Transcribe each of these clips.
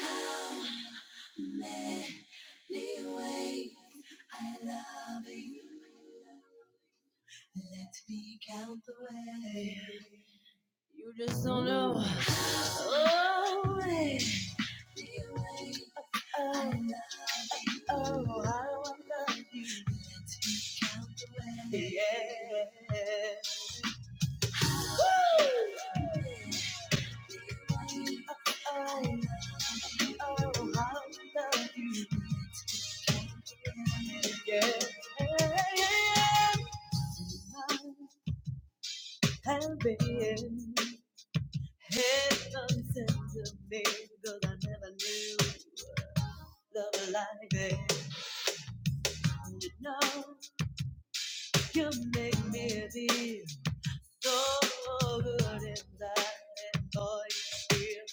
How many ways I love you? Let me count the way. You just don't know. Oh, many ways I love you. Oh, how I love you. Let me count the way. Yeah. Oh, oh, how I love you. Yeah. Yeah. Have been heaven sent to me because I never knew love like this. You know, you make me feel so good inside and all you feel.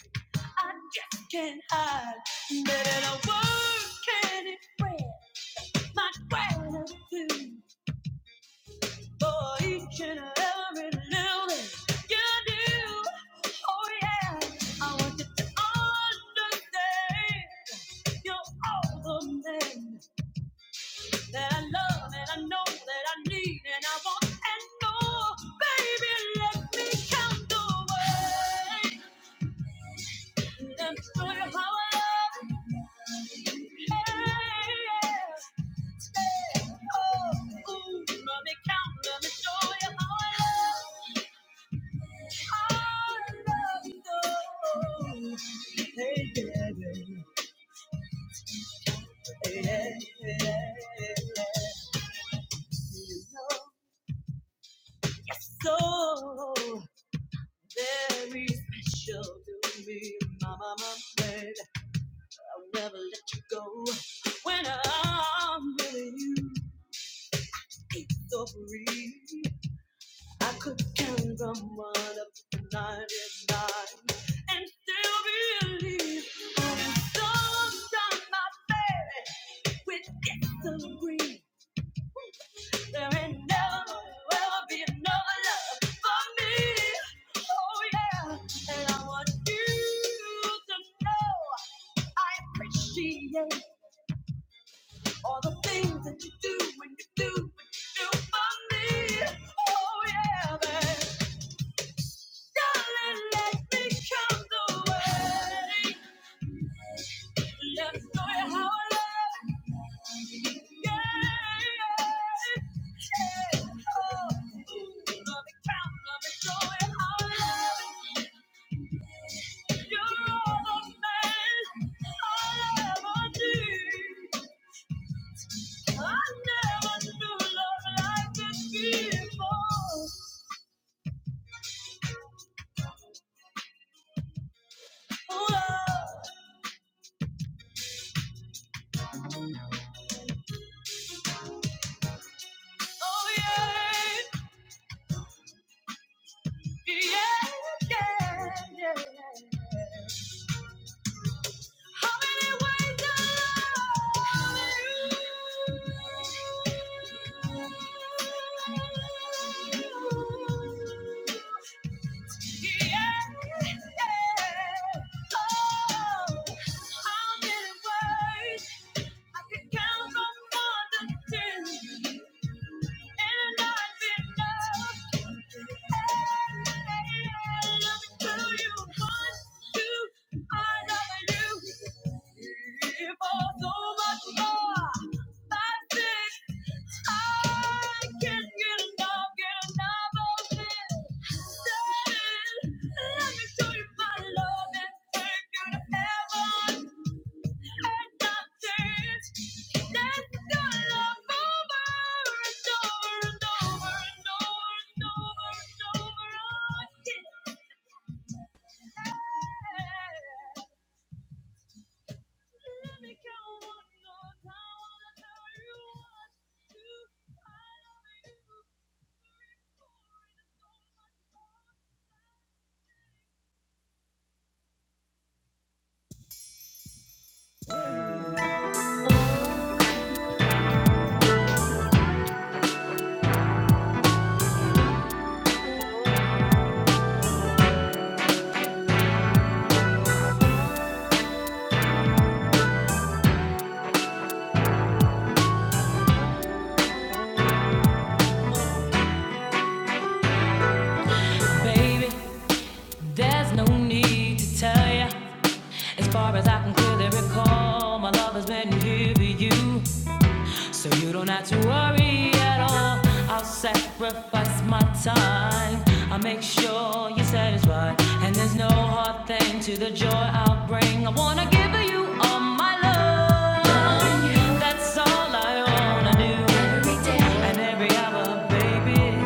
I just can't hide. Better no words can express my gratitude. for each and every little thing you do. Oh yeah, I want you to understand you're all the man that I love and I know that I need and I want and more. Baby, let me count the ways and show you how I love you. Hey, yeah. yeah. Oh, ooh, let me count, let me show you how I love. you. So very special to me, my mama said. I'll never let you go when I'm with you. It's so free. I could turn someone up to 99 and still believe in sometimes my baby with gets some green. There ain't never ever be another love for me. Oh yeah, and I want you to know I appreciate all the things that you do when you do when you do for me. Oh yeah, baby. Darling, let me come the way. Let's go and have a love. Yeah, yeah, yeah. Oh, ooh, let me count, let me go and have a love. You're all the man I'll ever need. I never knew love like this before. Oh, love. Oh, yeah. Yeah, yeah, yeah. How many ways I can count on one to ten. Love and thank you to heaven and not change. That's gonna over and over and over and over and over and over again. Let me count one more time. Baby, there's no need to tell ya. As far as I can clearly recall, my love has been here for you. So you don't have to worry at all. I'll sacrifice my time. I'll make sure you're satisfied. And there's no hard thing to the joy I'll bring. I wanna give you all my love. That's all I wanna do. Every day And every hour, baby.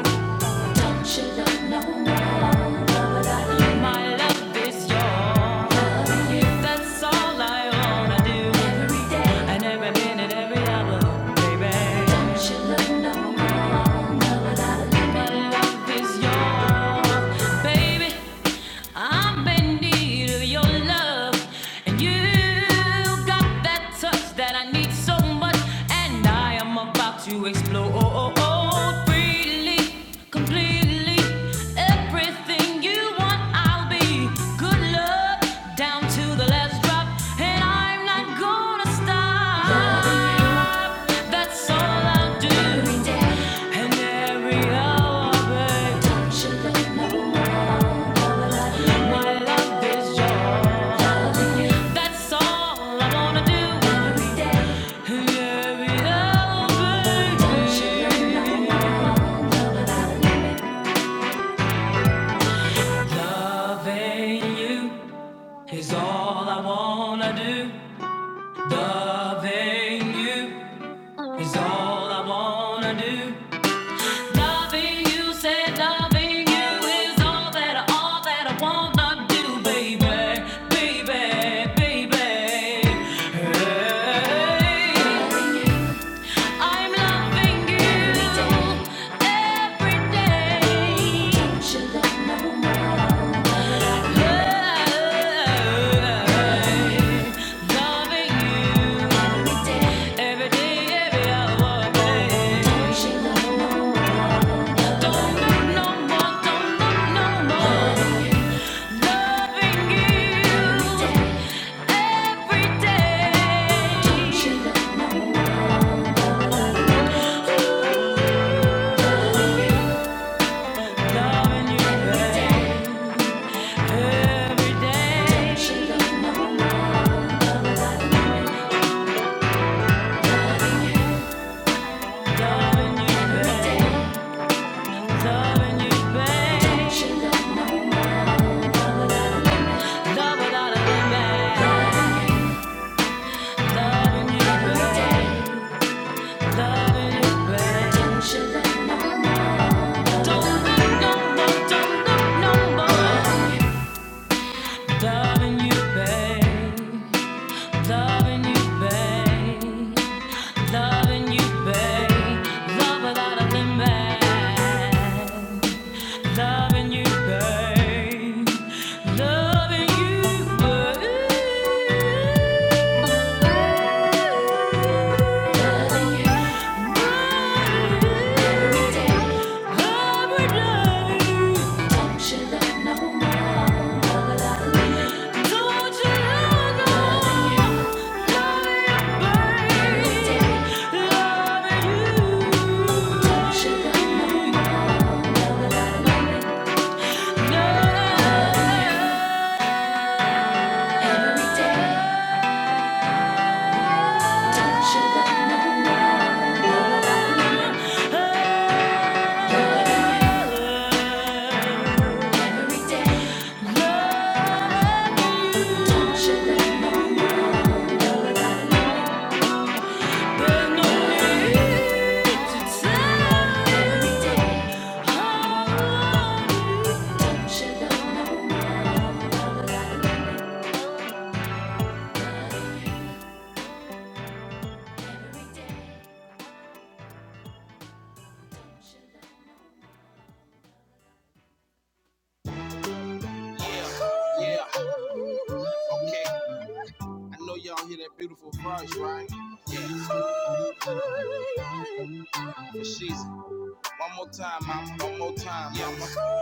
Baby, I'm in need of your love, and you. You got that touch that I need so much, and I am about to explode freely, completely. Everything you want, I'll be. Good luck down to the last drop, and I'm not gonna stop. That's all I'll do. Every day and every hour, babe. Don't you let no one know that my love is yours. That's all I wanna do. Yeah, yeah, baby. Loving you is all I wanna do. Loving you is all I wanna do. Loving you, said loving you is all that all that I wanna do, baby, baby, baby. Hey. I'm loving you every day. Don't you love no more. Love, loving you every day, every hour, babe. Don't you love no more. Don't love no more. Don't love no more. Loving you every day. Don't you love no more. Don't look no more, don't look no more. Loving you, babe. Loving you, babe. Loving you, babe. Love without a limit. Loving you, babe. Loving you, babe. Every day. Every day. That's want to. I you. Three, four, and Yeah, yeah. Okay, I know y'all hear that beautiful voice, right? Yes. Ooh, ooh, Yeah. For she's One more time, mama. One more time, mama.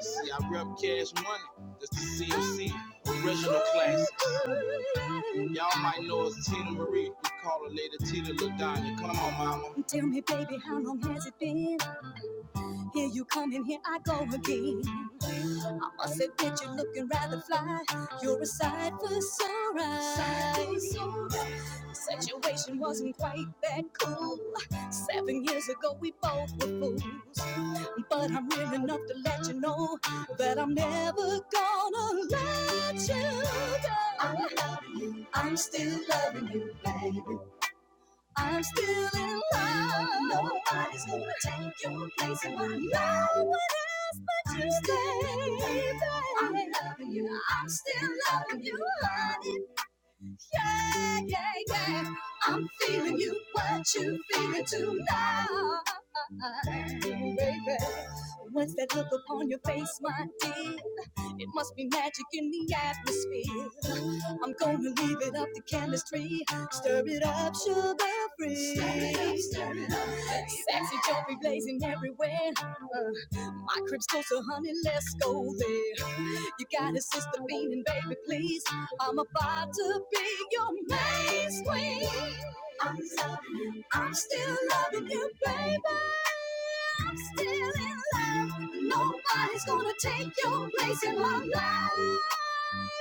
See, I rep cash money. That's the CMC original classics. Y'all might know it's Tina Marie. We call her later Tina LaDonna. Come on, mama. Tell me, baby, how long has it been? Here you come and here I go again. I must admit you're looking rather fly. You're a sight for sore eyes. The Situation wasn't quite that cool. Seven years ago we both were fools. But I'm real enough to let you know that I'm never gonna let you go. I'm loving you. I'm still loving you, baby. I'm still in love. Nobody's gonna take your place in my life. No one else but I'm you, still baby. I'm loving you. I'm still loving you, honey yeah, yeah, yeah. I'm feeling you, what you feeling tonight, baby. What's that look upon your face, my dear? It must be magic in the atmosphere. I'm gonna leave it up to chemistry. Stir it up, sugar free. Stir it up, stir it up. baby. Sexy jewelry blazing everywhere. Uh, my crib's closer, honey, let's go there. You got a sister beaming, baby, please. I'm about to be your main queen. I'm loving you. I'm still loving you, baby. I'm still in love. Nobody's gonna take your place in my life.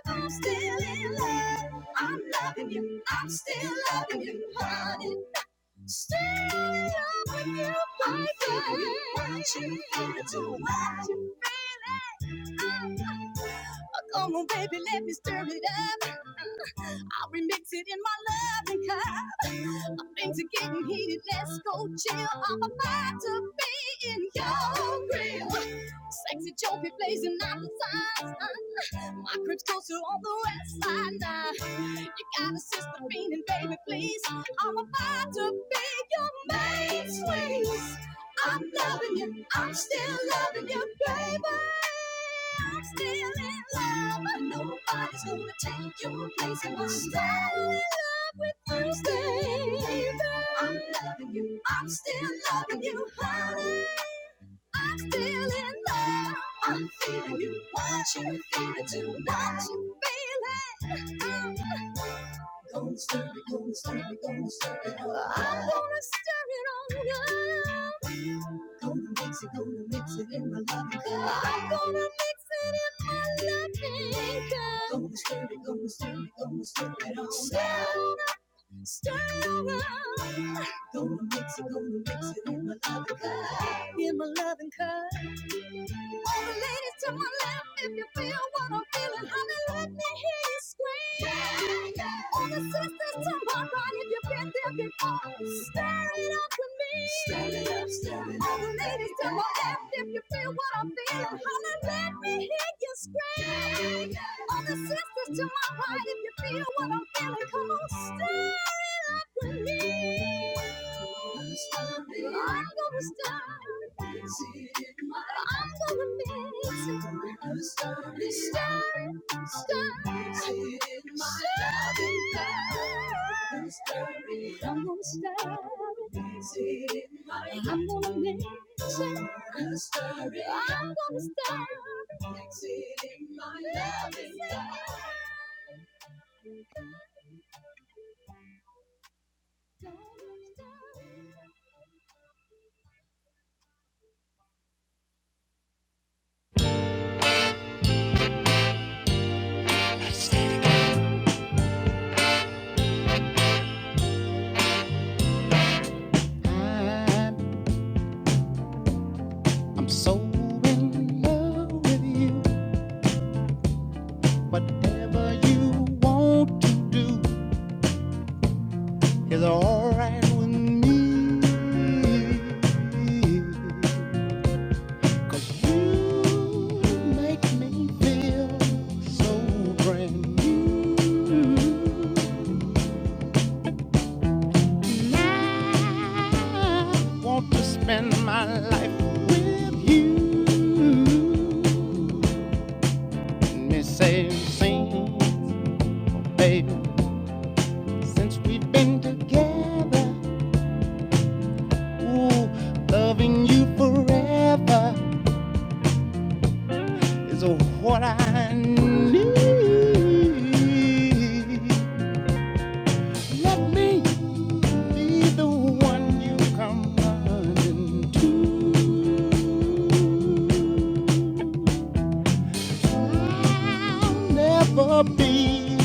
I'm still in love. I'm loving you. I'm still loving you, honey. Still loving you, my baby. Want you, want you, want you, really. Uh, come on, baby, let me stir it up. I'll remix it in my loving cup. Things are getting heated. Let's go chill. I'm about to be in your grill. Sexy Joby blazing out the signs. My crib's closer on the west side now. You got a sister meaning, baby, please. I'm about to be your main squeeze. I'm loving you, I'm still loving you, baby. I'm still in love. Nobody's gonna take your place, and I'm still in love with Thursday. baby. I'm loving you, I'm still loving you, honey. I'm still in love. I'm feeling you. What you feeling too? What you feeling? I'm gonna stir it, gonna stir it, gonna stir it. up. I'm gonna stir it on you. Gonna mix it, gonna mix it in my loving cup. I'm gonna mix it in my loving cup. Gonna stir it, gonna stir it, gonna stir it on. Stir it up. Stir it up. Gonna mix it, gonna mix it in my loving cup. In my loving cup. All the ladies to my left, if you feel what I'm feeling, honey, let me hear you scream. Yeah, yeah. All the sisters to my right, if you've been there before, stir it up with me. Stir it up, stir it up. All the ladies to my left, if you feel what I'm feeling, honey, let me hear you scream. Yeah, yeah. All the sisters to my right, if you feel what I'm feeling, come on, stir it up with me. I'm gonna start. I'm gonna mix. Stir, stir, stir, I'm gonna stir. I'm gonna mix. I'm gonna stir. Don't stop. I'm so in love with you. Whatever you want to do is alright with me. 'Cause you make me feel so brand new. I want to spend my life with you. Let me say, sing, baby, since we've been together. Ooh, loving you forever is what I need. Let me be the one you come running to. I'll never be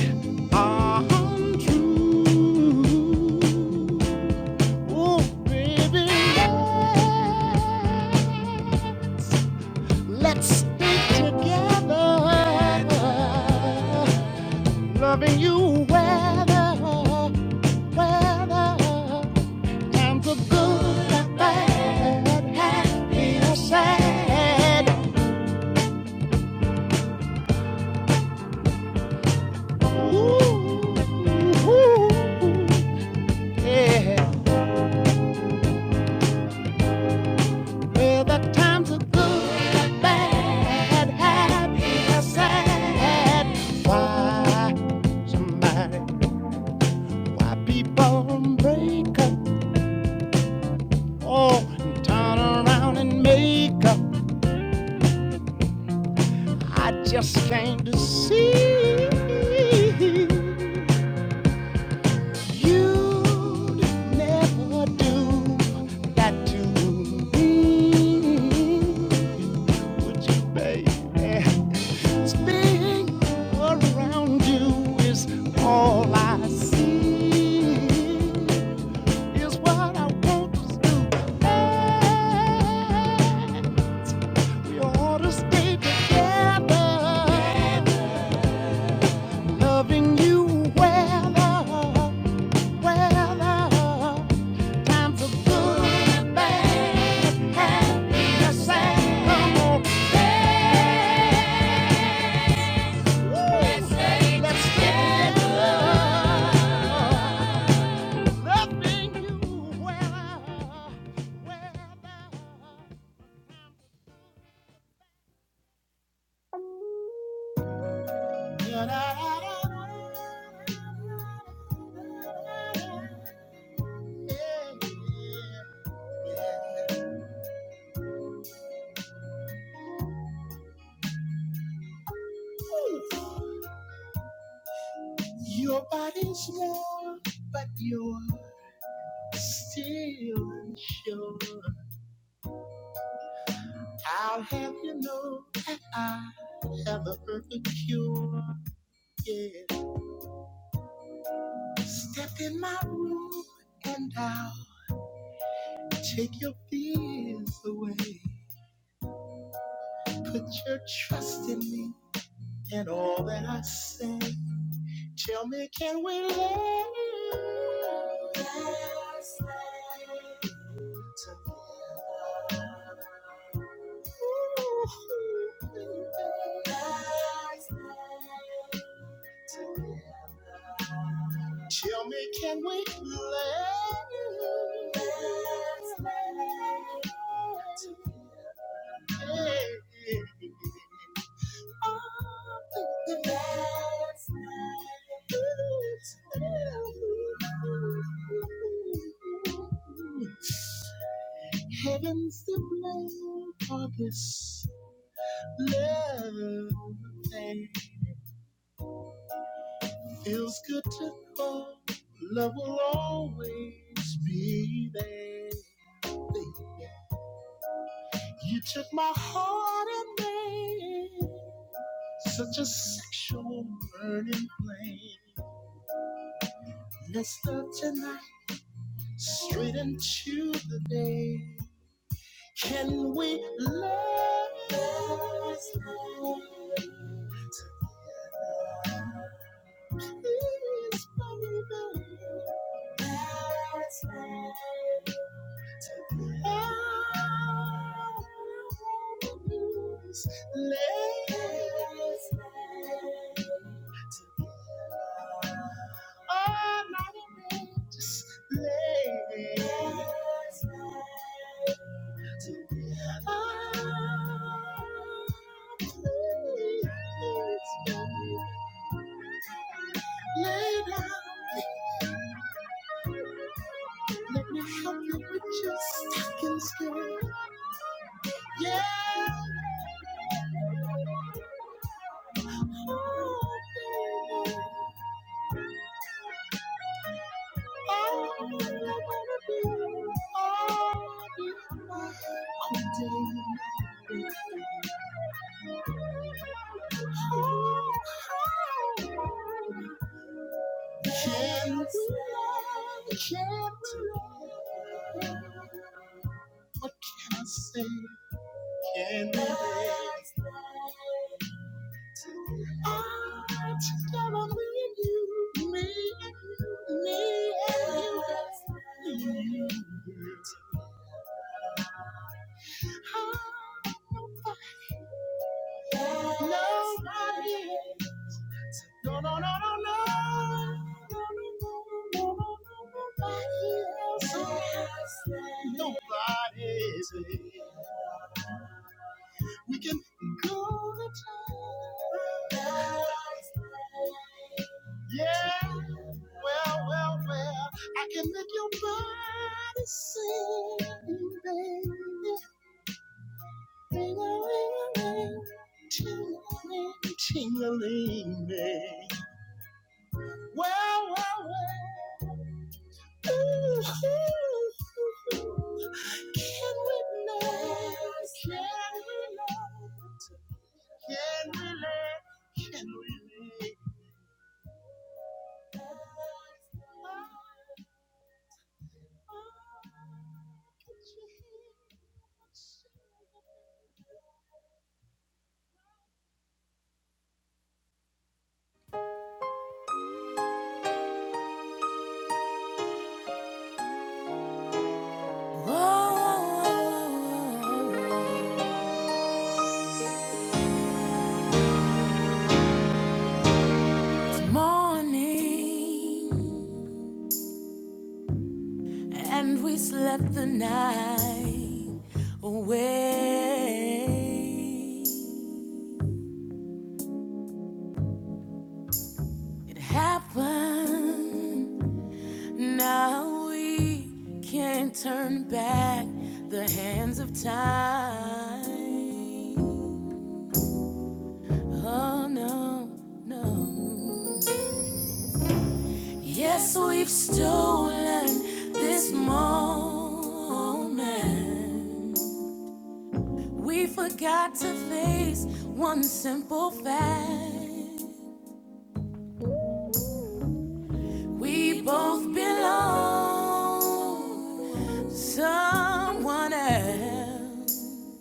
untrue. Oh, baby, Let's stay together. Loving you weather, weather, and the good, the bad, happy or sad. Ooh, ooh, yeah. Well, the times are good, the bad, happy or sad. Why, somebody, why people break up? Oh, and turn around and make up. I just came to see you'd never do that to me, would you, baby? Spinning around you is all I see. Is what I want to do. And we ought to stay together. Loving you well, well. Times are good, bad, happy, or sad. Come on, dance. Let's stay together. Loving you well, Your body's small, but you're still sure. I'll have you know that I have the perfect cure. Yeah. Step in my room and I'll take your fears away. Put your trust in me and all that I say. Tell me, can we live? Last night together. Ooh, baby, It's the blame for this love thing. Feels good to know love will always be there. You took my heart and made such a sexual burning flame. Let's love tonight, straight into the day. Can we love this night? This baby, let's lay all night away. Just lay. Let's Oh, please, baby. Lay down, let me help you with your stocking skirt. Yeah, oh, baby, all I wanna do, all you want to do. Oh, oh, can we love, can we love? I say, that? Ah, together me and you, me and you, me and you. that's me. Ah, nobody, nobody. No, no, no, no, no. No, no, no, no, no, no, nobody else. has that. Nobody is. We can go the time. Yeah, well, well, well, I can make your body sing, baby. Ring-a-ling-a-ling, ting-a-ling, ting-a-ling, baby. Well, well, well. Ooh, ooh, ooh, ooh. Can we lay? Can, can we lay? Can we lay? well. Whoa, it's morning. And we slept the night away. It happened. Now we can't turn back the hands of time. Oh no, no. Yes, we've stolen this moment. We forgot to face one simple fact. We both belong to someone else.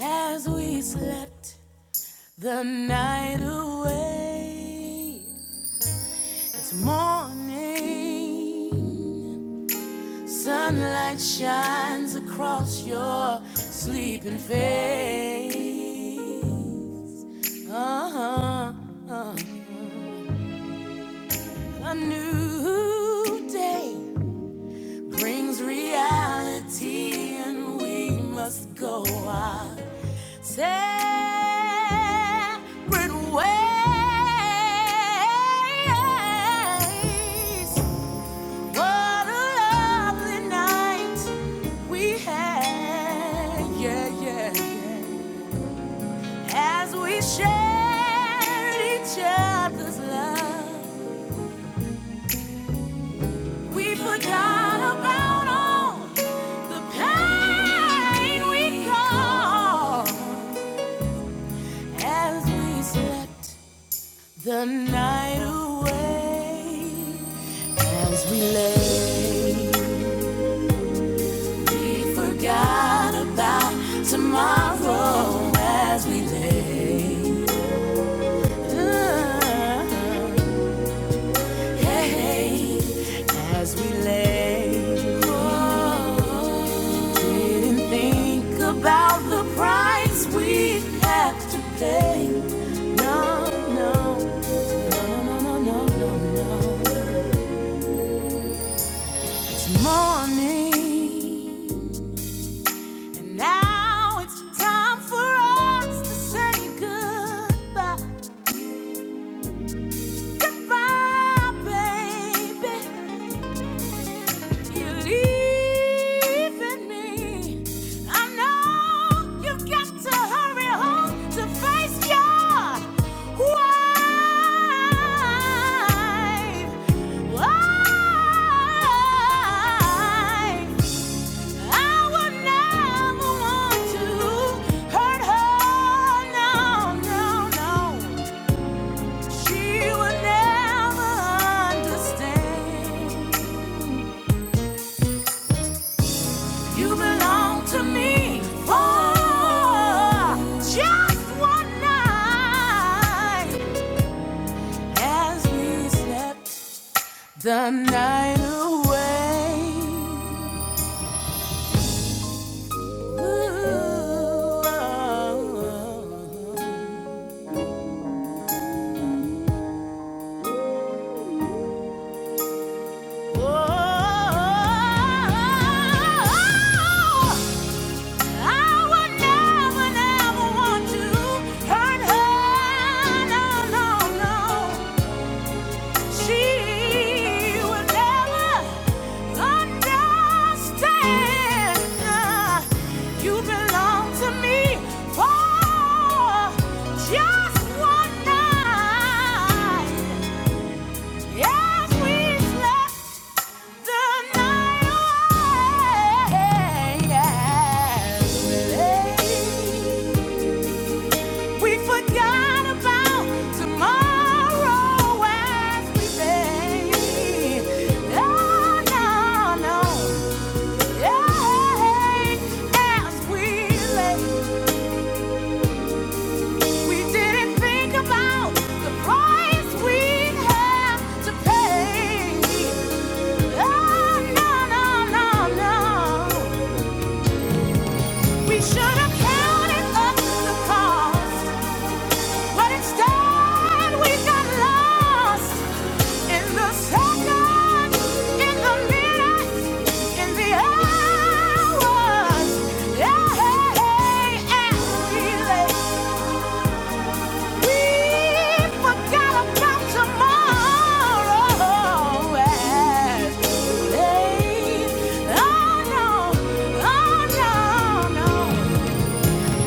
As we slept the night away, it's morning. Sunlight shines across your sleeping face. Uh-huh. uh-huh. A new day brings reality, and we must go our separate ways. What a lovely night we had, yeah, yeah, yeah. As we shared each other's love, we forgot about all. The pain we caused as we slept the night away. As we lay, we forgot about tomorrow as we lay. down. as we lay. Didn't think about the price we'd have to pay. No, no, no, no, no, no, no, no. It's morning, and now it's time for us to say goodbye. Goodbye, baby. You're leaving me. I know you've got to hurry home to face your wife. Wife. I would never want to hurt her. No, no, no. She would never understand. You belong to me for just one night. As we slept the night away. Ooh, oh, oh, oh, oh. Just one night, yes, we slept the night away. We forgot about tomorrow as we lay. Oh, no, no. Yeah, as we lay. We didn't think about the price we have to pay. Oh, no, no, no, no. We should have counted up the cost, but instead we got lost. In the second, in the minute, in the hours, yeah, and really, we forgot about tomorrow. oh no, oh no, no.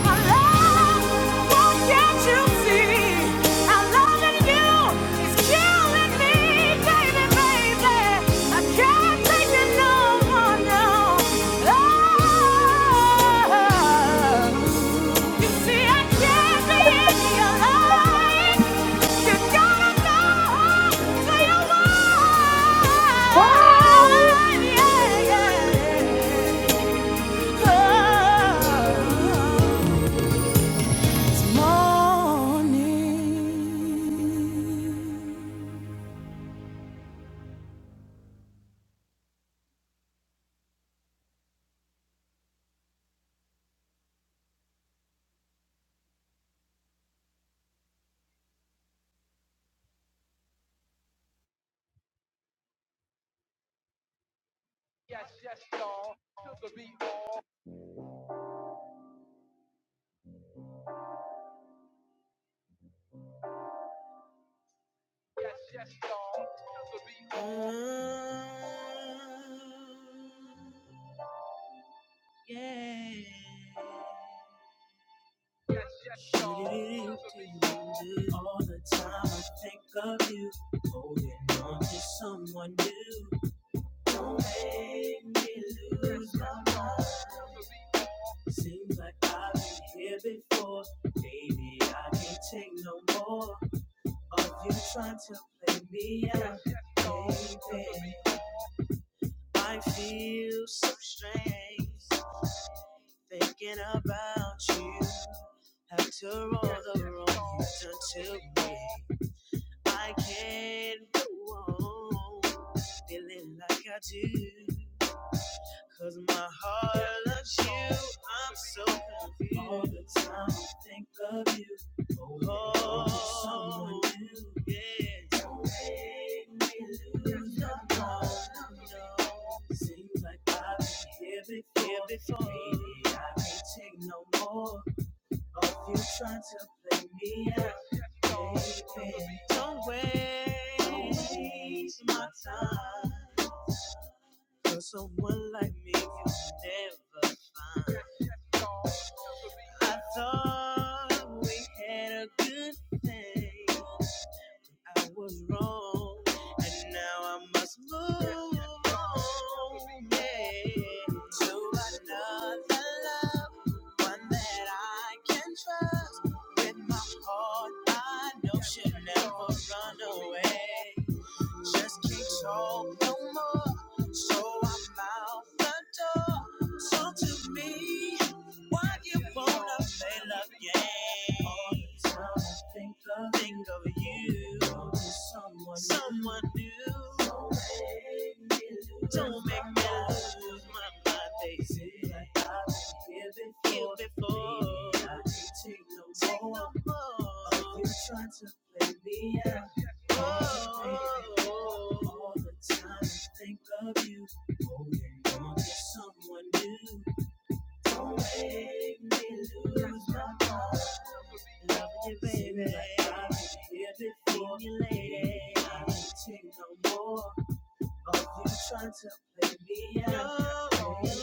My love, why can't you see? i loving you, it's killing me, baby, baby. I can't take it no more now. Love, you see, I can't be in your life. You gotta go to your wife, yeah, yeah. Love morning All the time I think of you, holding on to someone new. Don't make me lose my mind. Seems like I've been here before. Baby, I can't take no more of you trying to play me out. Baby, I feel so strange thinking about you. After all the wrong you've done to me, I can't go on feeling like I do, 'cause my heart loves you. I'm so confused all the time. I Think of you. Oh, yes. Seems like I've been here before. Here before. Baby, I can't take no more of you trying to play me out. Baby, don't waste my time. For someone like me, you never find. I thought we had a good thing. I was wrong, and now I must move on. Yeah. To another love, one that I can trust. With my heart, I know she'll never run away. Just can't talk no more. So I'm out the door. Talk to me. Why you wanna play love game? All the time I think of, think of you. Someone, someone new. Don't make me lose Don't make me my mind. lose my mind, baby. like I've been here before. Baby, I can't take no no more. more. You're trying to play me out all the time. Think of you. Want someone new. Don't make me lose my mind. Loving you, baby. I've been here before. you, lady. I don't take no more of you trying to play me out. No, baby.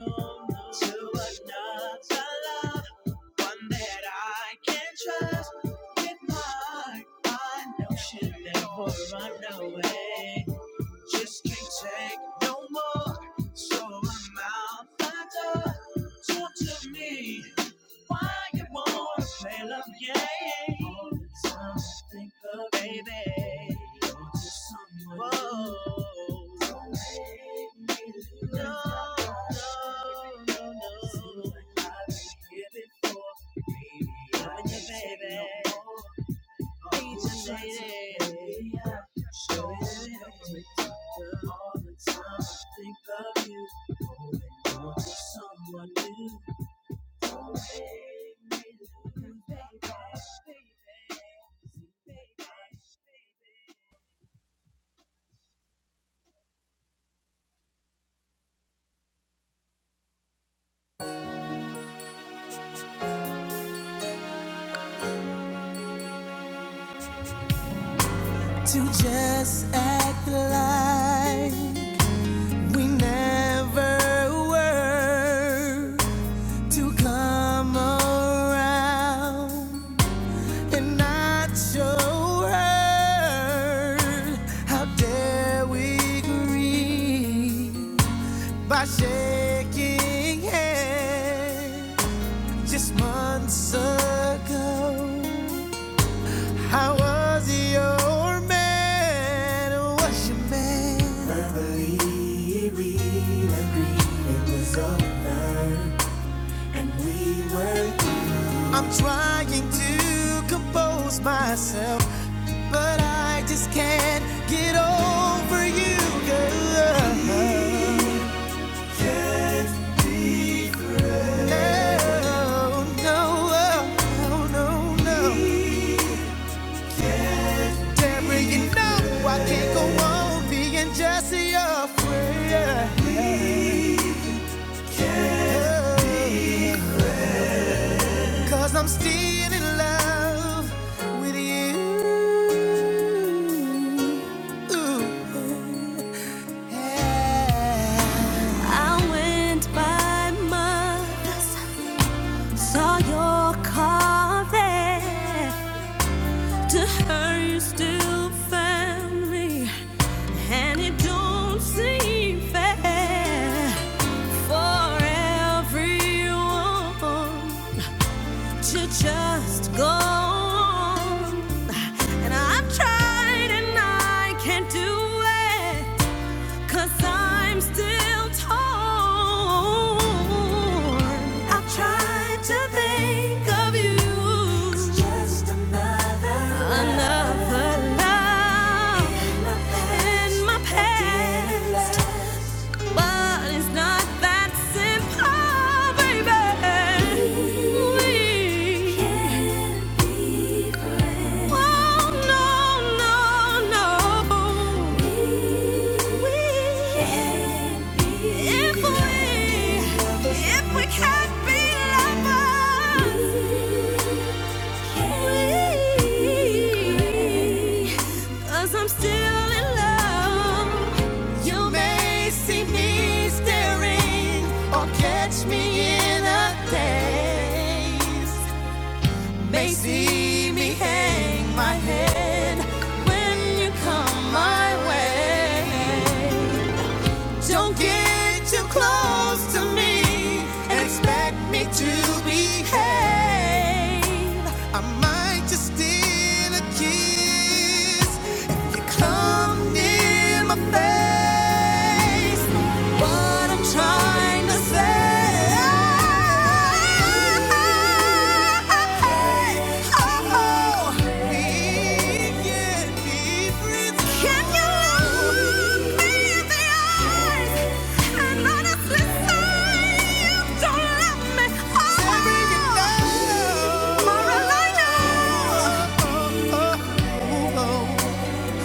no, no. To another love one that I can trust with my heart. I know she'll never run away. Just can't take no more, so I'm out the door. Talk to me. Why you wanna play love game? All the time I think of baby. You're someone Whoa. Don't make me lose no, my mind. no, no, Seems like I've been here before. Baby, Loving you, baby. no more. Beach and lady. Show it all the time. I think of you. Holding on to someone new. to just act like we never were to come around and not show her how dare we grieve by shaking hands just months ago. I was your man, was your man. I'm trying to compose myself, but I just can't get over you, girl. No, no, no, no, no. Deborah, you know I can't go on being just your friend. Cause I'm still in love with you. Ooh, yeah. Mothers saw your car there. To her, you still family, and it don't seem fair for everyone to just go on. And I've tried and I can't do it. Cause I'm still torn. I tried to think of you. It's just another, another love, in my past. In my past. But it's not that simple, baby. We can't be friends. Oh, no, no, no. We can't be If we, if we can't be lovers. Cause I'm still in love. You may see me staring or catch me in a daze. May see me hang my head when you come my way. Don't get too close to me and expect me to behave. I might just steal a kiss if you come near my face. What I'm trying to say. Oh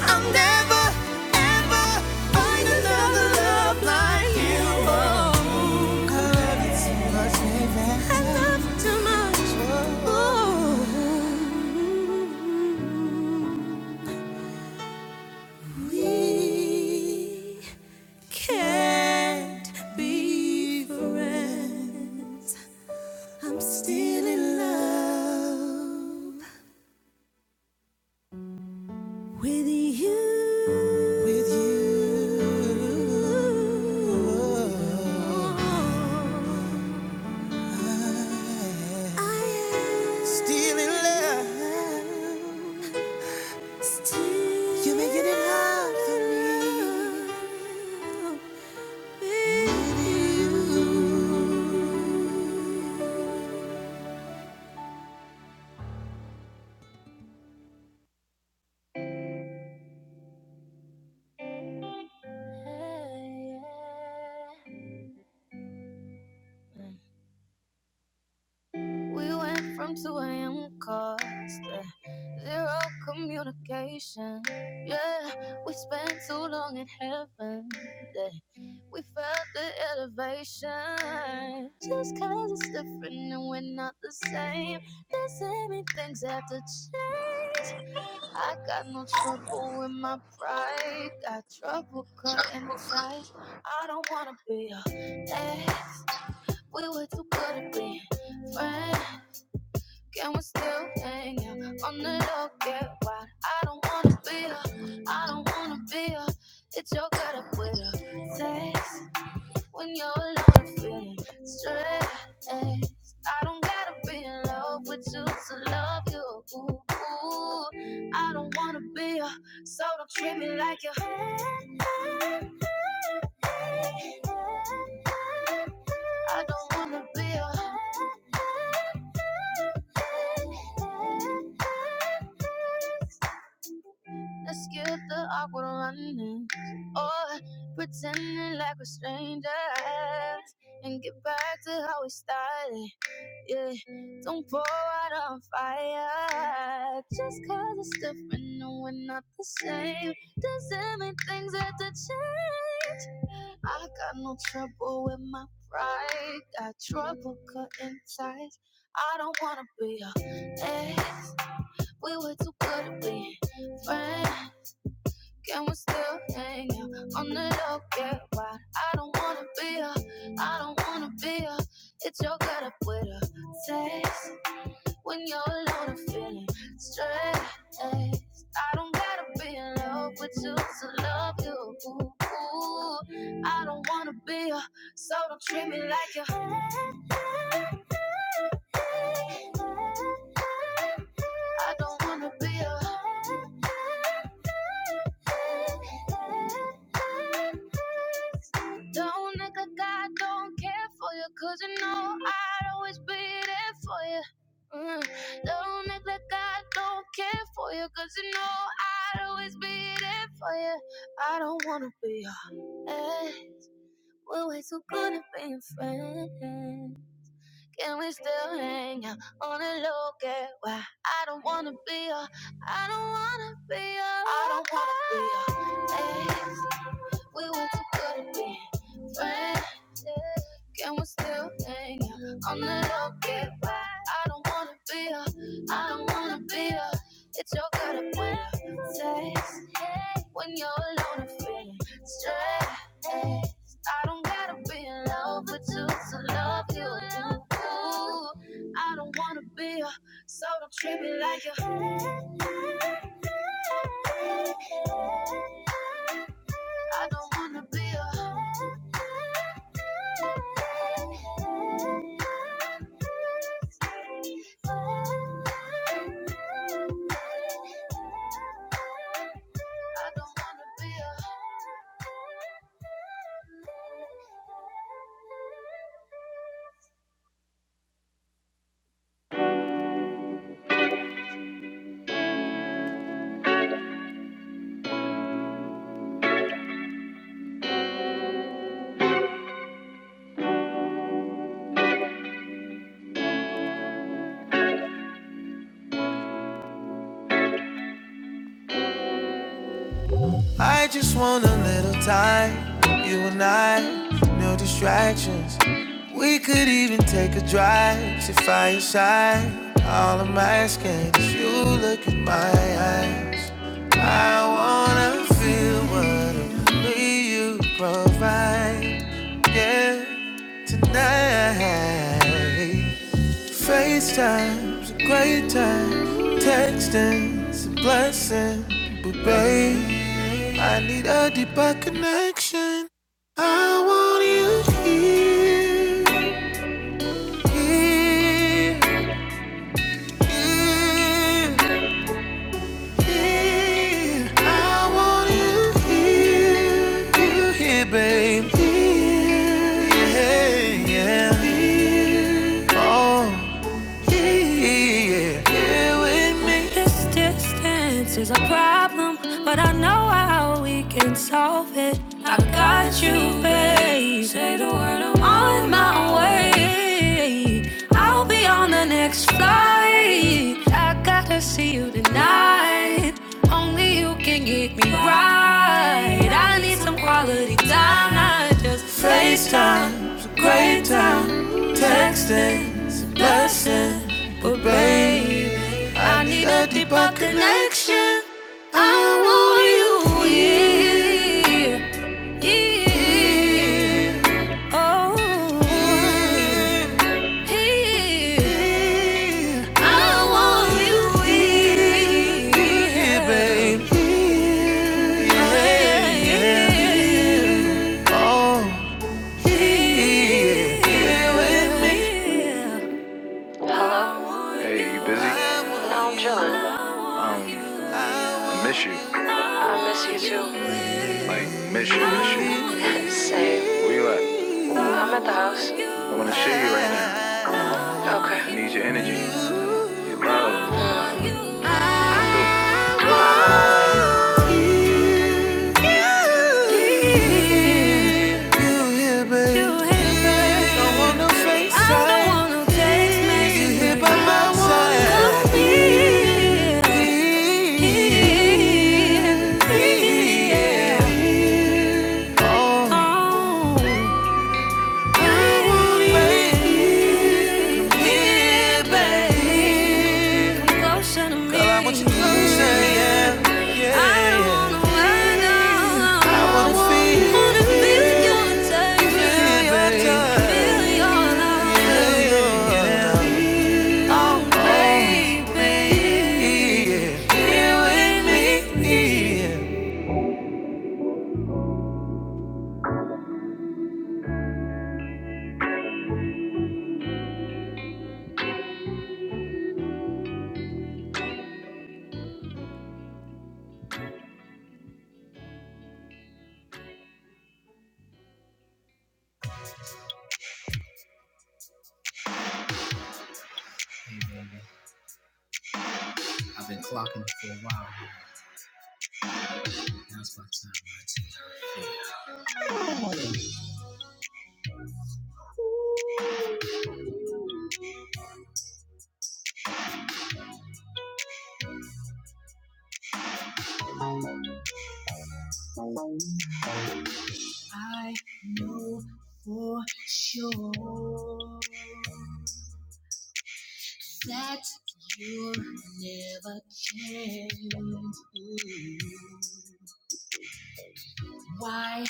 I'll never, ever find another love like you. Oh, I love you too much, baby. I love you too much. Oh, we can't be friends. I'm still in love with you. With you. I am Still in love. You are making it hard for me. With you. We went from 2 a.m. calls to zero communication. Yeah, we spent too long in heaven. Yeah. We felt the elevation. Just cause it's different and we're not the same. Doesn't mean things have to change. I got no trouble with my pride. Got trouble cutting ties. I don't wanna be your ex. We were too good at being friends. Can we still hang out on the low? Get wild. I don't wanna be I do I don't wanna be a. It's your gut up with a sex when you're alone and feeling stressed. I don't gotta be in love with you to love you. Ooh, I don't wanna be a, so don't treat me like you. I don't wanna be a, let's skip the awkward running or pretending like we're strangers and get back to how we started. Yeah, don't pour out on fire. Just cause it's different, no, we're not the same. Doesn't mean things have to change. I got no trouble with my pride. Got trouble cutting ties. I don't wanna be a ex. We were too good to be friends. Can we still hang out on the low? Get why I don't wanna be a, I don't wanna be a. It's your gut up with a text when you're alone and feeling stressed. I don't gotta be in love with you to love you. Ooh, I don't wanna be a, so don't treat me like you. I don't wanna be a, don't nigga, God don't care for you, cause you know I'd always be there for you. Mm. Don't neglect I don't care for you, cause you know I'd always be there for you. I don't wanna be a, eh, We're way too good at being friends. Can we still hang out on the low get why I don't wanna be a, I don't wanna be a, I don't wanna be a ex. We were too good at being friends. Can we still hang out on the low get why I don't wanna be a, I don't wanna be a. It's your good at when it takes when you're alone and feeling stressed. I don't gotta be in love with you to love you. Ooh, I don't wanna be a, so don't treat me like a. I don't wanna be a, I don't wanna be a. I just want a little time. You and I, no distractions. We could even take a drive to fireside. All I'm asking is you look in my eyes. I wanna feel what only you provide. Yeah, tonight. FaceTime's a great time. Texting's a blessing. But babe, I need a deeper connection. I want you here. Here. Here. Here. I want you here. You here, babe. Here. Yeah. Yeah. Here. Oh. here, Yeah. yeah. Here with me. FaceTime's a great time. Texting's a blessing. But baby, I need a deeper connection. I want you here. Here. Oh. Here. I want you here, baby. Yeah, yeah, yeah. Here with me. You busy? No, I'm chilling. Um, I miss you. Miss you too. Like, miss you, miss you. Same. Where you at? I'm at the house. I wanna see you right now. Okay. I need your energy, your love, Yeah. I want you to say yeah, yeah, yeah. I wanna find out. I wanna feel, wanna feel your touch, feel your touch, feel your love. feel your love. Oh baby, here with me, yeah. I hope for that you never can. I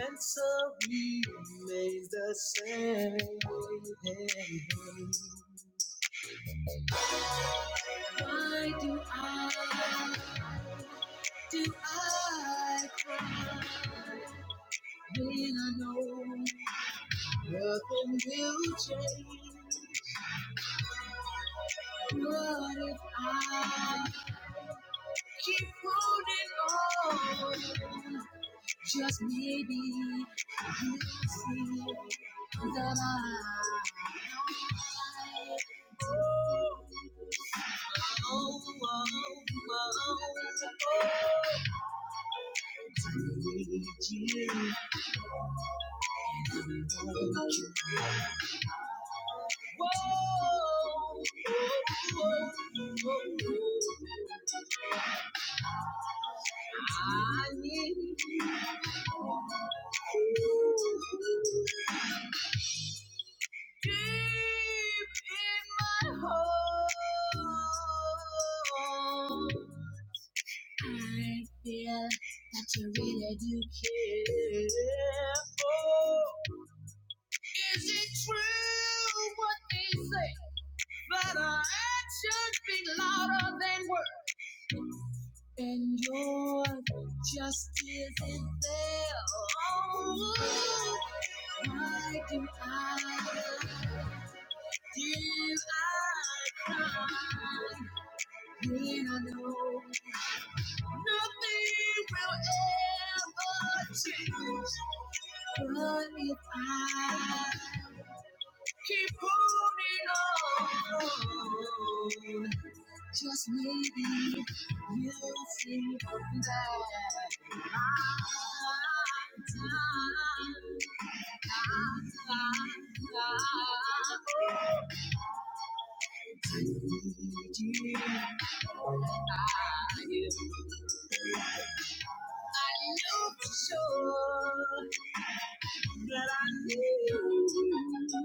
answer is the same. Why do I, do I, when I know when will change? What if I keep holding on? Just maybe. Oh, oh, oh, I need you deep in my heart. I feel that you really do care. Oh, is it true what they say that our actions speak louder than words? And your justice is there. Oh, why do I, do I cry when I know nothing will ever change? But if I keep holding on, just maybe we will see one day. I'm not sure that I knew.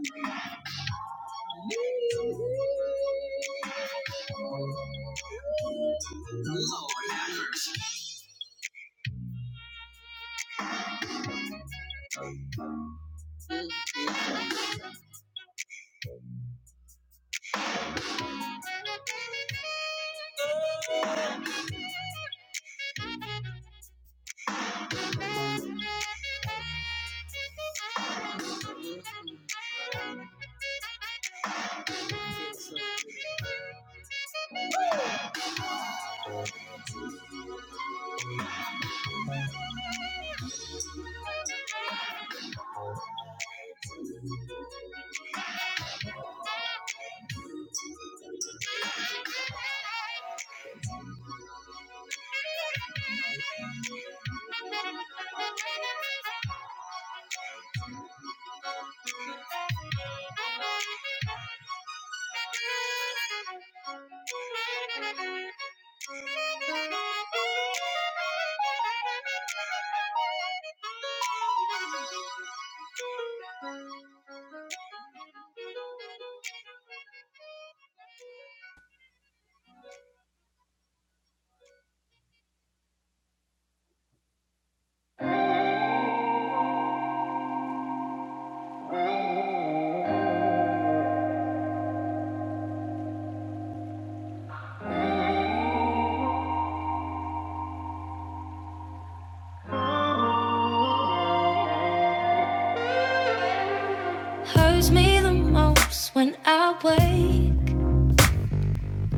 Hurts me the most when I wait.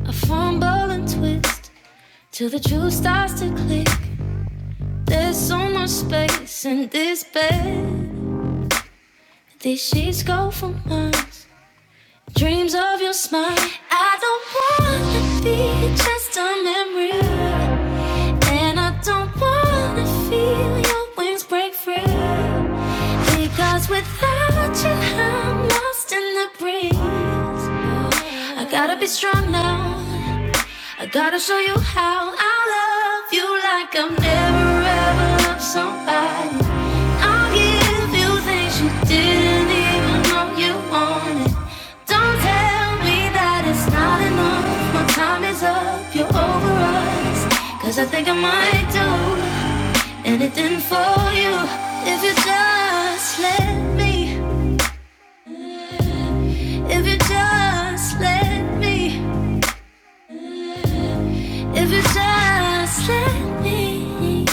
I fumble and twist till the truth starts to click. There's so much space in this bed. These sheets go for months. Dreams of your smile. I don't wanna be just a memory. And I don't wanna feel your wings break free. Because without you, I'm lost in the breeze. I gotta be strong now. I gotta show you how I love you like I've never ever loved somebody. I'll give you things you didn't even know you wanted. Don't tell me that it's not enough. My time is up, you're over us. Cause I think I might do anything for you. If you just let me, if you just let me. If you just let me,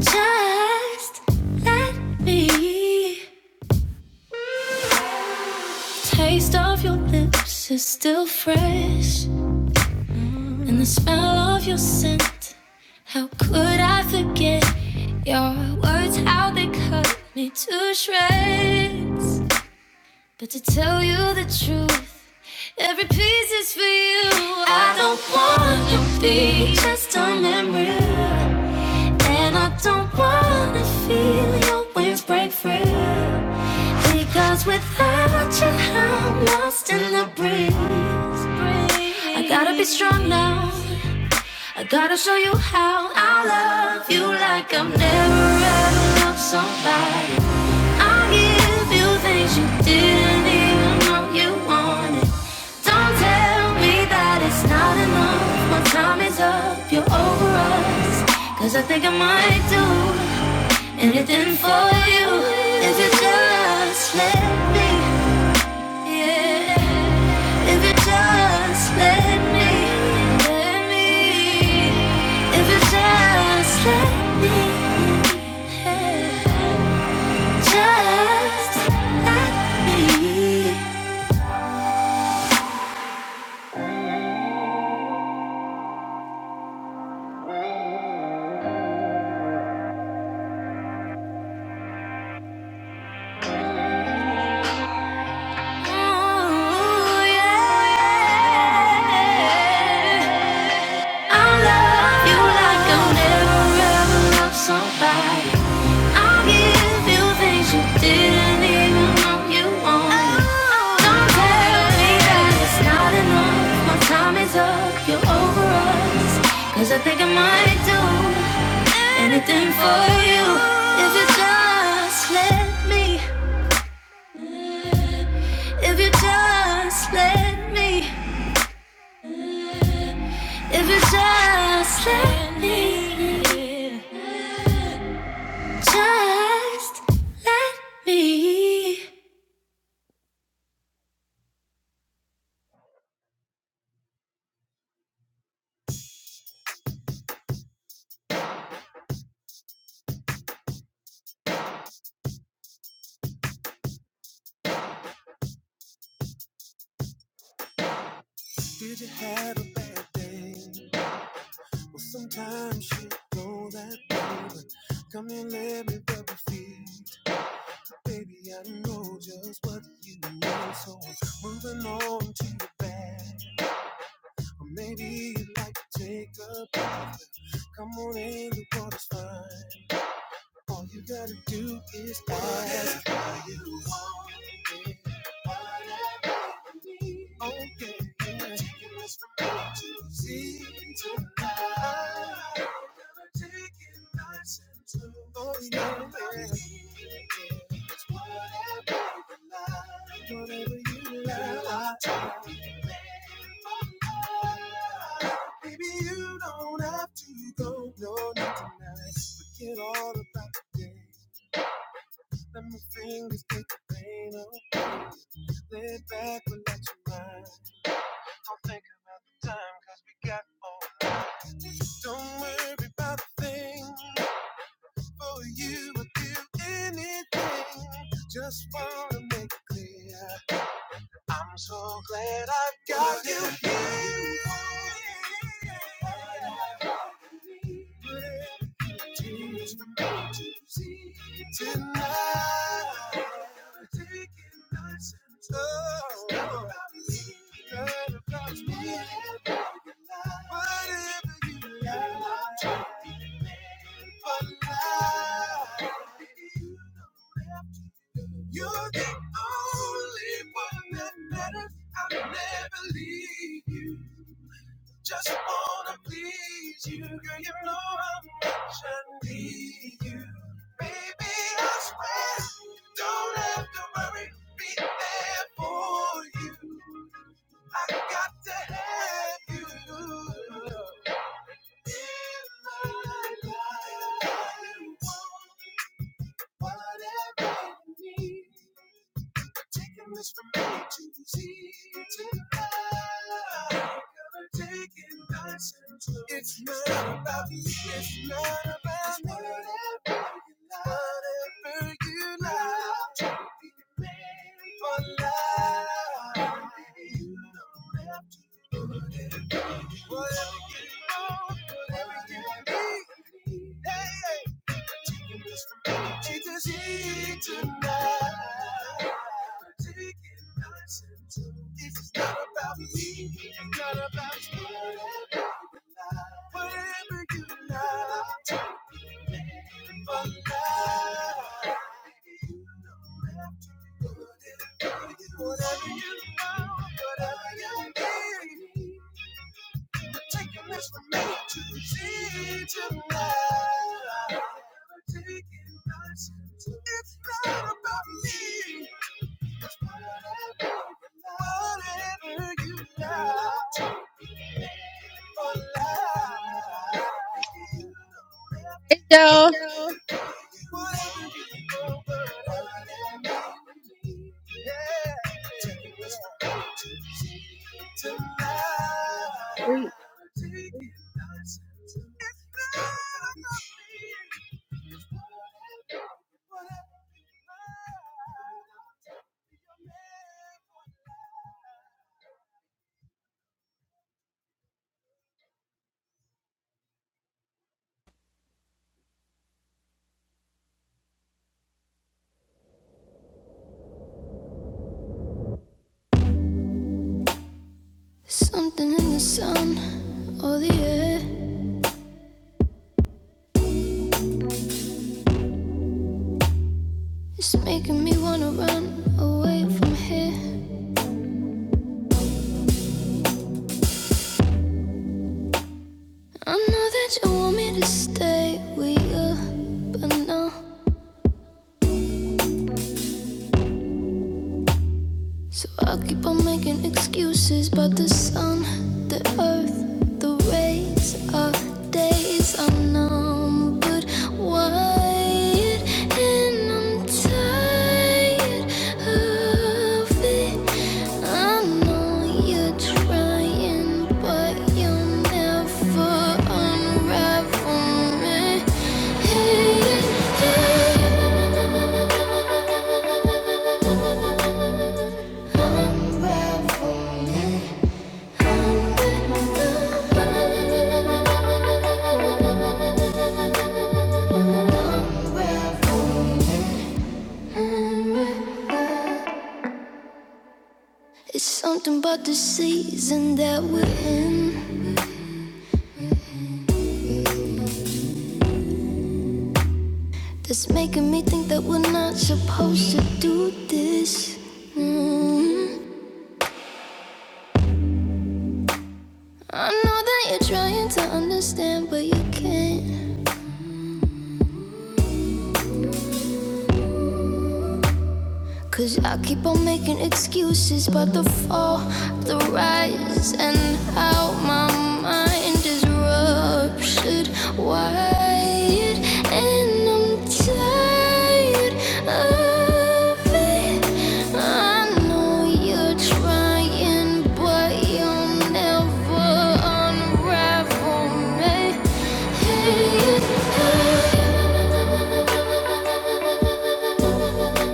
just let me. The Taste of your lips is still fresh, and the smell of your scent. How could I forget your words? How they cut me to shreds. But to tell you the truth, every piece is for you. I don't wanna be just a memory. And I don't wanna feel your wings break free. Because without you, I'm lost in the breeze. I gotta be strong now. I gotta show you how I love you like I've never ever loved somebody. I will give you things you didn't even know you wanted. Don't tell me that it's not enough. My time is up. You're over us, 'cause I think I might do. Anything for you if you just let me. Yeah. If you just let me. Let me. If you just let me. Yeah. Just let me. Ooh, yeah. I'll love you like I'll never ever love somebody. I'll give you things you didn't even know you want. Don't tell me that it's not enough. My time is up, you're over us. I think I might do anything for you. If you just let me, if you just let me, if you just let me, just let me. Did you have a bad day? Well, sometimes you know that, baby. Come and let me rub your feet. Baby, I know just what you know. So moving on to the back. Or maybe you'd like to take up. Come on in, the water's fine. All you gotta do is ask. Whatever you want, whatever you need. Oh, yeah, yeah. Taking us from A to Z to I. Gonna take it nice and slow. Oh, yeah, not about yeah. It's whatever you like. Whatever you like. Take it there for love. Baby, you don't have to go, no, not tonight. Forget all about the days. Let my fingers take the pain away. Lay back, relax your mind. Don't think about the time, cause we got all night. Don't worry about a thing. For you, I'd do anything. Just wanna make it clear. I'm so glad I've got you here. Tears for me to see tonight. Taking nights and slow. not about me, not about me. Whatever you like, for life. You don't have you're the only one that matters. I'll never leave you. Just wanna please you, girl. You know how much I need you, baby. I swear, don't have to worry. Be there for you. I got to have you in my life. You want whatever you need. Taking this from me to the sea to the sky. to take it nice and slow. It's not about you. It's not about me. Whatever you love. Whatever you like. i to be the man for life. You don't have to. do it Whatever you want, whatever you need, hey, taking this for me tonight. Taking nights and days, this is not about me, it's not about you. Whatever you like, whatever you need. Taking this from me to teach him love. Taking lessons. It's not about me. It's whatever, whatever you like, for life. you don't have So, to. Whatever you go, whatever you need. Yeah. Take it with you tonight. Take it nice Something in the sun or the air is making me wanna run away from here. I know that you want me to stay with you, but no, So I keep on making excuses, but the sun, the earth, the rays of days are numbered, wired, and I'm tired of it. I know you're trying, but you'll never unravel me. Hey, hey. It's something about the season that we're in that's making me think that we're not supposed to do this. Mm. I know that you're trying to understand, but you can't. Cause I keep on making excuses about the fall, the rise, and how my mind is ruptured wired. And I'm tired of it. I know you're trying, but you'll never unravel me. Hey, hey. hey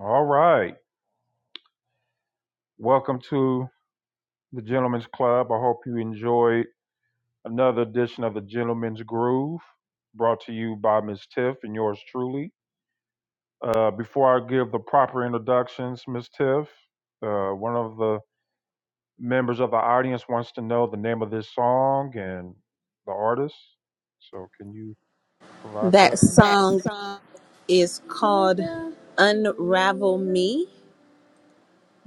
All right. Welcome to the Gentlemen's Club. I hope you enjoyed another edition of the Gentlemen's Groove brought to you by Ms. Tiff and yours truly. Uh, before I give the proper introductions, Ms. Tiff, uh, one of the members of the audience wants to know the name of this song and the artist. So can you provide that? The-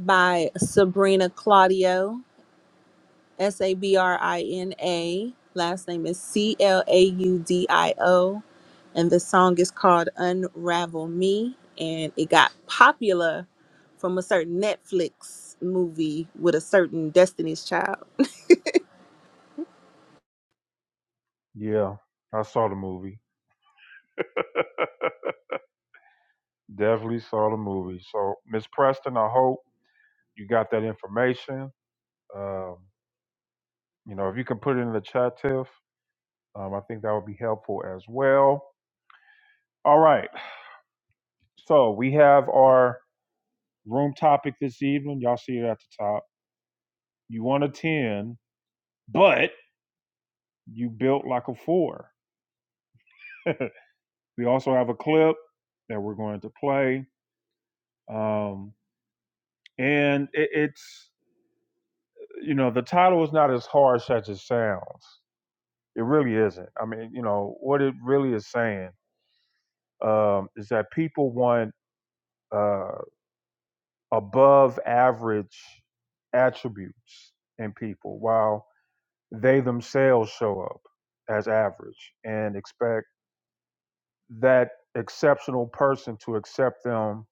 by Sabrina Claudio, S A B R I N A. Last name is C L A U D I O. And the song is called Unravel Me. And it got popular from a certain Netflix movie with a certain Destiny's Child. Yeah, I saw the movie. Definitely saw the movie. So Ms. Preston, I hope you got that information. Um, you know, if you can put it in the chat, Tiff, um, I think that would be helpful as well. All right. So we have our room topic this evening. Y'all see it at the top You won a 10, but you built like a four. we also have a clip that we're going to play. Um, and it, it's, you know, the title is not as harsh as it sounds. It really isn't. I mean, you know, what it really is saying um, is that people want uh, above average attributes in people while they themselves show up as average and expect that exceptional person to accept them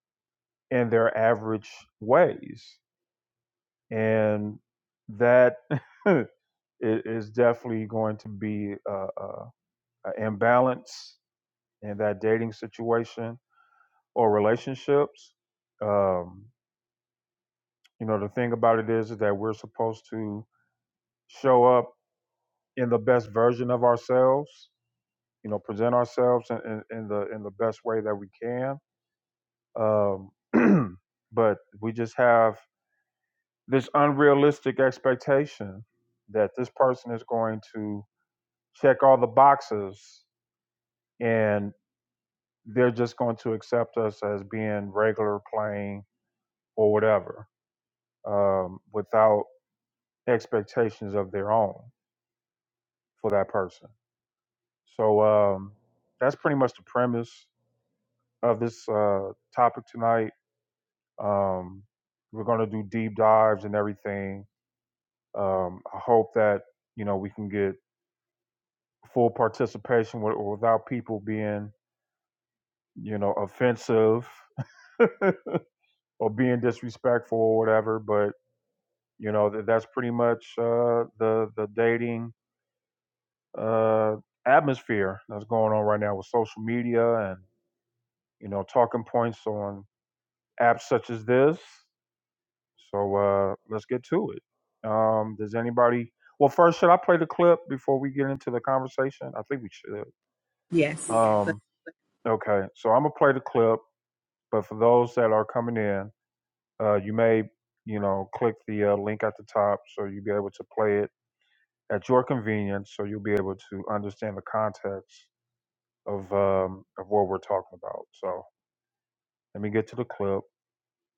in their average ways. And that is definitely going to be uh uh an imbalance in that dating situation or relationships. Um, you know, the thing about it is, is that we're supposed to show up in the best version of ourselves, you know, present ourselves in, in, in the in the best way that we can. Um, but we just have this unrealistic expectation that this person is going to check all the boxes and they're just going to accept us as being regular, plain, or whatever, um, without expectations of their own for that person. So um, that's pretty much the premise of this uh, topic tonight. Um, we're going to do deep dives and everything. Um, I hope that you know we can get full participation with, or without people being, you know, offensive or being disrespectful or whatever. But you know, th- that's pretty much uh, the the dating uh, atmosphere that's going on right now with social media and you know talking points on apps such as this. So uh, let's get to it. Um, does anybody? Well, first, should I play the clip before we get into the conversation? I think we should. Yes. Yes. Um, okay, so I'm gonna play the clip But for those that are coming in, uh, you may, you know, click the uh, link at the top so you'll be able to play it at your convenience. So you'll be able to understand the context of um, of what we're talking about. So let me get to the clip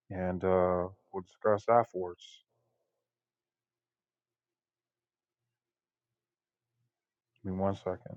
and uh, we'll discuss afterwards. Give me one second.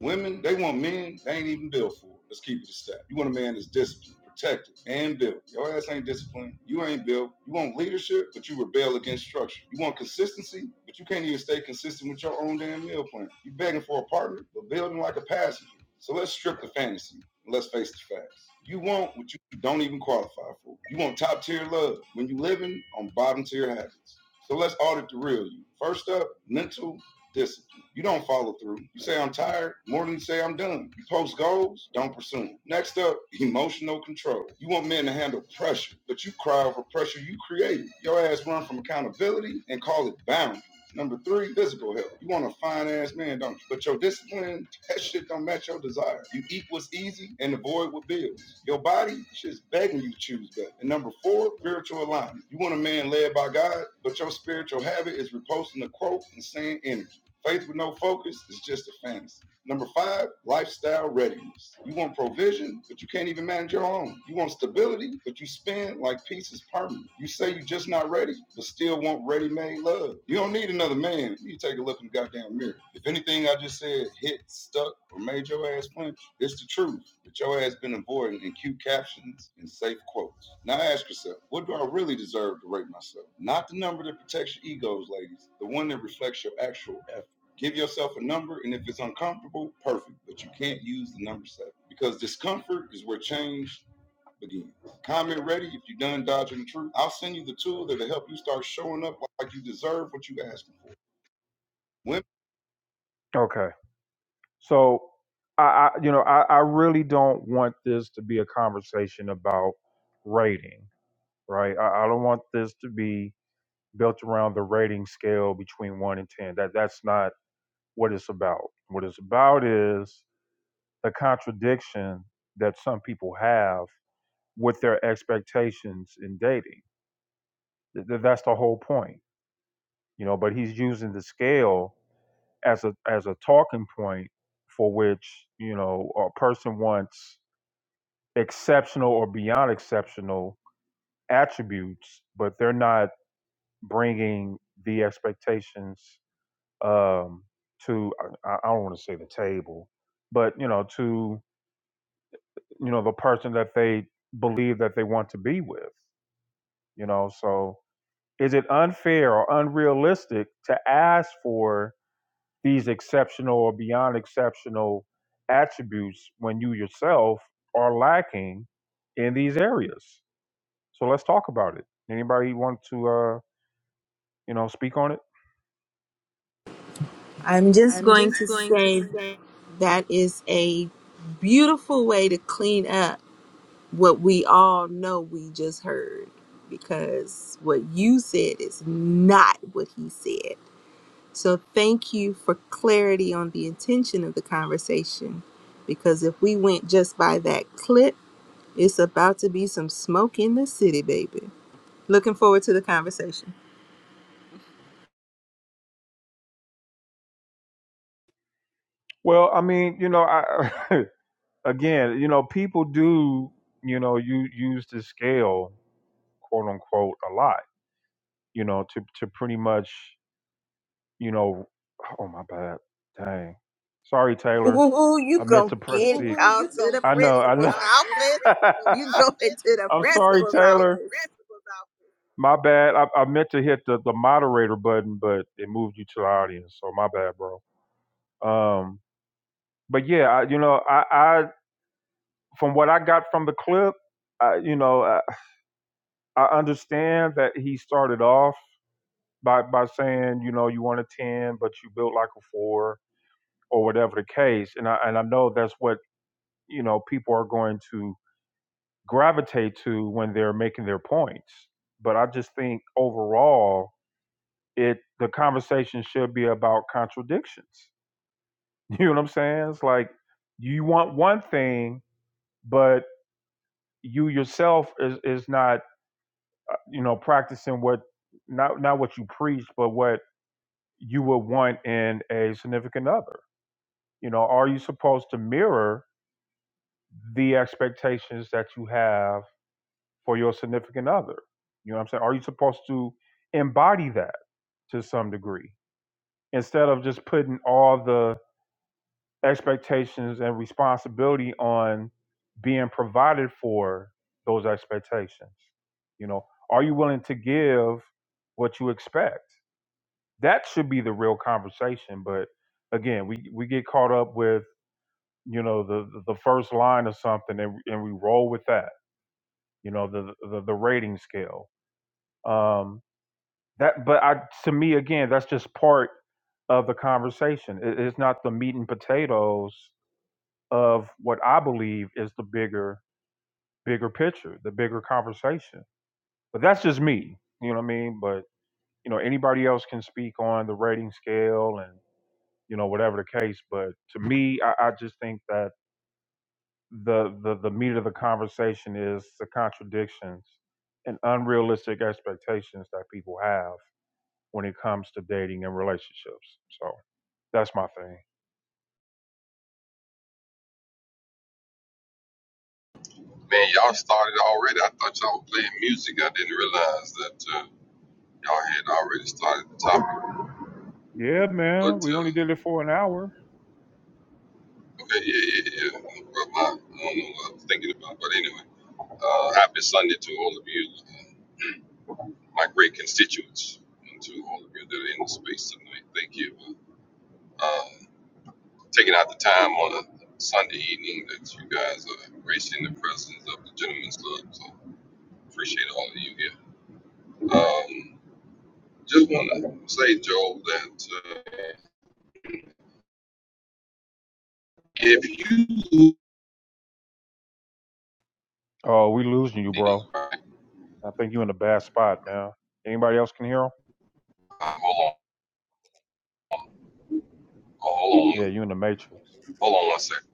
Women, they want men they ain't even built for. Let's keep it a step. You want a man that's disciplined, protected, and built. Your ass ain't disciplined. You ain't built. You want leadership, but you rebel against structure. You want consistency, but you can't even stay consistent with your own damn meal plan. You begging for a partner, but building like a passenger. So let's strip the fantasy. and Let's face the facts. You want what you don't even qualify for. You want top tier love when you living on bottom tier habits. So let's audit the real you. First up, mental discipline. You don't follow through. You say I'm tired more than you say I'm done. You post goals, don't pursue them. Next up, emotional control. You want men to handle pressure, but you cry over pressure you created. Your ass run from accountability and call it boundaries. Number three, physical health. You want a fine ass man, don't you? But your discipline, that shit don't match your desire. You eat what's easy and avoid what builds. Your body, shit's begging you to choose better. And number four, spiritual alignment. You want a man led by God, but your spiritual habit is reposting the quote and saying energy. Faith with no focus is just a fantasy. Number five, lifestyle readiness. You want provision, but you can't even manage your own. You want stability, but you spend like peace is permanent. You say you're just not ready, but still want ready-made love. You don't need another man. You take a look in the goddamn mirror. If anything I just said hit, stuck, or made your ass punch, it's the truth. But your ass been avoiding in cute captions and safe quotes. Now ask yourself, what do I really deserve to rate myself? Not the number that protects your egos, ladies. The one that reflects your actual Give yourself a number, and if it's uncomfortable, perfect. But you can't use the number seven because discomfort is where change begins. Comment ready if you're done dodging the truth. I'll send you the tool that'll help you start showing up like you deserve what you asking for. Women, Okay. So I, I you know, I, I really don't want this to be a conversation about rating, right? I, I don't want this to be built around the rating scale between one and ten. That that's not what it's about. What it's about is the contradiction that some people have with their expectations in dating. That's the whole point, you know. But he's using the scale as a as a talking point for which you know a person wants exceptional or beyond exceptional attributes, but they're not bringing the expectations um, to I, I don't want to say the table, but you know to you know the person that they believe that they want to be with. you know so is it unfair or unrealistic to ask for these exceptional or beyond exceptional attributes when you yourself are lacking in these areas so let's talk about it anybody want to uh you know speak on it I'm just going to say that is a beautiful way to clean up what we all know we just heard because what you said is not what he said. So thank you for clarity on the intention of the conversation because if we went just by that clip, it's about to be some smoke in the city, baby. Looking forward to the conversation. well i mean you know i again you know people do you know you use the scale quote unquote a lot you know to to pretty much you know, oh my bad. Dang. Sorry, Taylor. Ooh, you I meant gonna to press get the. called to the I know, I principal's know. office. You going to the I'm sorry, principal's Taylor. office. My bad. I, I meant to hit the, the moderator button, but it moved you to the audience. So my bad, bro. Um, but yeah, I, you know, I, I from what I got from the clip, I, you know, I, I understand that he started off by by saying, you know, you want a ten, but you built like a four or whatever the case, and I and I know that's what you know people are going to gravitate to when they're making their points but i just think overall it the conversation should be about contradictions you know what i'm saying it's like you want one thing but you yourself is is not uh, you know practicing what not not what you preach but what you would want in a significant other you know are you supposed to mirror the expectations that you have for your significant other. You know what I'm saying? Are you supposed to embody that to some degree instead of just putting all the expectations and responsibility on being provided for those expectations? You know, are you willing to give what you expect? That should be the real conversation. But again, we, we get caught up with, you know, the, the first line of something and, and we roll with that, you know, the, the, the rating scale. Um, that but i to me again that's just part of the conversation It- it's not the meat and potatoes of what i believe is the bigger bigger picture the bigger conversation but that's just me you know what i mean but you know anybody else can speak on the rating scale and you know whatever the case but to me i, I just think that the, the the meat of the conversation is the contradictions and unrealistic expectations that people have when it comes to dating and relationships. So that's my thing. Man, y'all started already. I thought y'all were playing music. I didn't realize that uh, y'all had already started the topic. Yeah, But man. We only uh, did it for an hour. okay, yeah, yeah, yeah. But my, I don't know what I was thinking about. But anyway, uh, happy Sunday to all of you, my great constituents, and to all of you that are in the space tonight. Thank you for uh, taking out the time on a Sunday evening that you guys are gracing the presence of the Gentlemen's Club. So appreciate all of you here. Um, just want to say, Joel, that. Uh, If you Oh, we losing you, bro. right, I think you in a bad spot, man. Anybody else can hear him? hold on, hold on, Yeah, you in the matrix. hold on one second.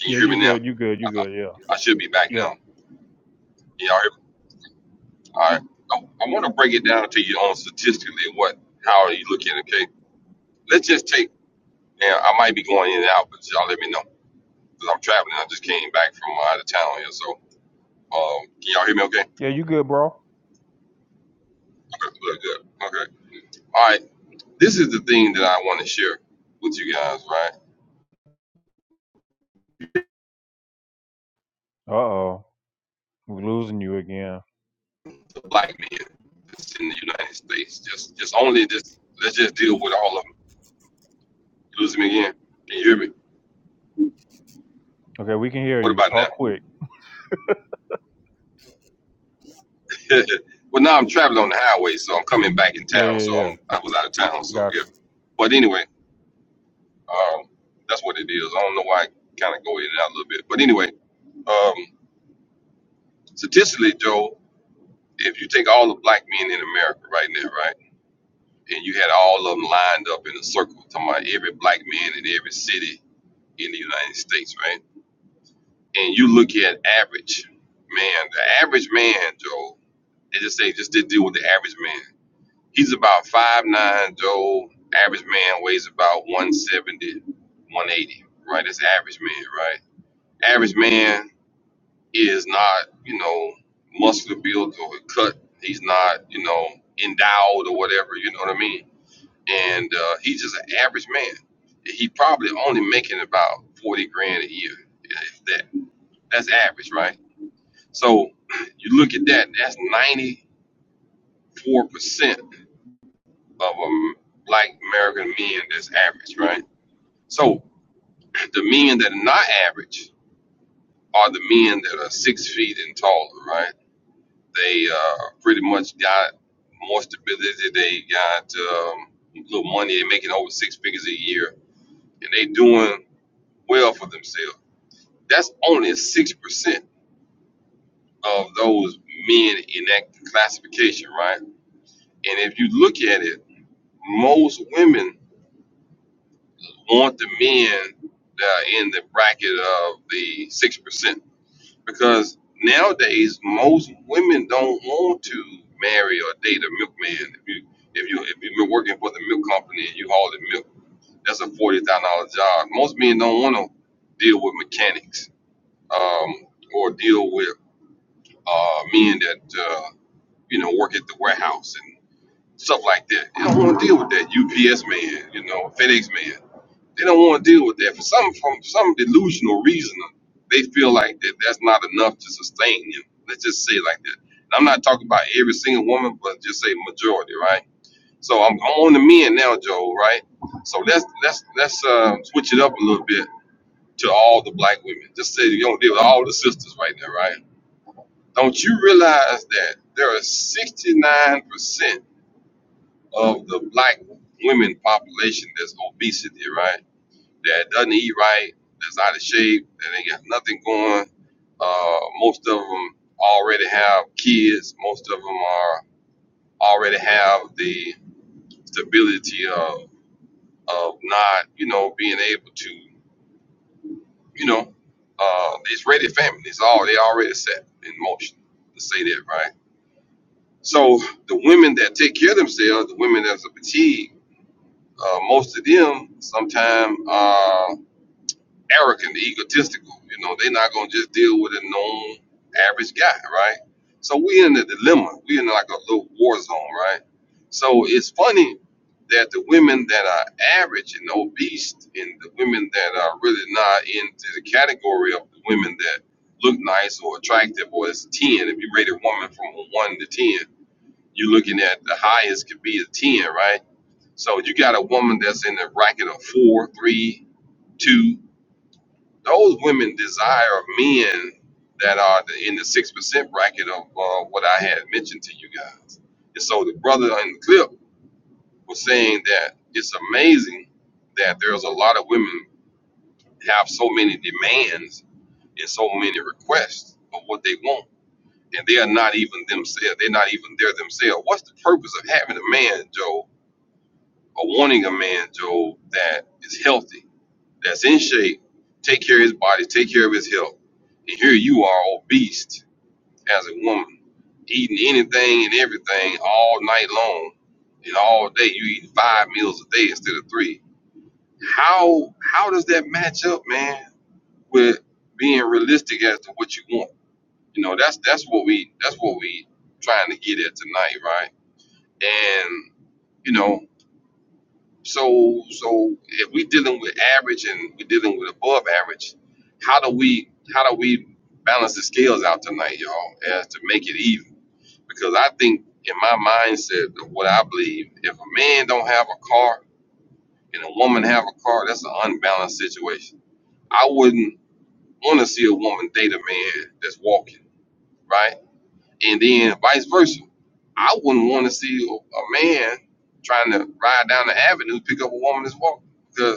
Can you Yeah, hear you me now? good. You good. I, You I good. Yeah. I should be back Yeah. now. Can y'all hear me? All right. I, I want to break it down to you on statistically what how are you looking? Okay, let's just take. And I might be going in and out, but y'all let me know because I'm traveling. I just came back from out of town here, so um, can y'all hear me? Okay. Yeah, you good, bro. Okay. Good. Good. Okay. All right. This is the thing that I want to share with you guys, right? Uh oh. We losing you again. the black men that's in the United States. Just just only this let's just deal with all of them. You losing me again? Can you hear me? Okay, we can hear What you. about Talk now? quick. well now I'm traveling on the highway, so I'm coming back in Yeah, town. yeah, So I'm yeah. I was out of town, so Got. yeah. But anyway, um that's what it is. I don't know why I kinda go in and out a little bit. But anyway, um statistically Joe, if you take all the black men in America right now, right? And you had all of them lined up in a circle, talking about every black man in every city in the United States, right? and you look at average man, the average man, Joe, they just say just did deal with the average man. He's about five nine, Joe. Average man weighs about one seventy, one eighty, right? That's average man, right? Average man is not, you know, muscular built or cut. He's not, you know, endowed or whatever, you know what I mean? And uh, he's just an average man. He probably only making about 40 grand a year, if that. That's average, right? So you look at that, that's 94% of um, black American men that's average, right? So the men that are not average are the men that are six feet and taller, right? They uh, pretty much got more stability. They got um, a little money. They're making over six figures a year, and they doing well for themselves. That's only 6% of those men in that classification, right? And if you look at it, most women want the men that are in the bracket of the six percent because nowadays most women don't want to marry or date a milkman. If you if you if you've been working for the milk company and you hauling milk, that's a forty thousand dollar job. Most men don't want to deal with mechanics um, or deal with uh, men that uh, you know work at the warehouse and stuff like that. They don't want to deal with that UPS man, you know, FedEx man They don't want to deal with that for some from some delusional reason. They feel like that that's not enough to sustain them. Let's just say it like that. And I'm not talking about every single woman, but just say majority, right? So I'm, I'm on the men now, Joe, right? So let's let's let's uh, switch it up a little bit to all the black women. Just say you don't deal with all the sisters right now, right? Don't you realize that there are 69% of the black women population that's obesity, right? that doesn't eat right, that's out of shape, that ain't got nothing going. Uh, most of them already have kids. Most of them are already have the stability of of not, you know, being able to, you know, uh, it's ready family. It's all they already set in motion. To say that right. So the women that take care of themselves, the women that's a fatigue, uh, most of them sometimes arrogant, egotistical. You know, they're not gonna just deal with a known average guy, right? So we in a dilemma. We in like a little war zone, right? So it's funny that the women that are average and obese, and the women that are really not into the category of the women that look nice or attractive, or it's a ten. If you rate a woman from a one to ten, you're looking at the highest could be a ten, right? So you got a woman that's in the bracket of four, three, two those women desire men that are the, in the six percent bracket of uh, what I had mentioned to you guys. And so the brother in the clip was saying that it's amazing that there's a lot of women have so many demands and so many requests of what they want, and they are not even themselves. They're not even there themselves. What's the purpose of having a man, Joe, or wanting a man, Joe, that is healthy? that's in shape take care of his body, take care of his health. And here you are, obese as a woman, eating anything and everything all night long and all day. You eat five meals a day instead of three. How how does that match up, man, with being realistic as to what you want? You know, that's that's what we that's what we trying to get at tonight, right? And you know, So, so if we're dealing with average and we're dealing with above average, how do we how do we balance the scales out tonight, y'all, as to make it even? Because I think in my mindset of what I believe, if a man don't have a car and a woman have a car, that's an unbalanced situation. I wouldn't want to see a woman date a man that's walking, right? And then vice versa. I wouldn't want to see a a man trying to ride down the avenue pick up a woman that's walking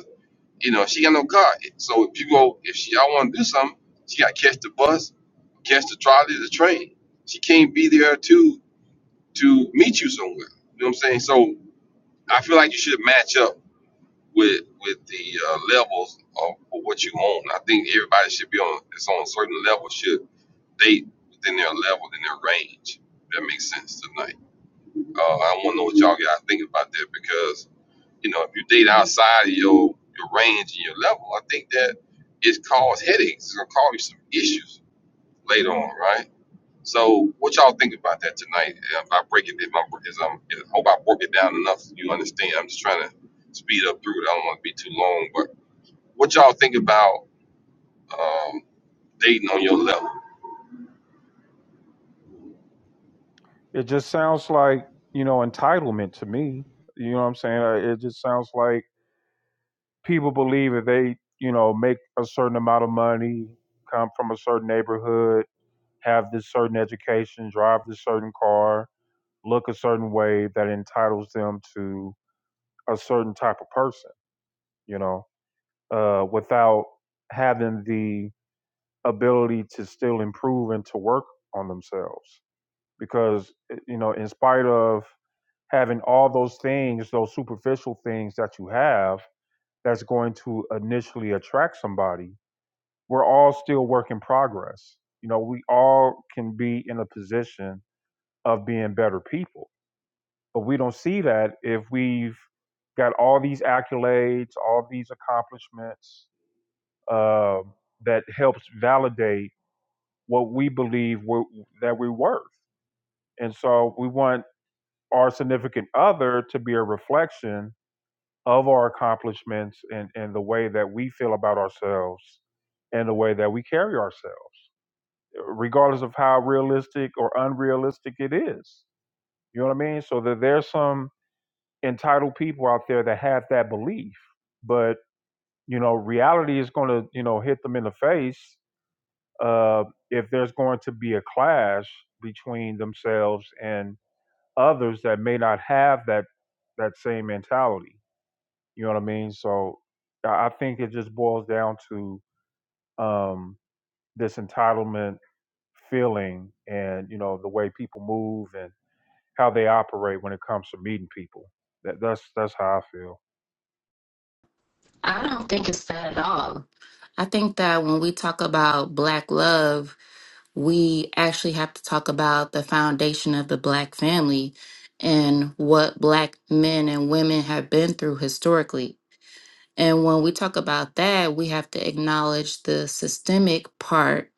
You know, she got no car. So if you go, if she, I want to do something, she got to catch the bus, catch the trolley, the train. She can't be there to to meet you somewhere. You know what I'm saying? So I feel like you should match up with with the uh, levels of, of what you own. I think everybody should be on it's on a certain level should date within their level in their range. If that makes sense tonight. Uh, I want to know what y'all got to think about that because. You know, if you date outside of your your range and your level, I think that it cause headaches. It's gonna cause you some issues later on, right? So, what y'all think about that tonight? If I break it, if I'm, if I'm, if, I hope I broke it down enough, so you understand. I'm just trying to speed up through it. I don't want to be too long, but what y'all think about um, dating on your level? It just sounds like, you know, entitlement to me. You know what I'm saying? Uh, It just sounds like people believe if they, you know, make a certain amount of money, come from a certain neighborhood, have this certain education, drive this certain car, look a certain way that entitles them to a certain type of person, you know, uh, without having the ability to still improve and to work on themselves. because eh, you know in spite of having all those things those superficial things that you have that's going to initially attract somebody we're all still work in progress you know we all can be in a position of being better people but we don't see that if we've got all these accolades all these accomplishments uh, that helps validate what we believe we're, that we're worth and so we want our significant other to be a reflection of our accomplishments and, and the way that we feel about ourselves and the way that we carry ourselves, uh, regardless of how realistic or unrealistic it is. You know what I mean? So that there's some entitled people out there that have that belief, but you know, reality is going to you know hit them in the face uh, if there's going to be a clash between themselves and others that may not have that that same mentality. You know what I mean? So I think it just boils down to um, this entitlement feeling and, you know, the way people move and how they operate when it comes to meeting people. That, that's that's how I feel. I don't think it's that at all. I think that when we talk about Black love, we actually have to talk about the foundation of the Black family and what Black men and women have been through historically. And when we talk about that, we have to acknowledge the systemic part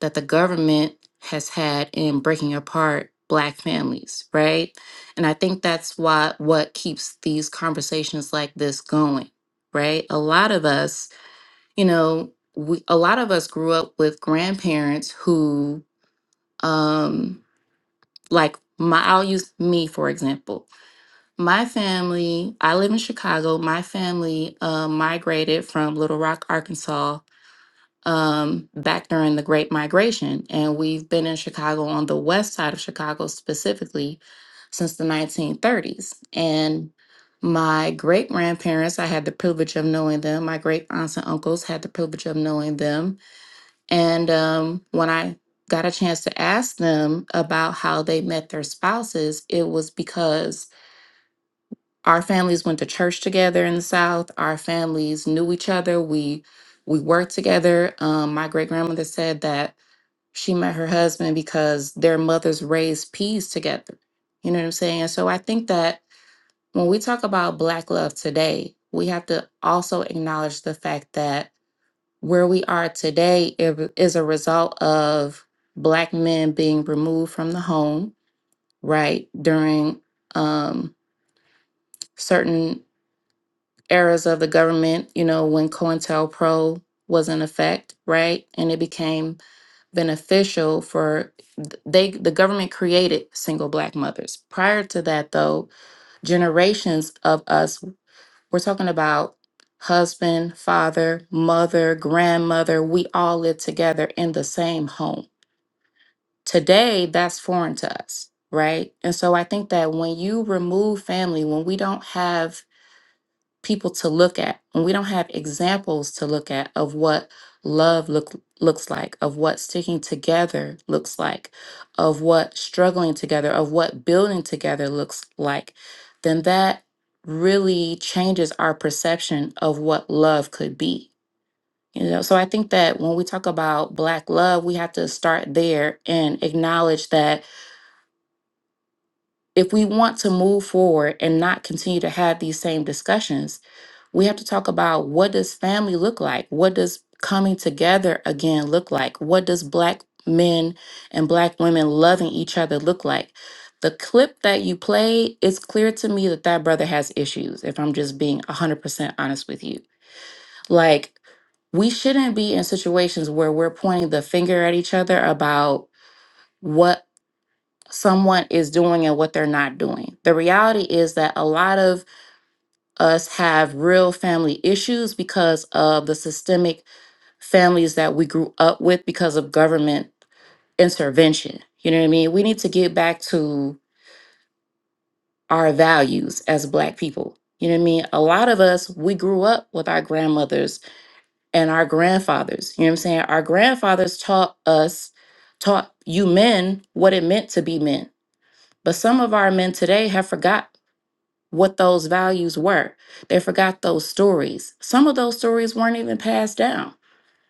that the government has had in breaking apart Black families, right? And I think that's why what keeps these conversations like this going, right? A lot of us you know, we, a lot of us grew up with grandparents who, um, like my, I'll use me for example. My family, I live in Chicago. My family uh, migrated from Little Rock, Arkansas, um, back during the Great Migration, and we've been in Chicago on the west side of Chicago specifically since the 1930s. And my great grandparents, I had the privilege of knowing them. My great aunts and uncles had the privilege of knowing them and um, when I got a chance to ask them about how they met their spouses, it was because our families went to church together in the South. Our families knew each other. We we worked together. Um, my great grandmother said that she met her husband because their mothers raised peas together. You know what I'm saying? So I think that when we talk about Black love today, we have to also acknowledge the fact that where we are today i- is a result of black men being removed from the home right during um, certain eras of the government you know when cointelpro was in effect right and it became beneficial for th- they the government created single black mothers prior to that though generations of us We're talking about husband, father, mother, grandmother. We all live together in the same home. Today, that's foreign to us, right? And so I think that when you remove family, when we don't have people to look at when we don't have examples to look at of what love look looks like of what sticking together looks like of what struggling together of what building together looks like then that really changes our perception of what love could be you know so i think that when we talk about black love we have to start there and acknowledge that if we want to move forward and not continue to have these same discussions we have to talk about what does family look like what does coming together again look like what does black men and black women loving each other look like the clip that you played it's clear to me that that brother has issues if i'm just being 100% honest with you like we shouldn't be in situations where we're pointing the finger at each other about what someone is doing and what they're not doing. The reality is that a lot of us have real family issues because of the systemic families that we grew up with because of government intervention. You know what I mean? We need to get back to our values as Black people. You know what I mean? A lot of us, we grew up with our grandmothers and our grandfathers. You know what I'm saying? Our grandfathers taught us, taught you men what it meant to be men. But some of our men today have forgot what those values were. They forgot those stories. Some of those stories weren't even passed down.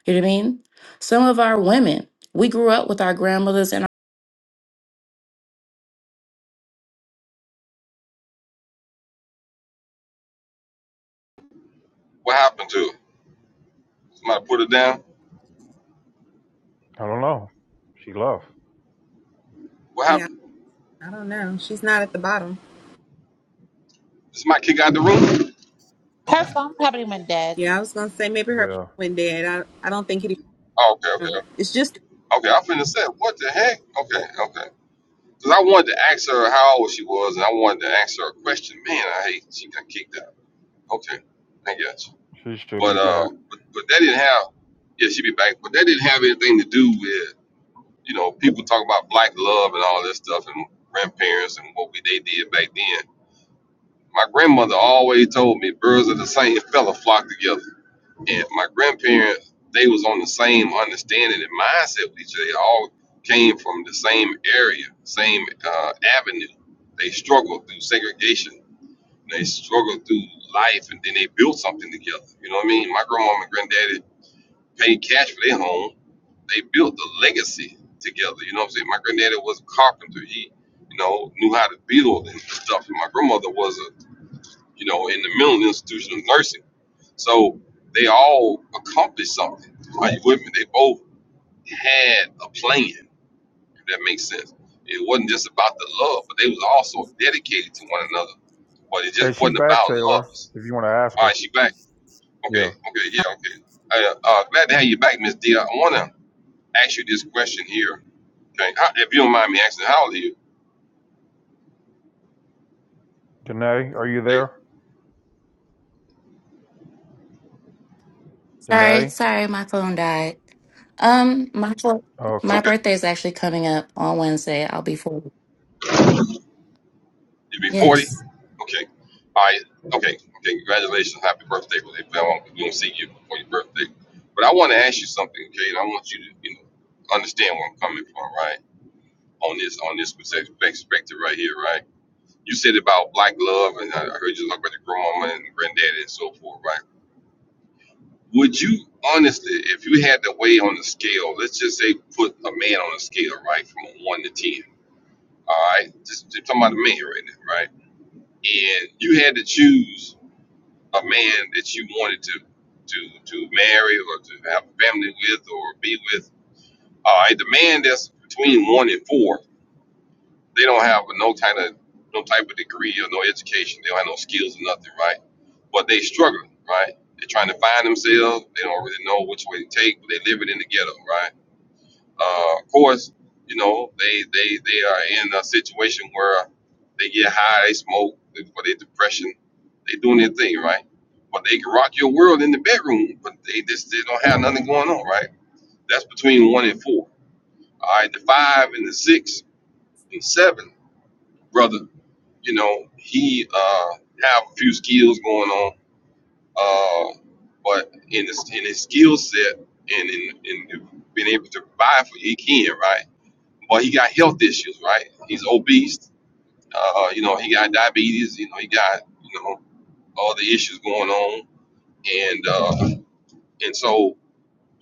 You know what I mean? Some of our women, we grew up with our grandmothers and our What happened to it? Somebody put it down. I don't know. She left. What Yeah, happened? I don't know. She's not at the bottom. Is my kick out the room? Her phone probably went dead. Yeah, I was gonna say maybe her phone Yeah. went dead. I I don't think it Oh, okay, even. okay, It's just okay. I'm finna say, what the heck? Okay, okay. Cause I wanted to ask her how old she was, and I wanted to ask her a question. Man, I hate she got kicked out. Okay, I got you. She should But be back. uh, but, but that didn't have. Yeah, she be back. But that didn't have anything to do with you know people talk about black love and all this stuff and grandparents and what we they did back then. My grandmother always told me birds of the same feather flock together and my grandparents they was on the same understanding and mindset with each other. They all came from the same area, same uh, avenue. They struggled through segregation. They struggled through life, and then they built something together. You know what I mean? My grandmama and granddaddy paid cash for their home. They built a legacy together. You know what I'm saying? My granddaddy was a carpenter. He, you know, knew how to build and stuff. And my grandmother was a you know, in the mental institution of nursing. So they all accomplished something. Are you with me? They both had a plan, if that makes sense. It wasn't just about the love, but they was also dedicated to one another. But it just Is she wasn't back, about Taylor? love. If you want to ask All her. right, she back. Okay, Yeah. okay, yeah, okay. Uh, uh, glad to have you back, Miss D. I want to ask you this question here. Okay, How- if you don't mind me asking, how old are you? Danae, are you there? It's Sorry, Danae? sorry, my phone died. Um, my fo- my Okay. okay. birthday is actually coming up on Wednesday. I'll be 40. You be 40? Yes. Okay. All right. Okay. Okay. Congratulations. Happy birthday. Well, if I don't- we don't see you before your birthday. But I want to ask you something, okay? And I want you to, you know, understand where I'm coming from, right? On this, on this perspective perspective right here, right? You said about black love, and I I heard you talk about the grandmama and granddaddy and so forth, right? Would you honestly, if you had to weigh on the scale, let's just say put a man on a scale, right, from one to ten, all right? Just, just talking about a man right now, right? And you had to choose a man that you wanted to to to marry or to have a family with or be with. All right, the man that's between one and four, they don't have no kind of no type of degree or no education. They don't have no skills or nothing, right? But they struggling, right? They're trying to find themselves. They don't really know which way to take, but they living in the ghetto, right? Uh, of course, you know they they they are in a situation where they get high, they smoke for their depression, they doing their thing, right? But they can rock your world in the bedroom, but they just they don't have nothing going on, right? That's between one and four. All right, the five and the six and seven, brother, you know he uh have a few skills going on, uh, but in his in his skill set and in in being able to provide for, he can, right? But he got health issues, right? He's obese. Uh, you know, he got diabetes. You know, he got you know all the issues going on, and uh, and so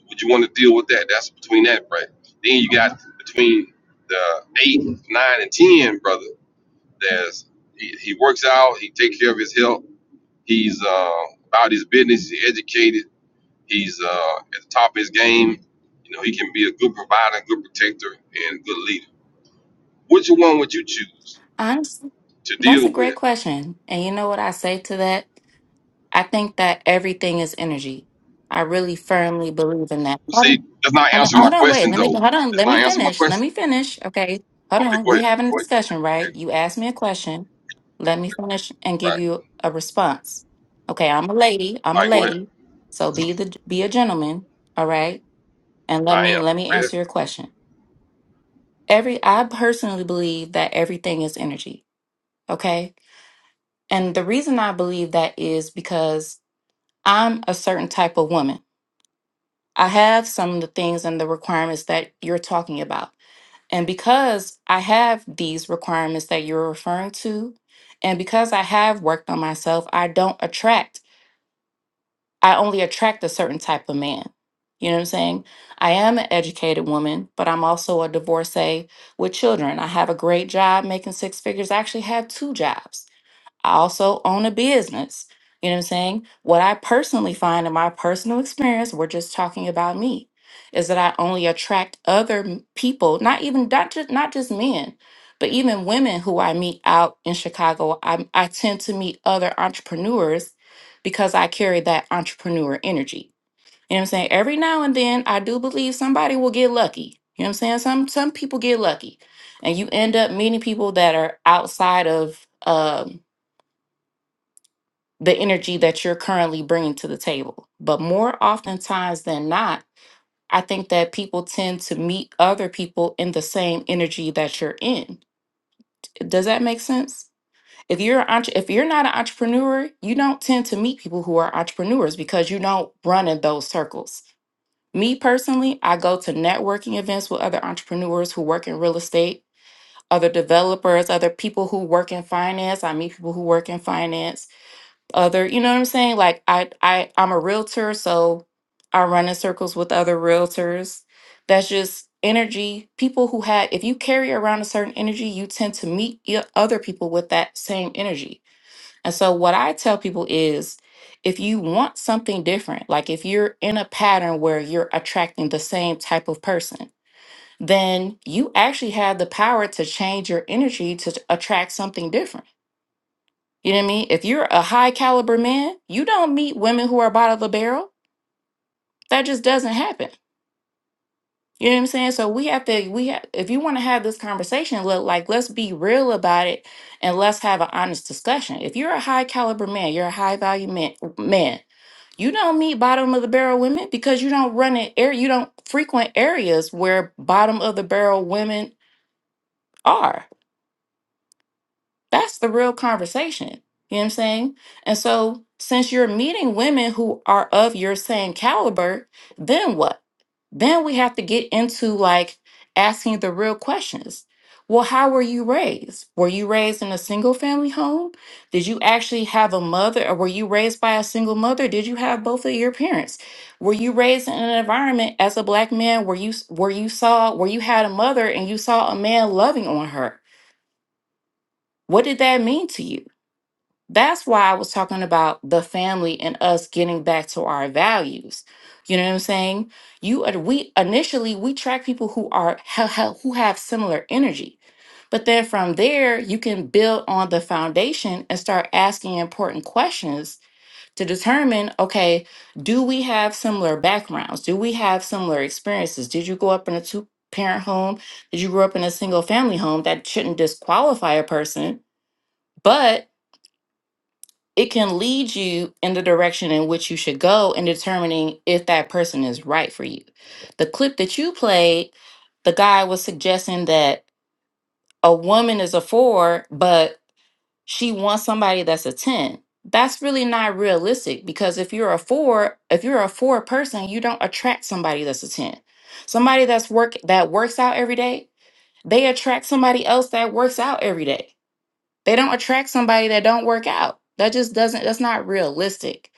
would you want to deal with that? That's between that, right? Then you got between the eight, nine, and ten, brother. There's he, he works out. He takes care of his health. He's uh, about his business. He's educated. He's uh, at the top of his game. You know, he can be a good provider, good protector, and a good leader. Which one would you choose? Honestly, to that's a deal great with. question. And you know what I say to that? I think that everything is energy. I really firmly believe in that. Hold See, on. that's not Hold on, answering my hold on, wait. question Let me though. hold on. That's Let me not answering my finish. Let question. me finish. Okay. Hold Okay, on. go We're ahead. having a Go ahead. Go ahead. discussion, Go right? ahead. You asked me a question. Let me finish and All give right. you a response. Okay, I'm a lady. I'm All a right, go ahead. lady. So be the be a gentleman, all right? And let I me am. let me Go ahead. answer your question. Every I personally believe that everything is energy, okay? And the reason I believe that is because I'm a certain type of woman. I have some of the things and the requirements that you're talking about. And because I have these requirements that you're referring to, and because I have worked on myself, I don't attract, I only attract a certain type of man. You know what I'm saying? I am an educated woman, but I'm also a divorcee with children. I have a great job making six figures. I actually have two jobs I also own a business. You know what I'm saying? What I personally find in my personal experience, we're just talking about me, is that I only attract other m- people, not even not just not just men, but even women who I meet out in Chicago. I I tend to meet other entrepreneurs because I carry that entrepreneur energy. You know what I'm saying? Every now and then I do believe somebody will get lucky. You know what I'm saying? Some some people get lucky. And you end up meeting people that are outside of um the energy that you're currently bringing to the table. But more oftentimes than not, I think that people tend to meet other people in the same energy that you're in. Does that make sense? If you're an entre- if you're not an entrepreneur, you don't tend to meet people who are entrepreneurs because you don't run in those circles. Me personally, I go to networking events with other entrepreneurs who work in real estate, other developers, other people who work in finance. I meet people who work in finance other you know what i'm saying like i i i'm a realtor so i run in circles with other realtors that's just energy people who had if you carry around a certain energy you tend to meet y- other people with that same energy and so what i tell people is if you want something different like if you're in a pattern where you're attracting the same type of person then you actually have the power to change your energy to attract something different you know what I mean? If you're a high caliber man, you don't meet women who are bottom of the barrel. That just doesn't happen. You know what I'm saying? So we have to we have if you want to have this conversation, look like let's be real about it and let's have an honest discussion. If you're a high caliber man, you're a high value man man. You don't meet bottom of the barrel women because you don't run in air you don't frequent areas where bottom of the barrel women are. That's the real conversation. You know what I'm saying? And so, since you're meeting women who are of your same caliber, then what? Then we have to get into like asking the real questions. Well, how were you raised? Were you raised in a single family home? Did you actually have a mother or were you raised by a single mother? Did you have both of your parents? Were you raised in an environment as a black man where you where you saw where you had a mother and you saw a man loving on her? What did that mean to you? That's why I was talking about the family and us getting back to our values. You know what I'm saying? You are- we initially we track people who are ha- ha- who have similar energy. But then from there, you can build on the foundation and start asking important questions to determine okay, do we have similar backgrounds? Do we have similar experiences? Did you grow up in a two parent home? Did you grow up in a single family home? That shouldn't disqualify a person, but it can lead you in the direction in which you should go in determining if that person is right for you. The clip that you played, the guy was suggesting that a woman is a four, but she wants somebody that's a 10. That's really not realistic because if you're a four, if you're a four person, you don't attract somebody that's a 10. Somebody that's work that works out every day, they attract somebody else that works out every day they don't attract somebody that don't work out. That just doesn't that's not realistic.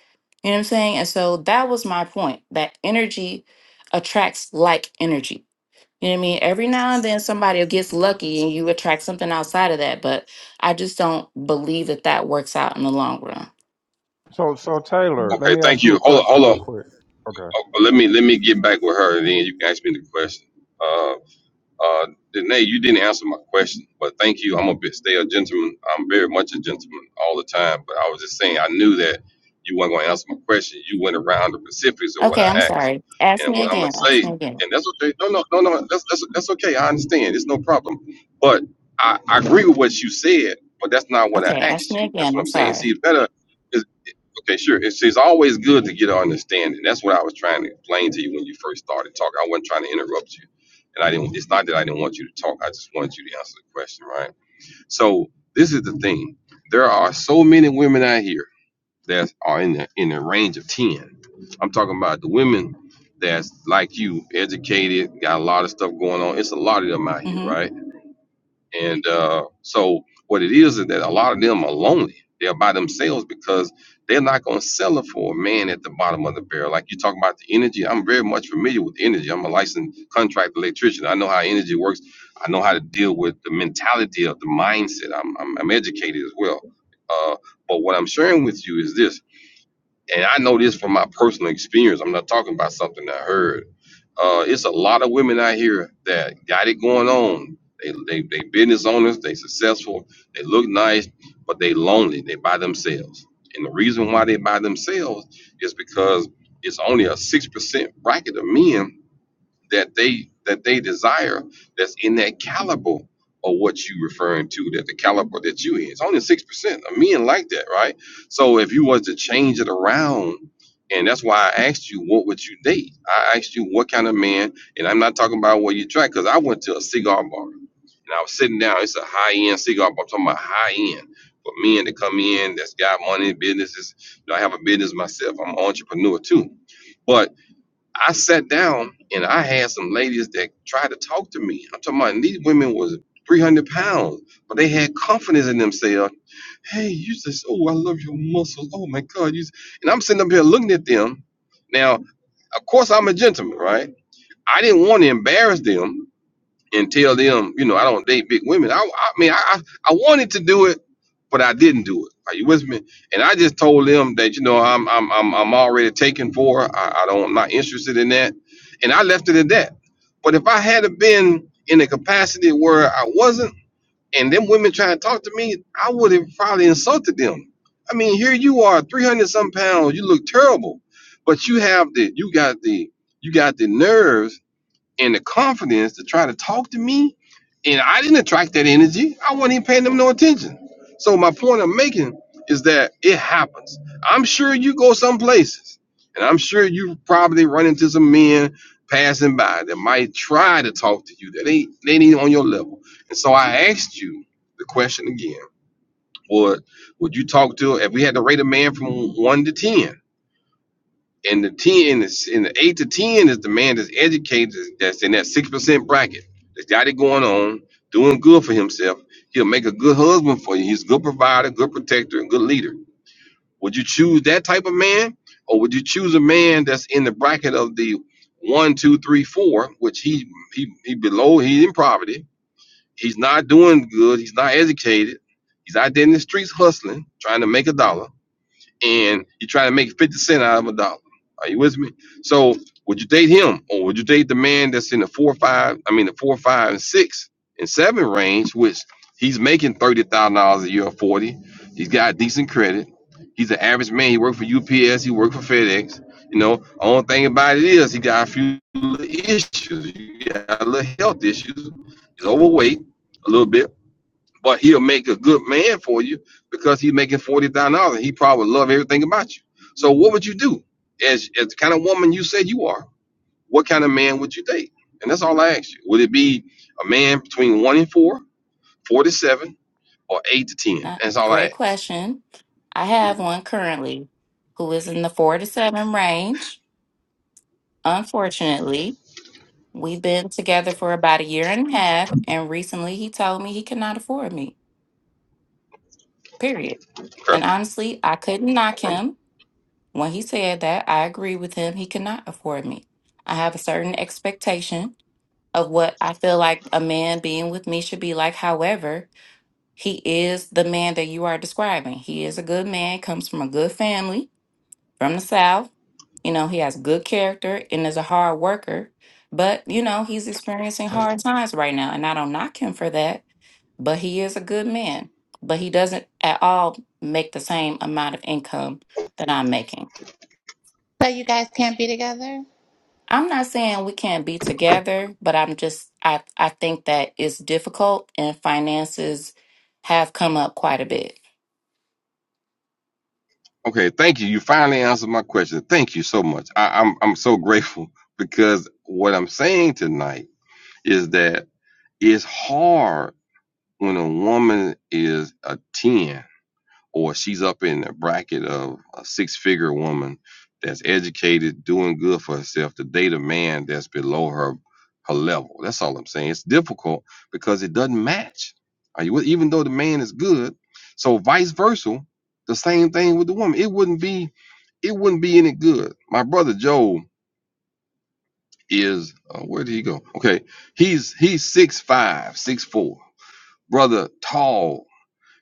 You know what I'm saying? And so that was my point. That energy attracts like energy. You know what I mean? Every now and then somebody gets lucky and you attract something outside of that, but I just don't believe that that works out in the long run. So so Taylor, Mm. let Okay, me thank ask you you. a Hold on, question hold real on. quick. Okay. Uh, let me let me get back with her and then you can ask me the question. Uh, Uh, Danae, you didn't answer my question, but thank you. I'm a bit stay a gentleman. I'm very much a gentleman all the time, but I was just saying I knew that you weren't going to answer my question. You went around the specifics of what Okay, I'm I asked, sorry. Ask and me what I'm going again. to say, Ask me again. and that's okay. No, no, no, no. That's that's that's okay. I understand. It's no problem. But I, I agree with what you said, but that's not what I Okay, ask asked me you. That's again. what I'm I'm saying. See, sorry. it's better. Okay, sure. It's, it's always good to get an understanding. That's what I was trying to explain to you when you first started talking. I wasn't trying to interrupt you, and I didn't. It's not that I didn't want you to talk. I just wanted you to answer the question, right? So this is the thing. There are so many women out here that are in the in the range of ten. I'm talking about the women that's like you, educated, got a lot of stuff going on. It's a lot of them out here, Mm-hmm. right? And uh, so what it is is that a lot of them are lonely. They're by themselves because they're not going to sell it for a man at the bottom of the barrel. Like you talking about the energy, I'm very much familiar with energy. I'm a licensed contract electrician. I know how energy works. I know how to deal with the mentality of the mindset. I'm, I'm, I'm educated as well. Uh, but what I'm sharing with you is this and I know this from my personal experience. I'm not talking about something I heard. Uh, it's a lot of women out here that got it going on. They they they business owners. They successful. They look nice, but they lonely. They by themselves. And the reason why they by themselves is because it's only a six percent bracket of men that they that they desire that's in that caliber of what you referring to that the caliber that you in it's only six percent of men like that right so if you was to change it around and that's why I asked you what would you date I asked you what kind of man and I'm not talking about what you try because I went to a cigar bar and I was sitting down it's a high end cigar bar I'm talking about high end for men to come in that's got money businesses you know, I have a business myself I'm an entrepreneur too but I sat down and I had some ladies that tried to talk to me. I'm talking about and these women was 300 pounds, but they had confidence in themselves. Hey, you just, oh, I love your muscles. Oh my God. You, s-" and I'm sitting up here looking at them. Now, of course, I'm a gentleman, right? I didn't want to embarrass them and tell them, you know, I don't date big women. I, I mean, I, I I wanted to do it, but I didn't do it. Are you with me? And I just told them that, you know, I'm I'm I'm, I'm already taken for. I, I don't, I'm not interested in that. And I left it at that. But if I had have been in a capacity where I wasn't, and them women trying to talk to me, I would have probably insulted them. I mean, here you are, 300 some pounds. You look terrible, but you have the, you got the, you got the nerves and the confidence to try to talk to me. And I didn't attract that energy. I wasn't even paying them no attention. So my point I'm making is that it happens. I'm sure you go some places, and I'm sure you probably run into some men passing by that might try to talk to you that ain't they ain't on your level. And so I asked you the question again: Would would you talk to if we had to rate a man from one to ten? And the ten in the, in the eight to ten is the man that's educated that's in that six percent bracket that's got it going on, doing good for himself. He'll make a good husband for you. He's a good provider, good protector, and good leader. Would you choose that type of man, or would you choose a man that's in the bracket of the one, two, three, four, which he he he below, he's in poverty, he's not doing good, he's not educated, he's out there in the streets hustling, trying to make a dollar and you try to make 50 cent out of a dollar. Are you with me? So would you date him or would you date the man that's in the four, five, I mean the four, five, and six and seven range, which he's making thirty thousand dollars a year or forty. He's got decent credit. He's an average man. He worked for UPS, he worked for FedEx. You know, only thing about it is he got a few little issues. He got a little health issues. He's overweight a little bit but he'll make a good man for you because he's making forty thousand dollars. He probably love everything about you. So what would you do as as the kind of woman you said you are? What kind of man would you date? And that's all I asked you. Would it be a man between one and four, four to seven, or eight to ten? Not That's all I great asked. question. I have one currently who is in the four to seven range. Unfortunately, we've been together for about a year and a half, and recently he told me he cannot afford me, period. And Okay. honestly, I couldn't knock Okay. him. When he said that, I agree with him. He cannot afford me. I have a certain expectation of what I feel like a man being with me should be like. However, he is the man that you are describing. He is a good man, comes from a good family from the South. You know, he has good character and is a hard worker, but, you know, he's experiencing hard times right now. And I don't knock him for that, but he is a good man. But he doesn't at all make the same amount of income that I'm making. So you guys can't be together? I'm not saying we can't be together, but I'm just, I, I think that it's difficult and finances have come up quite a bit. Okay, Thank you. You finally answered my question. Thank you so much. I, I'm I'm so grateful because what I'm saying tonight is that it's hard when a woman is a ten or she's up in the bracket of a six figure woman that's educated, doing good for herself to date a man that's below her her level. That's all I'm saying. It's difficult because it doesn't match. Are you with- even though the man is good, so vice versa, the same thing with the woman. It wouldn't be it wouldn't be any good. My brother Joe is uh, where did he go? Okay, he's he's six five, six four. Brother, tall,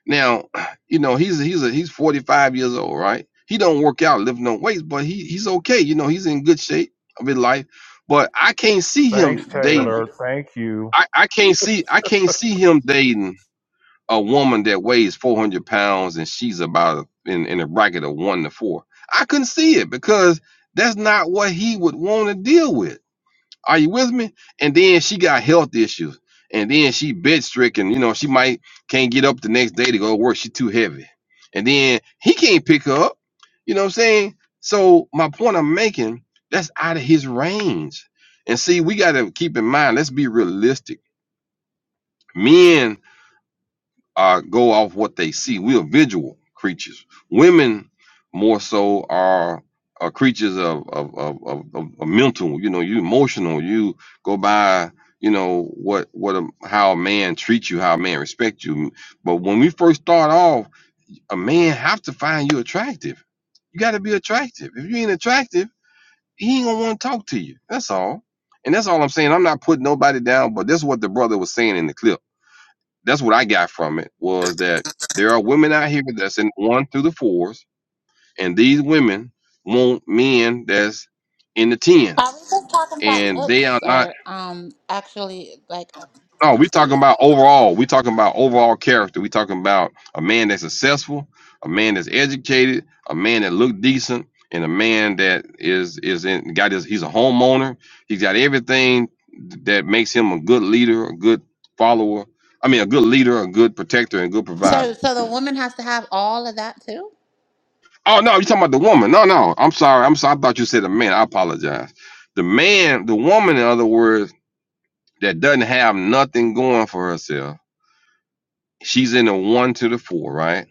now, you know, he's he's a, he's 45 years old, right? He don't work out, lift no weights, but he he's okay. You know, he's in good shape of his life. But I can't see him Thanks, dating. Taylor. Thank you. I, I can't see I can't see him dating a woman that weighs 400 pounds and she's about in in a bracket of one to four. I couldn't see it because that's not what he would want to deal with. Are you with me? And then she got health issues. And then she bed stricken. You know, she might can't get up the next day to go to work. She too heavy. And then he can't pick her up. You know what I'm saying? So my point I'm making, that's out of his range. And see, we gotta keep in mind, let's be realistic. Men uh, go off what they see. We are visual creatures. Women more so are, are creatures of of, of, of of of mental. You know, you emotional. You go by you know what what a, how a man treats you, how a man respects you. But when we first start off, a man have to find you attractive. You got to be attractive. If you ain't attractive, he ain't gonna want to talk to you. That's all. And that's all I'm saying. I'm not putting nobody down, but this is what the brother was saying in the clip that's what I got from it was that there are women out here that's in one through the fours, and these women want men that's in the tens, Are we just talking about and they looks are not. or um actually like No, we talking about overall. we talking about overall character. we talking about a man that's successful, a man that's educated, a man that look decent, and a man that is is in got his. He's a homeowner. He's got everything that makes him a good leader, a good follower. I mean, a good leader, a good protector, and good provider so so the woman has to have all of that too? Oh no, you're talking about the woman. No, no. I'm sorry. I'm sorry. I thought you said the man. I apologize. The man, the woman, in other words, that doesn't have nothing going for herself. She's in the one to the four, right?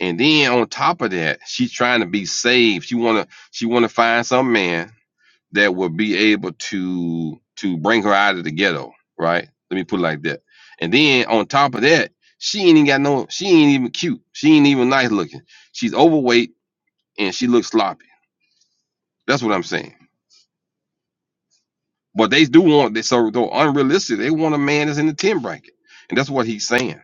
And then on top of that, she's trying to be saved. She wanna she wanna find some man that will be able to to bring her out of the ghetto, right? Let me put it like that. And then on top of that, she ain't even got no she ain't even cute. She ain't even nice looking. She's overweight and she looks sloppy. That's what I'm saying. But they do want this, so though unrealistic, they want a man that's in the 10 bracket. And that's what he's saying.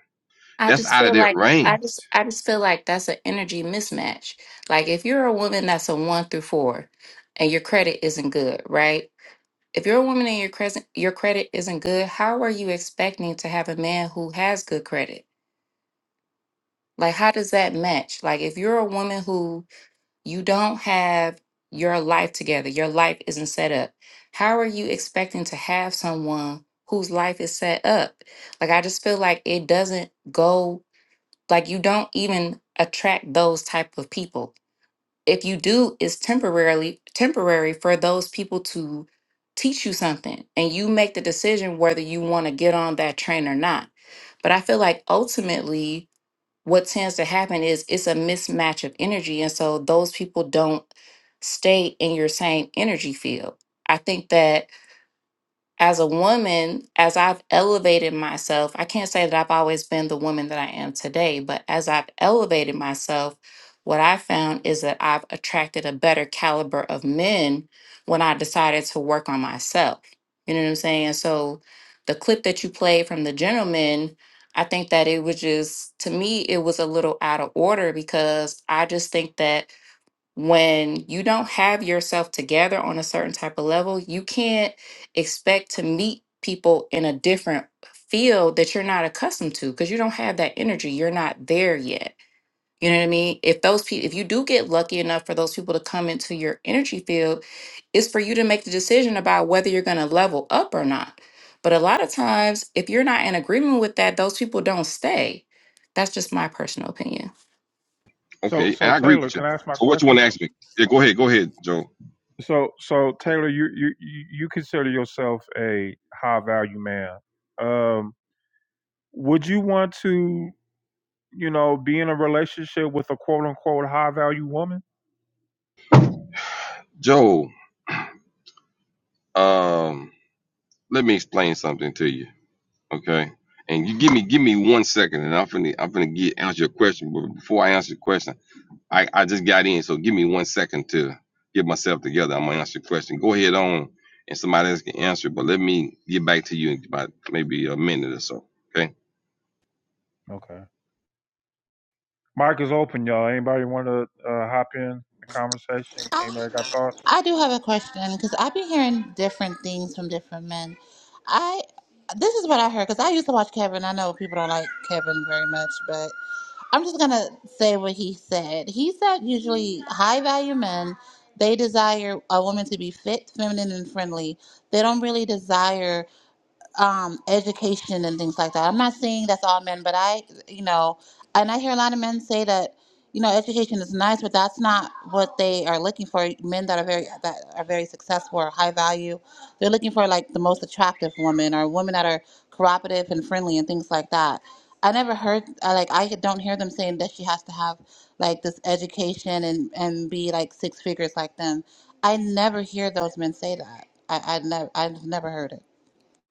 I That's just out of feel their like I range. just I just feel like that's an energy mismatch. Like if you're a woman that's a one through four and your credit isn't good, right? If you're a woman and your credit your credit isn't good, how are you expecting to have a man who has good credit? Like how does that match? Like if you're a woman who you don't have your life together, your life isn't set up, how are you expecting to have someone whose life is set up? Like I just feel like it doesn't go like you don't even attract those type of people if you do it's temporarily temporary for those people to teach you something and you make the decision whether you want to get on that train or not but i feel like ultimately what tends to happen is it's a mismatch of energy and so those people don't stay in your same energy field i think that as a woman, as I've elevated myself, I can't say that I've always been the woman that I am today, but as I've elevated myself, what I found is that I've attracted a better caliber of men when I decided to work on myself. You know what I'm saying? So the clip that you played from the gentleman, I think that it was just, to me, it was a little out of order because I just think that when you don't have yourself together on a certain type of level, you can't expect to meet people in a different field that you're not accustomed to because you don't have that energy. You're not there yet. You know what I mean? If those people, if you do get lucky enough for those people to come into your energy field, it's for you to make the decision about whether you're going to level up or not. But a lot of times, if you're not in agreement with that, those people don't stay. That's just my personal opinion. So, Okay, so I agree Taylor, with can you. I ask my So what you question? want to ask me? Yeah, go ahead, go ahead, Joe. So, so Taylor, you you you you consider yourself a high value man. Um, would you want to, you know, be in a relationship with a quote unquote high value woman? Joe, um, let me explain something to you. Okay. And you give me give me one second and I'm finna I'm finna get answer your question. But before I answer your question, I, I just got in, so give me one second to get myself together. I'm gonna answer your question. Go ahead on and somebody else can answer, but let me get back to you in about maybe a minute or so. Okay. Okay. Mic is open, y'all. Anybody want to uh, hop in the conversation? I Anybody got thoughts? I do have a question because I've been hearing different things from different men. I this is what I heard because I used to watch Kevin. I know people don't like Kevin very much, I'm just going to say what he said. He said usually high value men, they desire a woman to be fit, feminine, and friendly. They don't really desire um, education and things like that. I'm not saying that's all men, but I, you know, and I hear a lot of men say that, you know, education is nice, but that's not what they are looking for. Men that are very that are very successful or high value, they're looking for like the most attractive woman or women that are cooperative and friendly and things like that. I never heard I, like I don't hear them saying that she has to have like this education and and be like six figures like them. I never hear those men say that. I I never I've never heard it.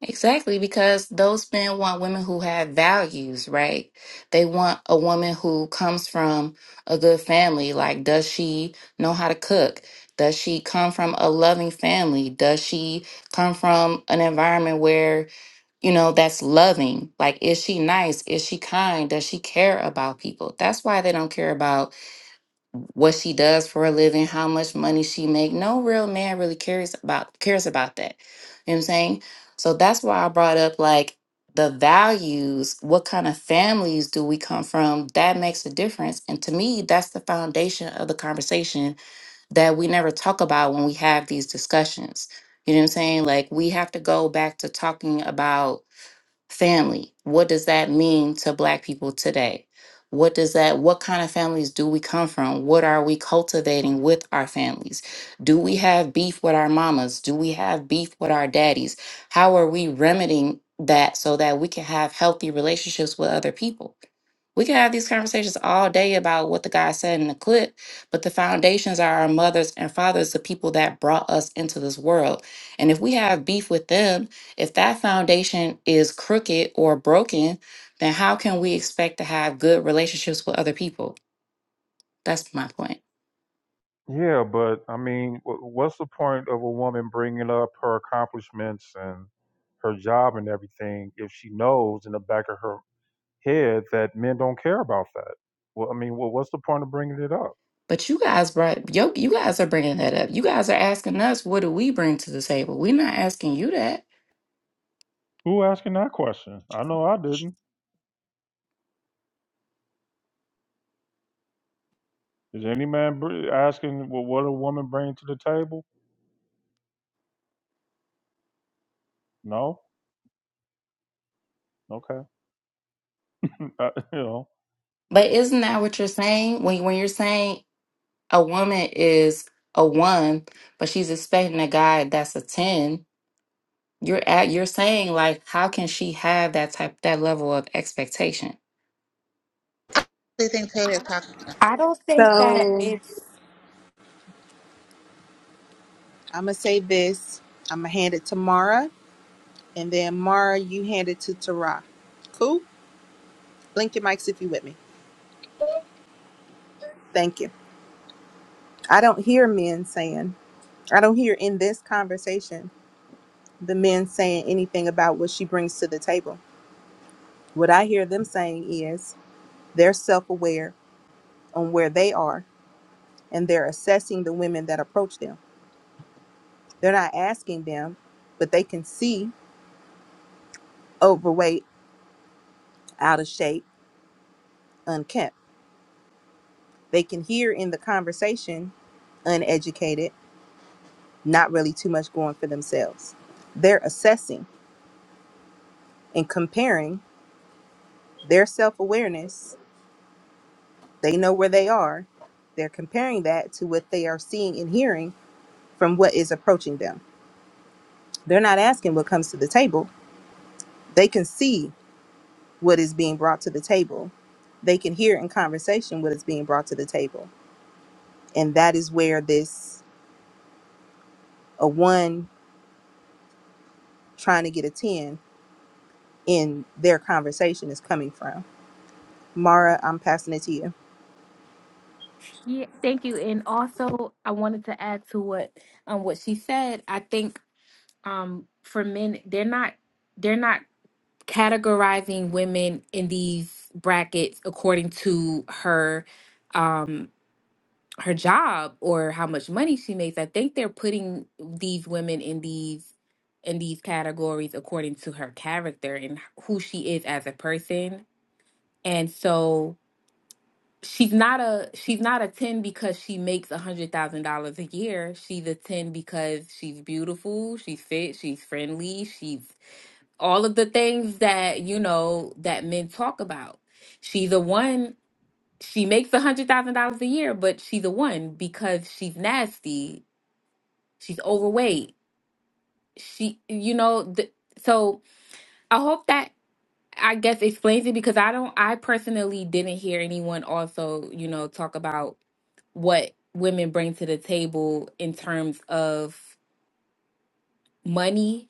Exactly, because those men want women who have values, right? They want a woman who comes from a good family. Like, does she know how to cook? Does she come from a loving family? Does she come from an environment where, you know, that's loving? Like, is she nice? Is she kind? Does she care about people? That's why they don't care about what she does for a living, how much money she make. No real man really cares about cares about that. You know what I'm saying? So that's why I brought up like the values, what kind of families do we come from? That makes a difference. And to me, that's the foundation of the conversation that we never talk about when we have these discussions. You know what I'm saying? Like we have to go back to talking about family what does that mean to black people today what does that what kind of families do we come from what are we cultivating with our families do we have beef with our mamas do we have beef with our daddies how are we remedying that so that we can have healthy relationships with other people we can have these conversations all day about what the guy said in the clip, but the foundations are our mothers and fathers, the people that brought us into this world. And if we have beef with them, if that foundation is crooked or broken, then how can we expect to have good relationships with other people? That's my point. Yeah, but I mean, wh- what's the point of a woman bringing up her accomplishments and her job and everything if she knows in the back of her head that men don't care about that? Well, I mean, well, what's the point of bringing it up? But you guys brought yo, you guys are bringing that up. You guys are asking us, what do we bring to the table? We're not asking you that. Who asking that question? I know I didn't. Is any man br- asking well, what a woman brings to the table? No. Okay. I, you know. But isn't that what you're saying when when you're saying a woman is a one, but she's expecting a guy that's a 10, you're at you're saying like how can she have that type that level of expectation? Do you think Taylor talked? I don't think that so. it's I'm gonna say this. I'm gonna hand it to Mara, and then Mara, you hand it to Tara. Cool. Blink your mics if you with me. Thank you. I don't hear men saying. I don't hear in this conversation the men saying anything about what she brings to the table. What I hear them saying is they're self aware on where they are and they're assessing the women that approach them. They're not asking them, but they can see overweight, out of shape, unkempt. They can hear in the conversation, uneducated, not really too much going for themselves. They're assessing and comparing their self awareness. They know where they are. They're comparing that to what they are seeing and hearing from what is approaching them. They're not asking what comes to the table They can see what is being brought to the table. They can hear in conversation what is being brought to the table. And that is where this a one trying to get a 10 in their conversation is coming from. Mara, I'm passing it to you. yeah, thank you. And also I wanted to add to what um what she said. I think um for men they're not they're not categorizing women in these brackets according to her um her job or how much money she makes. I think they're putting these women in these in these categories according to her character and who she is as a person. And so she's not a she's not a 10 because she makes a hundred thousand dollars a year she's a 10 because she's beautiful she's fit she's friendly she's all of the things that you know that men talk about she's a one she makes a hundred thousand dollars a year but she's a one because she's nasty she's overweight she you know th- so i hope that i guess explains it because i don't i personally didn't hear anyone also you know talk about what women bring to the table in terms of money,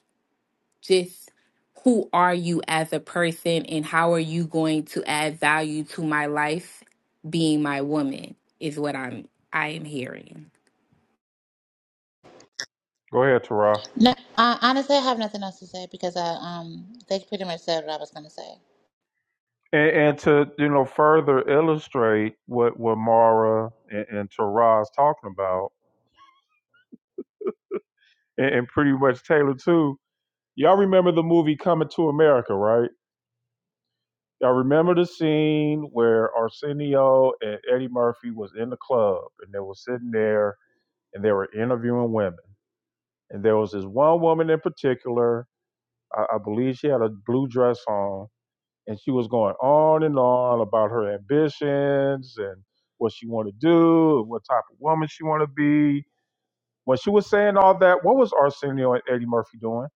just who are you as a person and how are you going to add value to my life being my woman is what I'm I am hearing. Go ahead, Tara. No, uh, honestly, I have nothing else to say because I um they pretty much said what I was gonna say. And, and to you know further illustrate what what Mara and, and Tara is talking about and, and pretty much Taylor too. Y'all remember the movie Coming to America, right? Y'all remember the scene where Arsenio and Eddie Murphy was in the club and they were sitting there and they were interviewing women. And there was this one woman in particular, I, I believe she had a blue dress on, and she was going on and on about her ambitions and what she wanted to do and what type of woman she wanted to be. When she was saying all that, what was Arsenio and Eddie Murphy doing?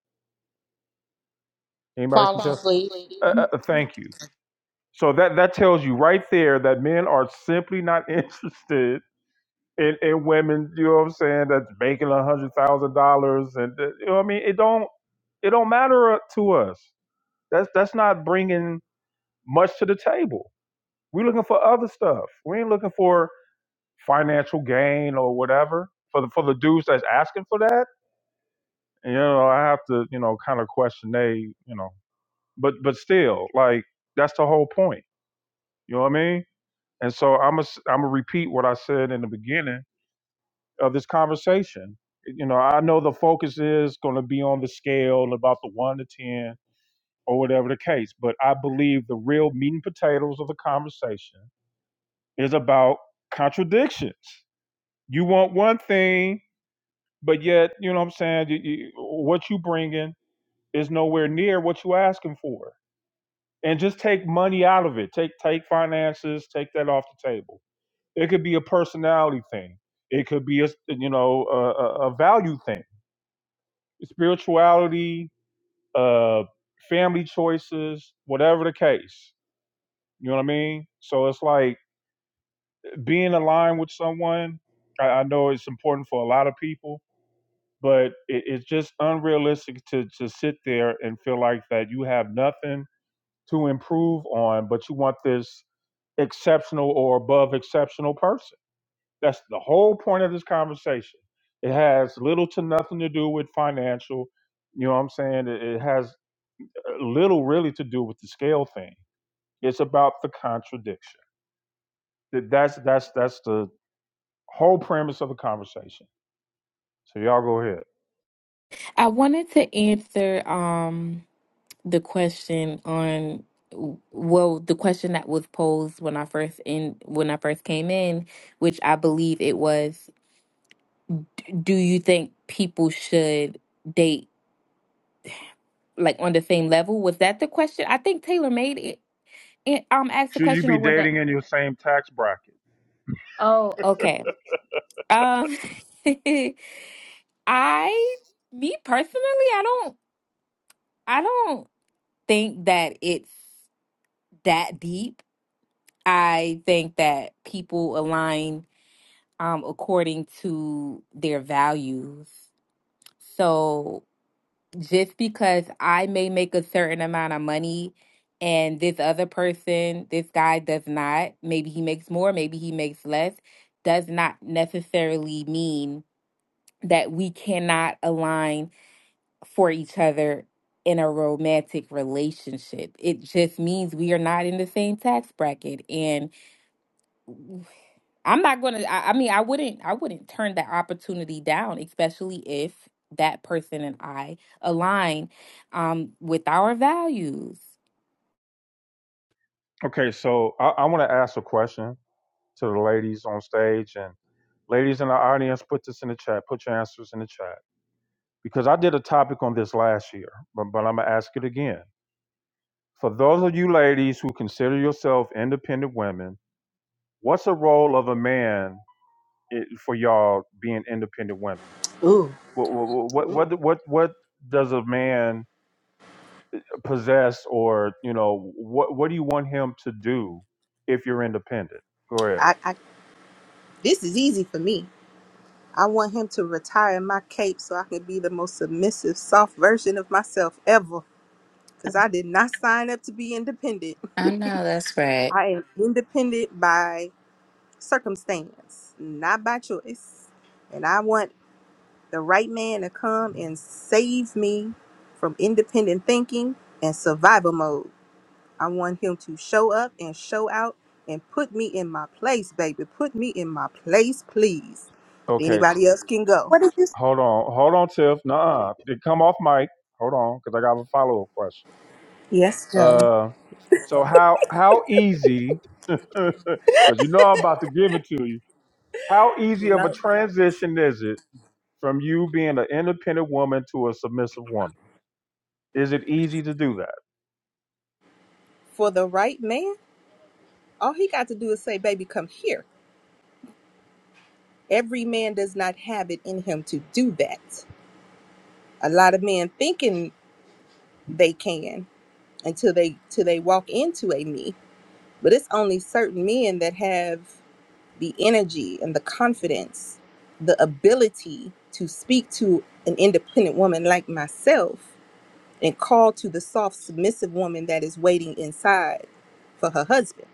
Anybody can Falling tell? asleep. Uh, uh, uh, thank you. So that that tells you right there that men are simply not interested in, in women. You know what I'm saying? That's making a hundred thousand dollars, and that- you know what I mean. It don't it don't matter uh, to us. That's that's not bringing much to the table. We're looking for other stuff. We ain't looking for financial gain or whatever. For the for the dudes that's asking for that, you know, I have to you know kind of question they you know, but but still like that's the whole point You know what I mean? And so I'm i am a. I'm gonna repeat what I said in the beginning of this conversation. You know, I know the focus is going to be on the scale about the one to ten or whatever the case, but I believe the real meat and potatoes of the conversation is about contradictions. You want one thing, but yet you know what I'm saying. You, you, what you bringing is nowhere near what you asking for. And just take money out of it. Take take finances. Take that off the table It could be a personality thing. It could be a you know a, a a value thing, spirituality, uh, family choices, whatever the case. You know what I mean? So it's like being aligned with someone. I, I know it's important for a lot of people, but it, it's just unrealistic to to sit there and feel like that you have nothing to improve on, but you want this exceptional or above exceptional person. That's the whole point of this conversation. It has little to nothing to do with financial. You know what I'm saying? It, it has uh, little really to do with the scale thing. It's about the contradiction. That- That's that's that's the whole premise of the conversation. So y'all go ahead. I wanted to answer um the question on well the question that was posed when I first in when I first came in, which I believe it was, do you think people should date like on the same level. Was that the question? I think Taylor made it, it um asked the Should you question or be was that dating in your same tax bracket? oh okay. Um I me personally I don't I don't think that it's that deep. I think that people align um according to their values. So just because I may make a certain amount of money and this other person, this guy does not, maybe he makes more, maybe he makes less, does not necessarily mean that we cannot align for each other in a romantic relationship. It just means we are not in the same tax bracket. And I'm not gonna. I, I mean, I wouldn't. I wouldn't turn that opportunity down, especially if that person and I align um, with our values. Okay, so I, I want to ask a question to the ladies on stage and ladies in the audience. Put this in the chat. Put your answers in the chat because I did a topic on this last year, but, but I'm gonna ask it again For those of you ladies who consider yourself independent women, what's the role of a man i- for y'all being independent women? Ooh, What what what what what does a man possess, or you know, what what do you want him to do if you're independent? Go ahead. I, I this is easy for me. I want him to retire my cape so I can be the most submissive, soft version of myself ever. Because I did not sign up to be independent. I know that's right. I am independent by. circumstance, not by choice. And I want the right man to come and save me from independent thinking and survival mode. I want him to show up and show out and put me in my place, baby. Put me in my place, please. Okay, t- Anybody else can go. hold on, hold on, Tiff. Nah, come off mic. Hold on, because I got a follow up question. Yes, Joe. Uh, so how how easy? Because you know I'm about to give it to you How easy of a Lo- transition is it from you being an independent woman to a submissive woman? Is it easy to do that? For the right man, all he got to do is say, baby, come here. Every man does not have it in him to do that. A lot of men thinking they can, until they till they walk into a me. But it's only certain men that have the energy and the confidence, the ability to speak to an independent woman like myself and call to the soft, submissive woman that is waiting inside for her husband.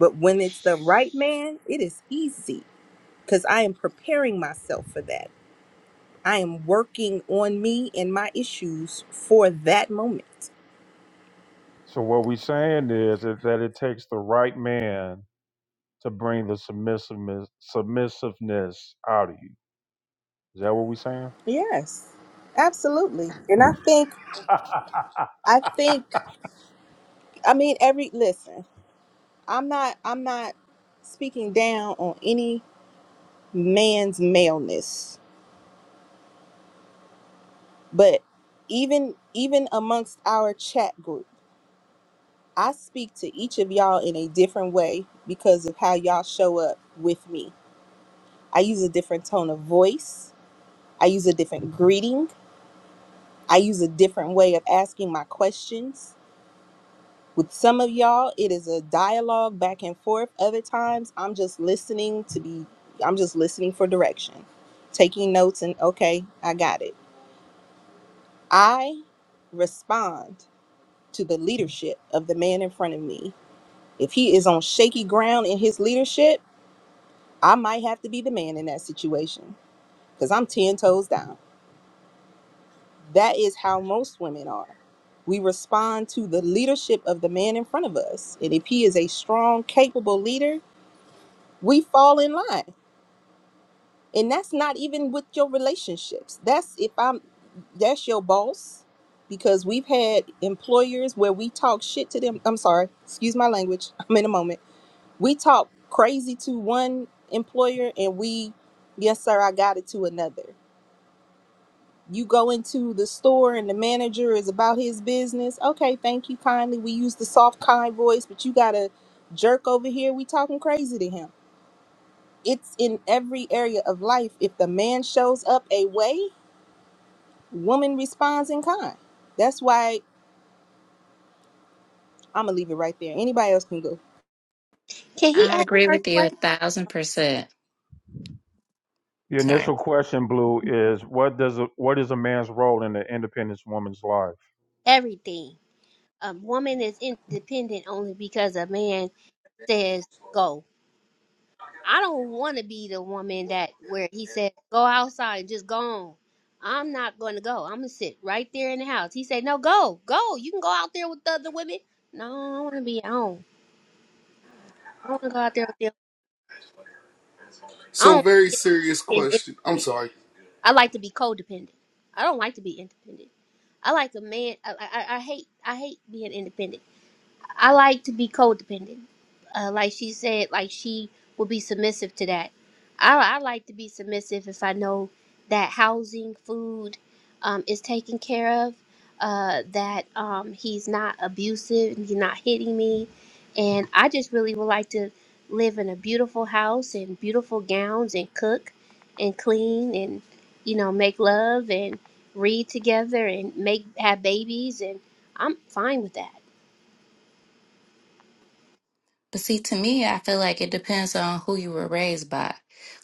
But when it's the right man, it is easy because I am preparing myself for that. I am working on me and my issues for that moment. So what we're saying is that that it takes the right man to bring the submissiveness submissiveness out of you. Is that what we're saying? Yes, absolutely. And I think I think I mean every listen, I'm not I'm not speaking down on any man's maleness, but even even amongst our chat group, I speak to each of y'all in a different way because of how y'all show up with me. I use a different tone of voice, I use a different greeting, I use a different way of asking my questions With some of y'all, it is a dialogue back and forth. Other times, I'm just listening to be, I'm just listening for direction, taking notes, and okay, I got it. I respond to the leadership of the man in front of me. If he is on shaky ground in his leadership, I might have to be the man in that situation because I'm 10 toes down. That is how most women are. We respond to the leadership of the man in front of us. And if he is a strong, capable leader, we fall in line and that's not even with your relationships that's if i'm that's your boss because we've had employers where we talk shit to them i'm sorry excuse my language i'm in a moment we talk crazy to one employer and we yes sir i got it to another you go into the store and the manager is about his business okay thank you kindly we use the soft kind voice but you got a jerk over here we talking crazy to him It's in every area of life. If the man shows up a way, woman responds in kind. That's why I'm gonna leave it right there. Anybody else can go. can he I ask agree the first with you a question? thousand percent. the Sorry. initial question, Blue, is what does a, what is a man's role in an independent woman's life? Everything. A woman is independent only because a man says go. I don't want to be the woman that where he says go outside, just go on. I'm not going to go. I'm gonna sit right there in the house. He said, "No, go, go. You can go out there with the other women." No, I want to be at home. I don't want to go out there with them. I don't So very like serious being question. I'm independent. sorry. I like to be codependent. I don't like to be independent. I like a man. I, I, I hate. I hate being independent. I like to be codependent. Uh, like she said, like she will be submissive to that. I, I like to be submissive if I know that housing, food um, is taken care of, uh, that um, he's not abusive and he's not hitting me. And I just really would like to live in a beautiful house and beautiful gowns and cook and clean and, you know, make love and read together and make have babies. And I'm fine with that. But see, to me, I feel like it depends on who you were raised by.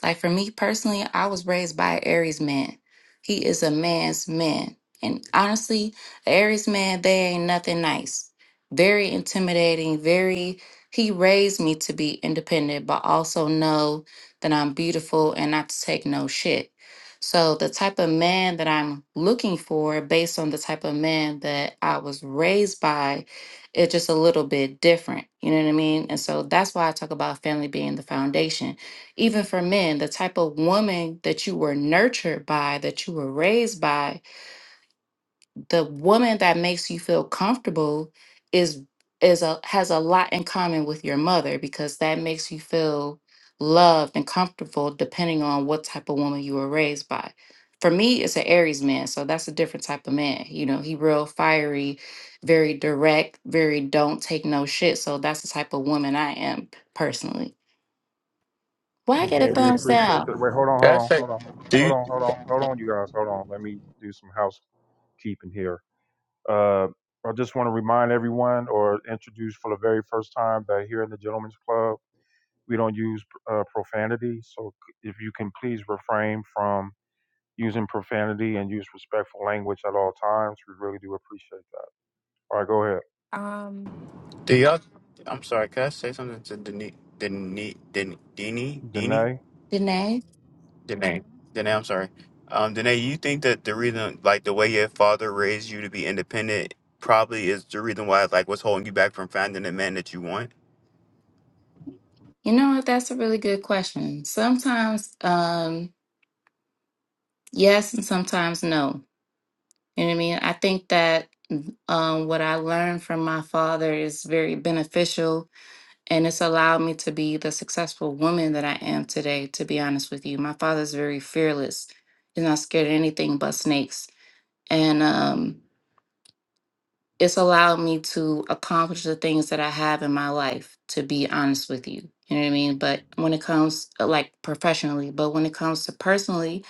Like for me personally, I was raised by an Aries man. He is a man's man. And honestly, an Aries man, they ain't nothing nice. Very intimidating, very he raised me to be independent, but also know that I'm beautiful and not to take no shit. So the type of man that I'm looking for based on the type of man that I was raised by it's just a little bit different. You know what I mean? And so that's why I talk about family being the foundation. Even for men, the type of woman that you were nurtured by, that you were raised by, the woman that makes you feel comfortable is is a has a lot in common with your mother because that makes you feel loved and comfortable depending on what type of woman you were raised by. For me, it's an Aries man, so that's a different type of man. You know, he real fiery, very direct, very don't take no shit. So that's the type of woman I am personally. Why get a Okay, we thumbs appreciate down, that. Wait, hold on, Can hold I on, say, hold on, do hold you, on, hold on, hold on, you guys, hold on. Let me do some housekeeping here. Uh, I just want to remind everyone or introduce for the very first time that here in the Gentlemen's Club, we don't use uh, profanity. So if you can please refrain from using profanity and use respectful language at all times, we really do appreciate that. All right, go ahead. Um, do y'all? I'm sorry. Can I say something to Dini? Dini? Deni, Dini, Dini, Danae? Danae? Dene, Dene? I'm sorry. Um, Dene, you think that the reason, like the way your father raised you to be independent, probably is the reason why, like, what's holding you back from finding the man that you want? You know what? That's a really good question. Sometimes, um, yes, and sometimes no. You know what I mean? I think that um, what I learned from my father is very beneficial and it's allowed me to be the successful woman that I am today, to be honest with you. My father's very fearless. He's not scared of anything but snakes. And um, it's allowed me to accomplish the things that I have in my life, to be honest with you. You know what I mean? But when it comes, uh, like professionally, but when it comes to personally,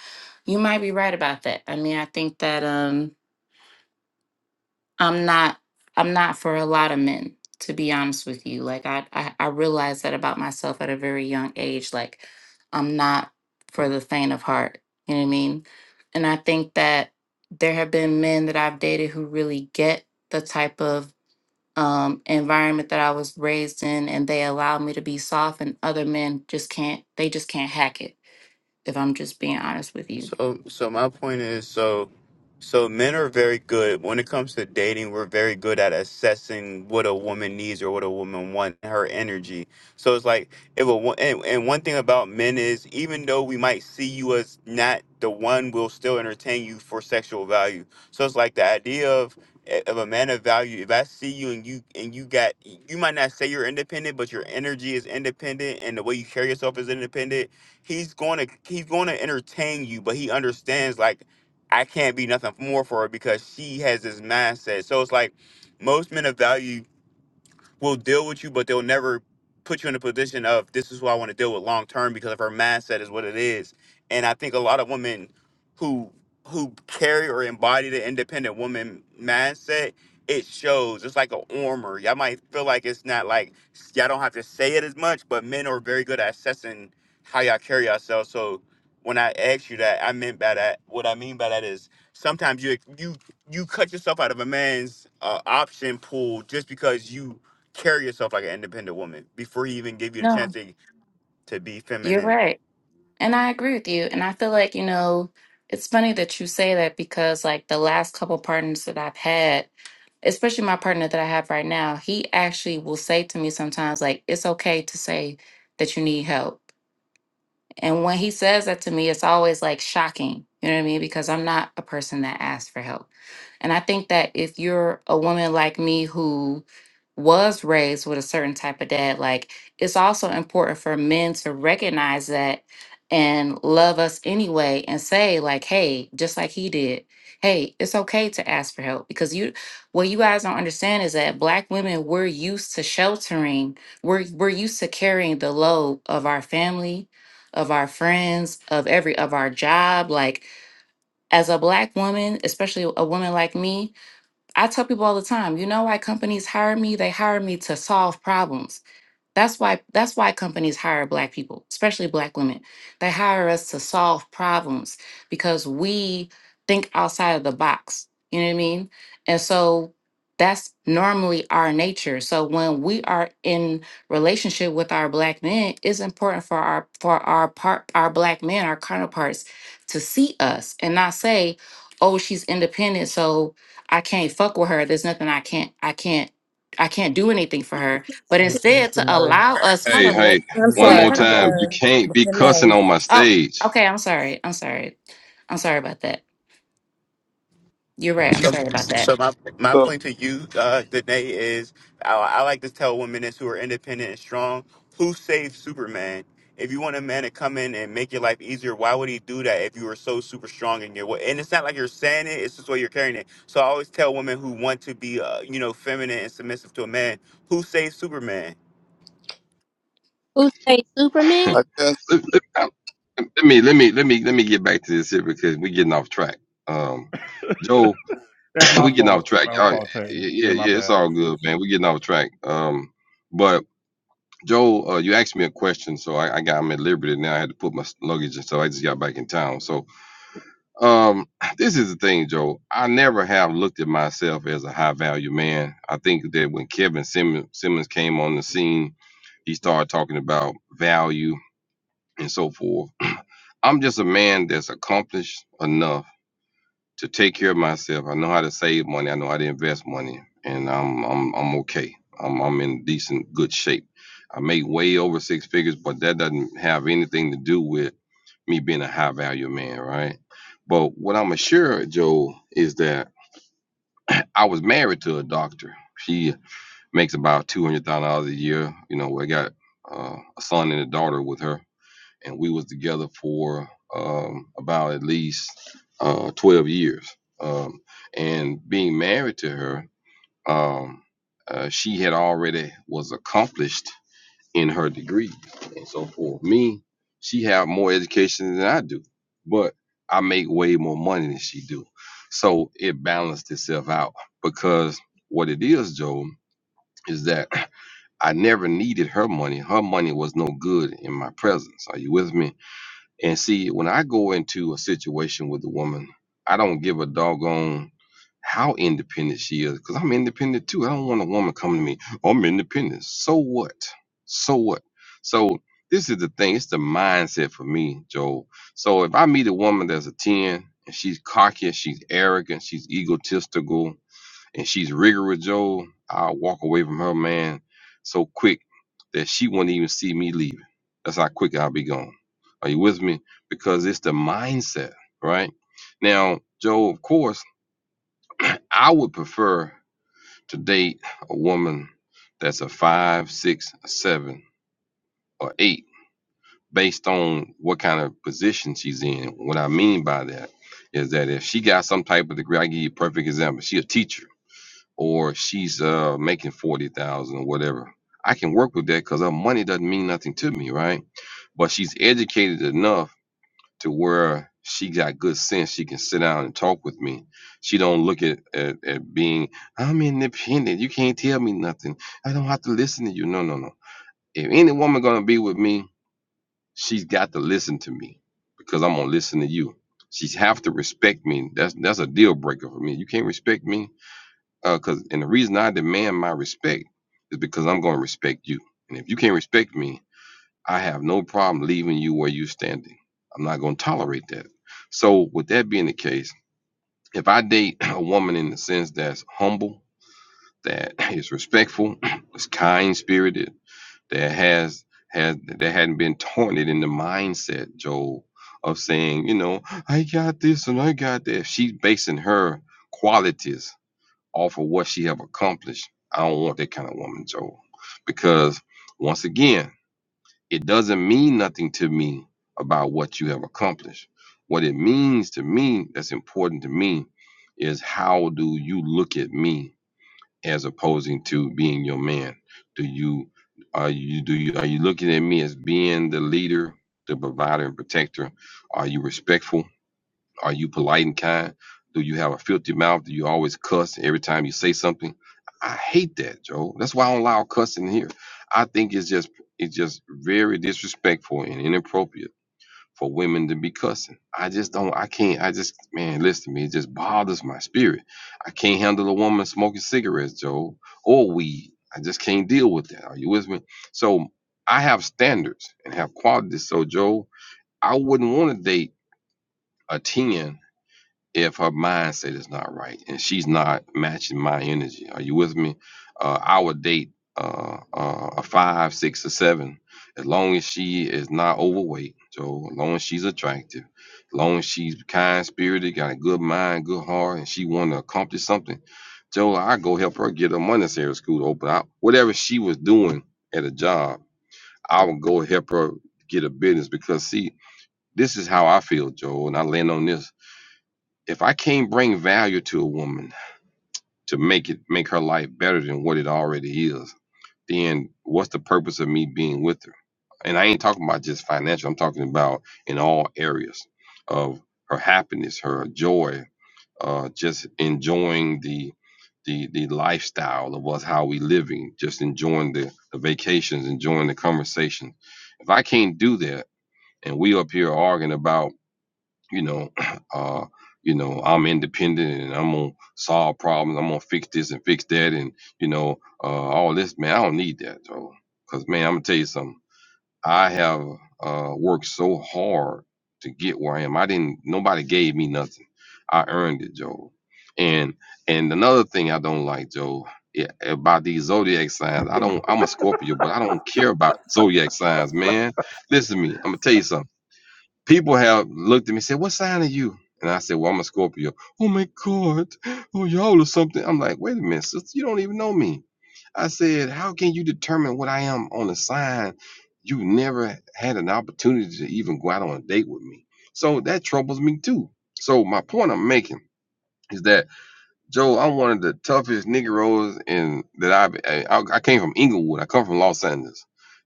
you might be right about that. I mean, I think that. um I'm not I'm not for a lot of men, to be honest with you. Like I, I I realized that about myself at a very young age. Like I'm not for the faint of heart. You know what I mean? And I think that there have been men that I've dated who really get the type of um, environment that I was raised in, and they allow me to be soft. And other men just can't. They just can't hack it if I'm just being honest with you. So, so my point is, so, so men are very good when it comes to dating. We're very good at assessing what a woman needs or what a woman wants, her energy. So it's like if a wo- and, and one thing about men is, even though we might see you as not the one, we'll still entertain you for sexual value. So it's like the idea of eh, of a man of value. If I see you and you and you got, you might not say you're independent, but your energy is independent and the way you carry yourself is independent he's going to he's going to entertain you, but he understands like I can't be nothing more for her because she has this mindset. So it's like most men of value will deal with you, but they'll never put you in a position of this is who I want to deal with long term because of her mindset is what it is. And I think a lot of women who who carry or embody the independent woman mindset, it shows. It's like an armor. Y'all might feel like it's not like y'all don't have to say it as much, but men are very good at assessing how y'all carry yourselves. So when I asked you that, I meant by that what I mean by that is sometimes you you you cut yourself out of a man's uh, option pool just because you carry yourself like an independent woman before he even give you the chance No, to, to be you're feminine. right. And I agree with you. And I feel like, you know, it's funny that you say that because, like, the last couple partners that I've had, especially my partner that I have right now, he actually will say to me sometimes, like, it's okay to say that you need help. And when he says that to me, it's always like shocking. You know what I mean? Because I'm not a person that asks for help. And I think that if you're a woman like me who was raised with a certain type of dad, like it's also important for men to recognize that and love us anyway and say, like, hey, just like he did, hey, it's okay to ask for help. Because you what you guys don't understand is that black women, we're used to sheltering, we're we're used to carrying the load of our family of our friends, of every of our job. Like as a black woman, especially a woman like me, I tell people all the time, you know why companies hire me? They hire me to solve problems. That's why that's why companies hire black people, especially black women. They hire us to solve problems because we think outside of the box. You know what I mean? And so that's normally our nature. So when we are in relationship with our black men, it's important for our for our part our black men, our counterparts, to see us and not say, "Oh, she's independent, so I can't fuck with her. There's nothing I can't I can't I can't do anything for her." but instead to allow us hold Hey, on wait hey, one wait more hold time. You can't on be cussing on my oh stage. okay i'm sorry i'm sorry i'm sorry about that you're right i'm So, sorry about so that my my So point to you, uh, Danae, is I, I like to tell women this who are independent and strong, who saved Superman? If you want a man to come in and make your life easier, why would he do that if you were so super strong in your way? And it's not like you're saying it; it's just the way you're carrying it. So I always tell women who want to be, uh, you know, feminine and submissive to a man, who saved Superman? Who say let, Superman? I guess let- I- let me, let me, let me, let me get back to this here because we getting off track. Um, Joe, That's my we getting off fault. track. My Y'all, y- fault, Taylor. yeah, Yeah, my yeah, it's bad. all good, man. We getting off track. Um, but Joe, uh, you asked me a question, so I, I got I'm at liberty now. I had to put my luggage, and so I just got back in town. So Um, this is the thing, Joe. I never have looked at myself as a high value man. I think that when Kevin Simmons, Simmons came on the scene, he started talking about value and so forth. I'm just a man that's accomplished enough to take care of myself. I know how to save money. I know how to invest money, and I'm I'm I'm okay. I'm I'm in decent good shape. I make way over six figures, but that doesn't have anything to do with me being a high value man, right? But what I'm assured, Joe, is that I was married to a doctor. She makes about two hundred thousand dollars a year. You know, I got uh, a son and a daughter with her and we was together for um, about at least uh, 12 years um, and being married to her um, uh, she had already was accomplished in her degree and so for me she had more education than i do but i make way more money than she do so it balanced itself out because what it is joe is that i never needed her money her money was no good in my presence are you with me and see, when I go into a situation with a woman, I don't give a doggone how independent she is because I'm independent too. I don't want a woman coming to me, I'm independent. So what? So what? So this is the thing. It's the mindset for me, Joel. So if I meet a woman that's a 10 and she's cocky, she's arrogant, she's egotistical, and she's rigor with Joe, I'll walk away from her man so quick that she won't even see me leaving. That's how quick I'll be gone. Are you with me? Because it's the mindset, right? Now, Joe, of course, I would prefer to date a woman that's a five, six, a seven, or eight, based on what kind of position she's in. What I mean by that is that if she got some type of degree, I give you a perfect example. She a teacher or she's uh making forty thousand or whatever. I can work with that because her money doesn't mean nothing to me, right? But she's educated enough to where she got good sense. She can sit down and talk with me. She don't look at at, at being I'm independent. You can't tell me nothing. I don't have to listen to you. No, no, no. If any woman gonna be with me, she's got to listen to me because I'm gonna listen to you. She's have to respect me. That's that's a deal breaker for me. You can't respect me. Uh, cause and the reason I demand my respect is because I'm going to respect you. And if you can't respect me, I have no problem leaving you where you're standing. I'm not going to tolerate that. So with that being the case, if I date a woman in the sense that's humble, that is respectful, is kind spirited, that has has that hadn't been taunted in the mindset, Joel, of saying, you know, I got this and I got that. She's basing her qualities off of what she have accomplished. I don't want that kind of woman, Joe, because once again, it doesn't mean nothing to me about what you have accomplished. What it means to me, that's important to me, is how do you look at me as opposing to being your man? Do you are you do you are you looking at me as being the leader, the provider and protector? Are you respectful? Are you polite and kind? Do you have a filthy mouth? Do you always cuss every time you say something? I hate that, Joe. That's why I don't allow cussing here. I think it's just it's just very disrespectful and inappropriate for women to be cussing. I just don't I can't I just man, listen to me, it just bothers my spirit. I can't handle a woman smoking cigarettes, Joe, or weed. I just can't deal with that. Are you with me? So I have standards and have qualities. So Joe, I wouldn't want to date a 10 if her mindset is not right and she's not matching my energy. Are you with me? Uh, I would date uh, uh, a five, six, or seven, as long as she is not overweight. So as long as she's attractive, as long as she's kind spirited, got a good mind, good heart, and she want to accomplish something. Joe, I go help her get her monetary school to open up. Whatever she was doing at a job, I would go help her get a business because see, this is how I feel, Joe, and I land on this if I can't bring value to a woman to make it make her life better than what it already is, then what's the purpose of me being with her? And I ain't talking about just financial. I'm talking about in all areas of her happiness, her joy, uh, just enjoying the the the lifestyle of us how we living, just enjoying the, the vacations, enjoying the conversation. If I can't do that, and we up here arguing about you know, uh, you know, I'm independent and I'm gonna solve problems. I'm gonna fix this and fix that, and you know, uh, all this, man. I don't need that, though, because man, I'm gonna tell you something. I have uh, worked so hard to get where I am. I didn't. Nobody gave me nothing. I earned it, Joe. And and another thing I don't like, Joe, yeah, about these zodiac signs. I don't. I'm a Scorpio, but I don't care about zodiac signs, man. Listen to me. I'm gonna tell you something. People have looked at me and said, What sign are you? And I said, Well, I'm a Scorpio. Oh my God. Oh, y'all are something. I'm like, Wait a minute, sister. You don't even know me. I said, How can you determine what I am on a sign? You never had an opportunity to even go out on a date with me. So that troubles me too. So my point I'm making is that Joe, I'm one of the toughest Negroes in that I've- I, I I came from Inglewood. I come from Los Angeles.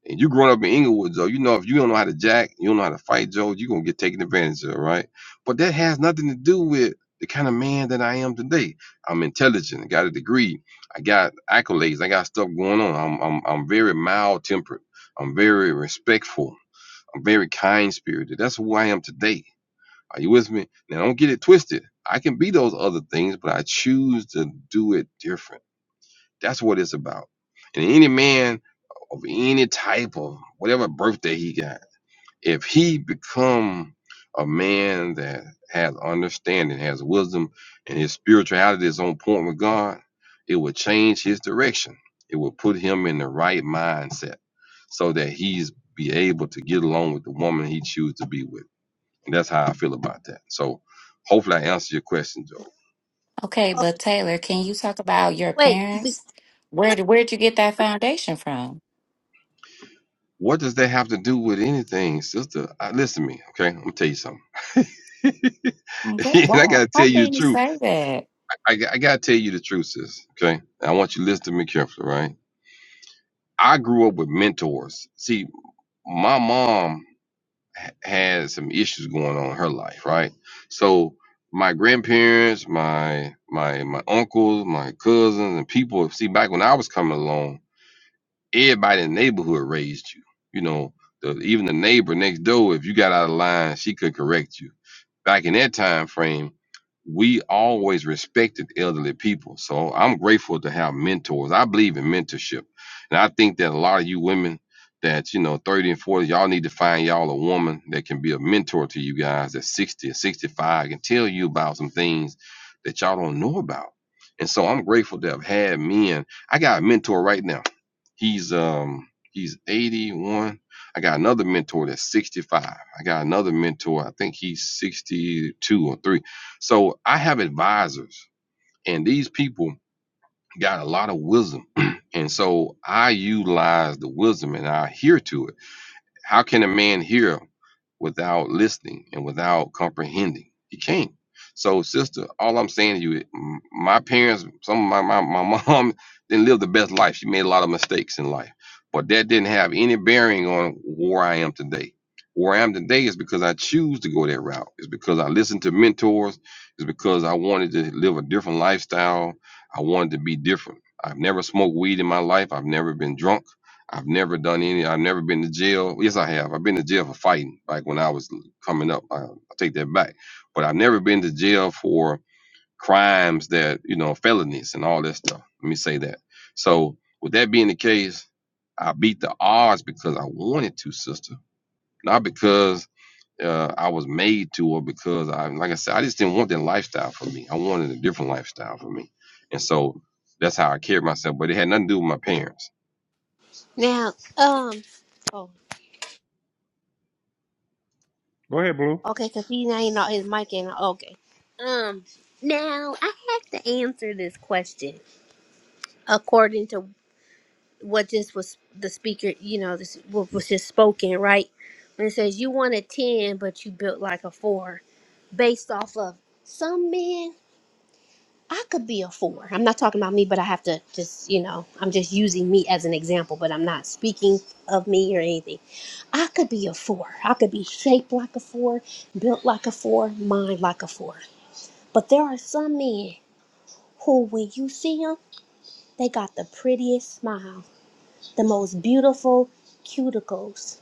And you growing up in Inglewood, Joe, you know if you don't know how to jack, you don't know how to fight, Joe, you're gonna get taken advantage of, right? But that has nothing to do with the kind of man that I am today. I'm intelligent, I got a degree, I got accolades, I got stuff going on. I'm I'm I'm very mild tempered, I'm very respectful, I'm very kind spirited. That's who I am today. Are you with me? Now, don't get it twisted. I can be those other things, but I choose to do it different. That's what it's about. And any man of any type of whatever birthday he got, if he become a man that has understanding, has wisdom, and his spirituality is on point with God, it will change his direction. It will put him in the right mindset so that he's be able to get along with the woman he chooses to be with. And That's how I feel about that. So hopefully I answered your question, Joe. okay but taylor can you talk about your Wait, b- parents where did where'd you get that foundation from What does that have to do with anything, sister? I, listen to me, okay? I'm gonna tell you something. and I'm good. I wow gotta how tell you the can you truth. say that I I g- I gotta tell you the truth, sis. Okay? And I want you to listen to me carefully, right? I grew up with mentors. See, my mom had some issues going on in her life, right? So my grandparents, my my my uncles, my cousins, and people. See, back when I was coming along, Everybody in the neighborhood raised you. You know, the, even the neighbor next door, if you got out of line, she could correct you. Back in that time frame, we always respected elderly people. So I'm grateful to have mentors. I believe in mentorship. And I think that a lot of you women that, you know, 30 and 40, y'all need to find y'all a woman that can be a mentor to you guys that's 60 and 65 can tell you about some things that y'all don't know about. And so I'm grateful to have had men. I got a mentor right now. He's um he's 81. I got another mentor that's 65. I got another mentor, I think he's 62 or 3. So I have advisors and these people got a lot of wisdom. and so I utilize the wisdom and I adhere to it how can a man hear without listening and without comprehending? He can't. So, sister, all I'm saying to you, m- my parents, some of my, my, my mom didn't live the best life. She made a lot of mistakes in life, but that didn't have any bearing on where I am today. Where I am today is because I choose to go that route. It's because I listened to mentors. It's because I wanted to live a different lifestyle. I wanted to be different. I've never smoked weed in my life. I've never been drunk. I've never done any. I've never been to jail. Yes, I have. I've been to jail for fighting, like when I was coming up. I, I take that back. But I've never been to jail for crimes that you know, felonies and all that stuff. Let me say that. So with that being the case, I beat the odds because I wanted to, sister, not because uh, I was made to or because I, like I said, I just didn't want that lifestyle for me. I wanted a different lifestyle for me, and so that's how I carried myself. But it had nothing to do with my parents now, um, oh, Go ahead, Blue. okay, because he now he not his mic in. Okay, um, now I have to answer this question according to what just was the speaker. You know, this what was just spoken right when it says you want a ten, but you built like a four, based off of some men. I could be a four. I'm not talking about me, but I have to just, you know, I'm just using me as an example, but I'm not speaking of me or anything. I could be a four. I could be shaped like a four, built like a four, mind like a four. But there are some men who, when you see them, they got the prettiest smile, the most beautiful cuticles.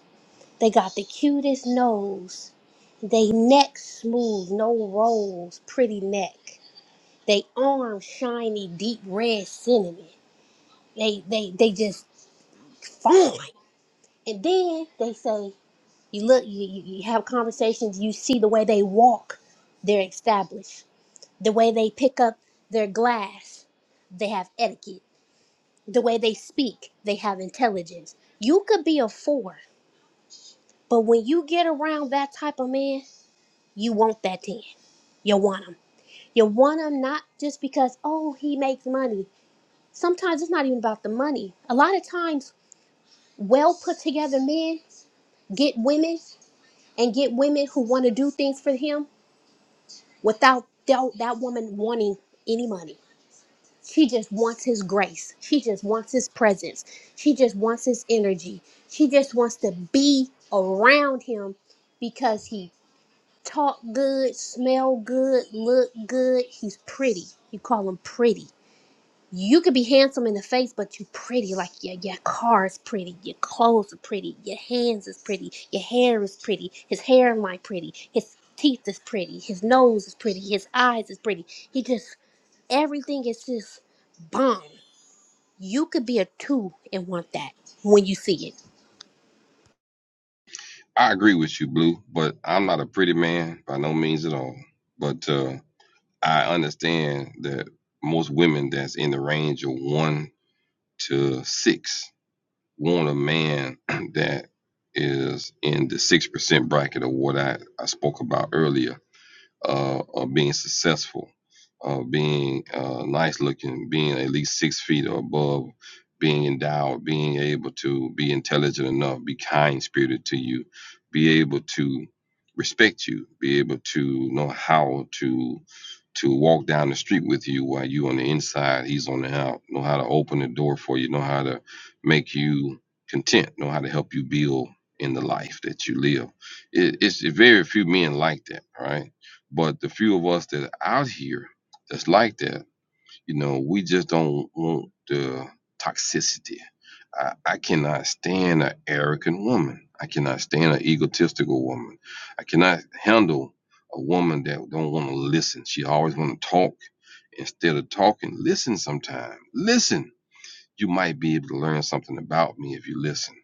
They got the cutest nose. They neck smooth, no rolls, pretty neck. They arm shiny deep red cinnamon. They they they just fine. And then they say you look you, you you have conversations, you see the way they walk, they're established. The way they pick up their glass, they have etiquette. The way they speak, they have intelligence. You could be a four, but when you get around that type of man, you want that ten. You want him. You want him not just because, oh, he makes money. Sometimes it's not even about the money. A lot of times, well put together men get women and get women who want to do things for him without that, that woman wanting any money. She just wants his grace. She just wants his presence. She just wants his energy. She just wants to be around him because he talk good, smell good, look good. He's pretty. You call him pretty. You could be handsome in the face, but you pretty. Like your your car is pretty, your clothes are pretty, your hands is pretty, your hair is pretty, his hairline pretty, his teeth is pretty, his nose is pretty, his eyes is pretty. He just everything is just bomb. You could be a two and want that when you see it. I agree with you, Blue, but I'm not a pretty man by no means at all. But uh, I understand that most women that's in the range of one to six want a man that is in the six percent bracket of what I, I spoke about earlier uh, of being successful, of being uh, nice looking, being at least six feet or above, being endowed, being able to be intelligent enough, be kind spirited to you, be able to respect you, be able to know how to to walk down the street with you while you on the inside, he's on the out. Know how to open the door for you, know how to make you content, know how to help you build in the life that you live. It, it's very few men like that, right? But the few of us that are out here that's like that, you know, we just don't want the toxicity. I, I cannot stand an arrogant woman. I cannot stand an egotistical woman. I cannot handle a woman that don't want to listen. She always want to talk instead of talking. Listen sometime. Listen. You might be able to learn something about me if you listen.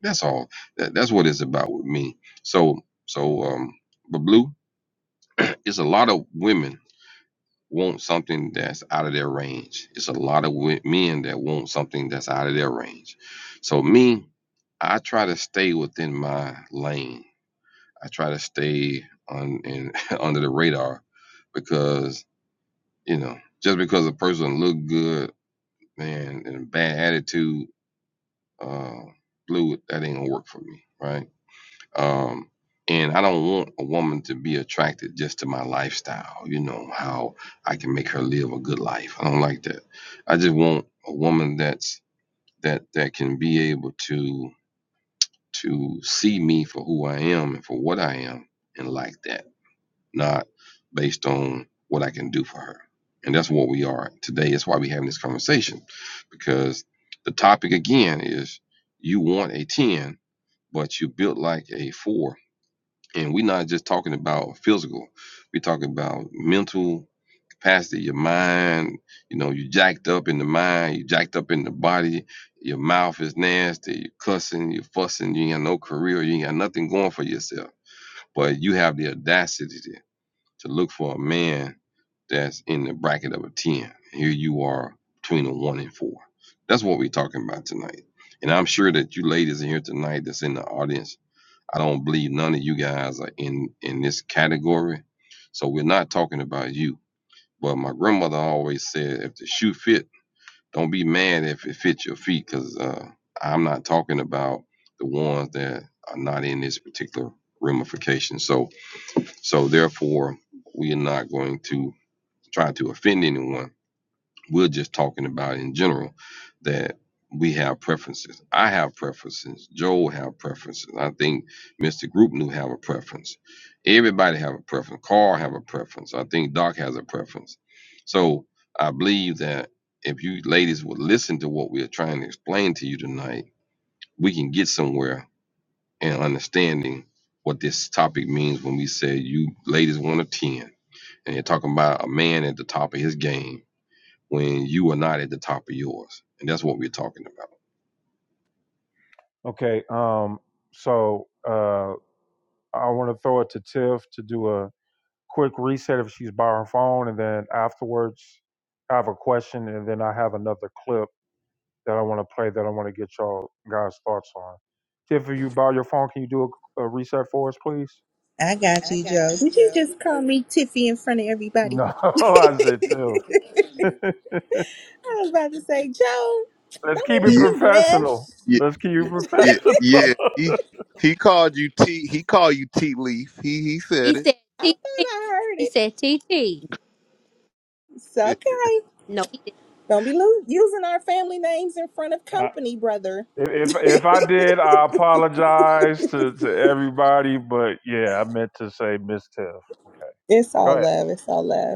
That's all. That, that's what it's about with me. So so um, but blue, it's a lot of women want something that's out of their range. It's a lot of wo- men that want something that's out of their range. So me, I try to stay within my lane. I try to stay on in, under the radar because you know just because a person look good man and a bad attitude uh fluid that ain't gonna work for me right um, and I don't want a woman to be attracted just to my lifestyle. You know how I can make her live a good life. I don't like that. I just want a woman that's that that can be able to to see me for who I am and for what I am, and like that, not based on what I can do for her. And that's what we are today. That's why we're having this conversation, because the topic again is you want a ten, but you built like a four and we're not just talking about physical. We're talking about mental capacity, your mind, you know, you jacked up in the mind, you jacked up in the body, your mouth is nasty, you cussing, you fussing, you ain't got no career, you ain't got nothing going for yourself. But you have the audacity to look for a man that's in the bracket of a 10. Here you are between a 1 and 4. That's what we're talking about tonight. And I'm sure that you ladies in here tonight that's in the audience I don't believe none of you guys are in in this category. So we're not talking about you. But my grandmother always said, if the shoe fit, don't be mad if it fits your feet, because uh, I'm not talking about the ones that are not in this particular ramification. So so therefore, we are not going to try to offend anyone we're just talking about in general that we have preferences. I have preferences. Joel have preferences. I think Mr. Group knew have a preference. Everybody have a preference. Carl have a preference. I think Doc has a preference. So I believe that if you ladies would listen to what we are trying to explain to you tonight, we can get somewhere in understanding what this topic means when we say you ladies want a 10. And you're talking about a man at the top of his game when you are not at the top of yours. And that's what we're talking about. Okay, um, so uh, I want to throw it to Tiff to do a. quick reset if she's by her phone, and then afterwards, I have a question, and then I have another clip that I want to play that I want to get y'all guys' thoughts on. Tiff, Tiffany, you by your phone, can you do a, a reset for us, please? I got you, Joe. Did you just call me Tiffy in front of everybody? No, I said too. Let's I was about to say, Joe, don't be keep it making yeah, me professional. blush. yeah, Let's keep it yeah, professional. yeah. He he called you T. He called you tea Leaf. He he He said said I "T thought T." I heard He it. said "T T." It's it. okay. No, he didn't. Don't be lo- using our family names in front of I- company, brother. If, if if I did, I apologize to, to everybody. But yeah, I meant to say Miss Tiff. Okay, It's go all ahead. love. It's all love.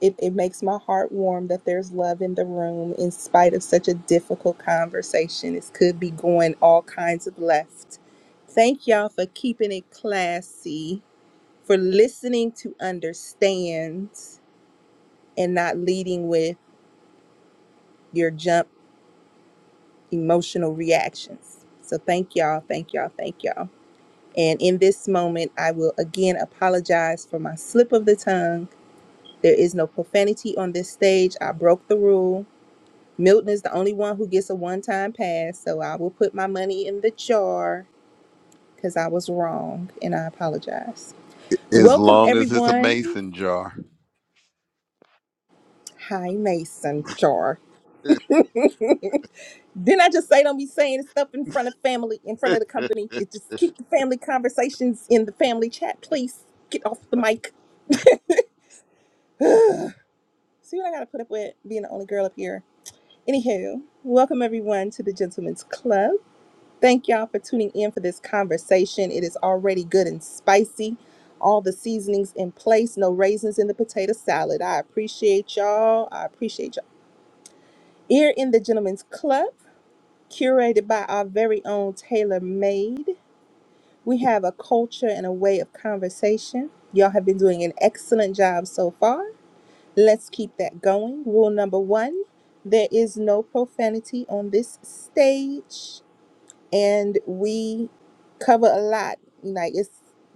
It, it makes my heart warm that there's love in the room in spite of such a difficult conversation. It could be going all kinds of left. Thank y'all for keeping it classy, for listening to understand, and not leading with your jump emotional reactions. So thank y'all, thank y'all, thank y'all. And in this moment, I will again apologize for my slip of the tongue. There is no profanity on this stage. I broke the rule. Milton is the only one who gets a one time pass, so I will put my money in the jar because I was wrong and I apologize. As Welcome, long as it's a everyone. mason jar. Hi, Mason Jar. Didn't I just say don't be saying stuff in front of family, in front of the company? It just keep the family conversations in the family chat, please. Get off the mic. See what I gotta put up with being the only girl up here. Anywho, welcome everyone to the Gentlemen's Club. Thank y'all for tuning in for this conversation. It is already good and spicy. All the seasonings in place, no raisins in the potato salad. I appreciate y'all. I appreciate y'all. Here in the Gentleman's Club, curated by our very own Taylor Made, we have a culture and a way of conversation. Y'all have been doing an excellent job so far. Let's keep that going. Rule number one there is no profanity on this stage. and we cover a lot. Like it's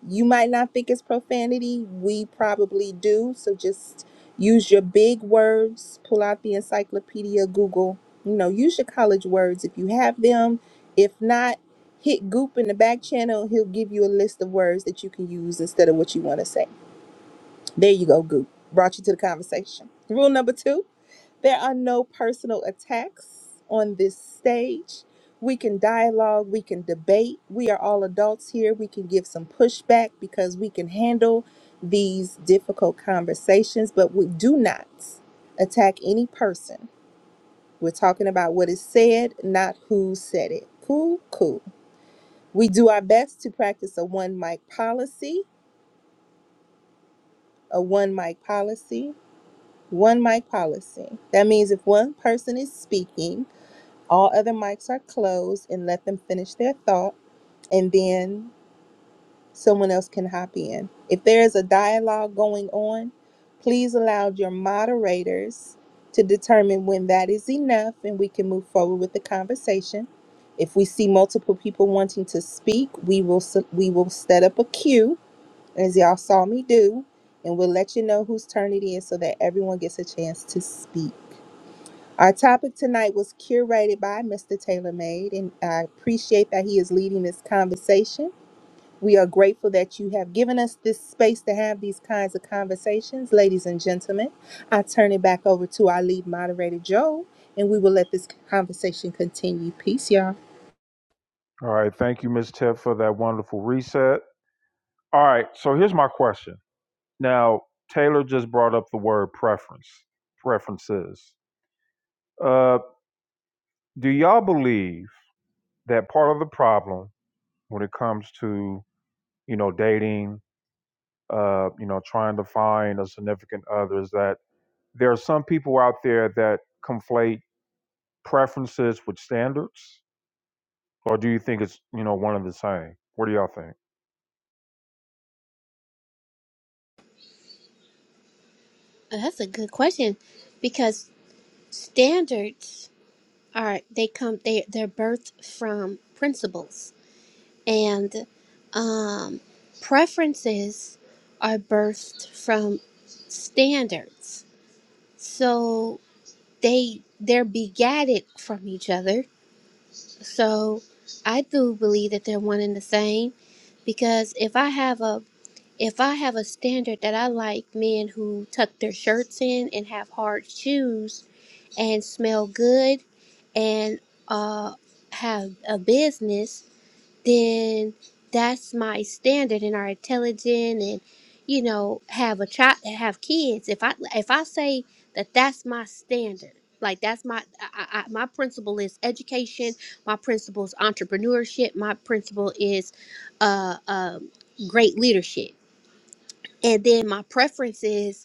you might not think it's profanity, we probably do. So just use your big words, pull out the encyclopedia, Google, you know, use your college words if you have them. If not, hit Goop in the back channel, he'll give you a list of words that you can use instead of what you want to say. There you go, Goop. Brought you to the conversation. Rule number two there are no personal attacks on this stage. We can dialogue, we can debate. We are all adults here. We can give some pushback because we can handle these difficult conversations, but we do not attack any person. We're talking about what is said, not who said it. Cool, cool. We do our best to practice a one mic policy, a one mic policy one mic policy. That means if one person is speaking, all other mics are closed and let them finish their thought, and then someone else can hop in. If there is a dialogue going on, please allow your moderators to determine when that is enough and we can move forward with the conversation. If we see multiple people wanting to speak, we will s- we will set up a queue as y'all saw me do, and we'll let you know whose turn it is so that everyone gets a chance to speak. Our topic tonight was curated by Mr. Taylor Made, and I appreciate that he is leading this conversation. We are grateful that you have given us this space to have these kinds of conversations, ladies and gentlemen. I turn it back over to our lead moderator, Joe, and we will let this conversation continue. Peace, y'all. All right, thank you, Miss Tiff, for that wonderful reset. All right. So here's my question. Now, Taylor just brought up the word preference, preferences. Uh, do y'all believe that part of the problem when it comes to, you know, dating, uh, you know, trying to find a significant other is that there are some people out there that conflate preferences with standards? Or do you think it's, you know, one and the same? What do y'all think? Uh, That's a good question because standards are they come they they're birthed from principles. and um, preferences are birthed from standards so they they're begatted from each other so i do believe that they're one and the same because if i have a if i have a standard that i like men who tuck their shirts in and have hard shoes and smell good and uh, have a business then that's my standard and are intelligent and you know have a child have kids if i if i say that that's my standard like that's my I, I, my principle is education my principle is entrepreneurship my principle is uh, uh great leadership and then my preference is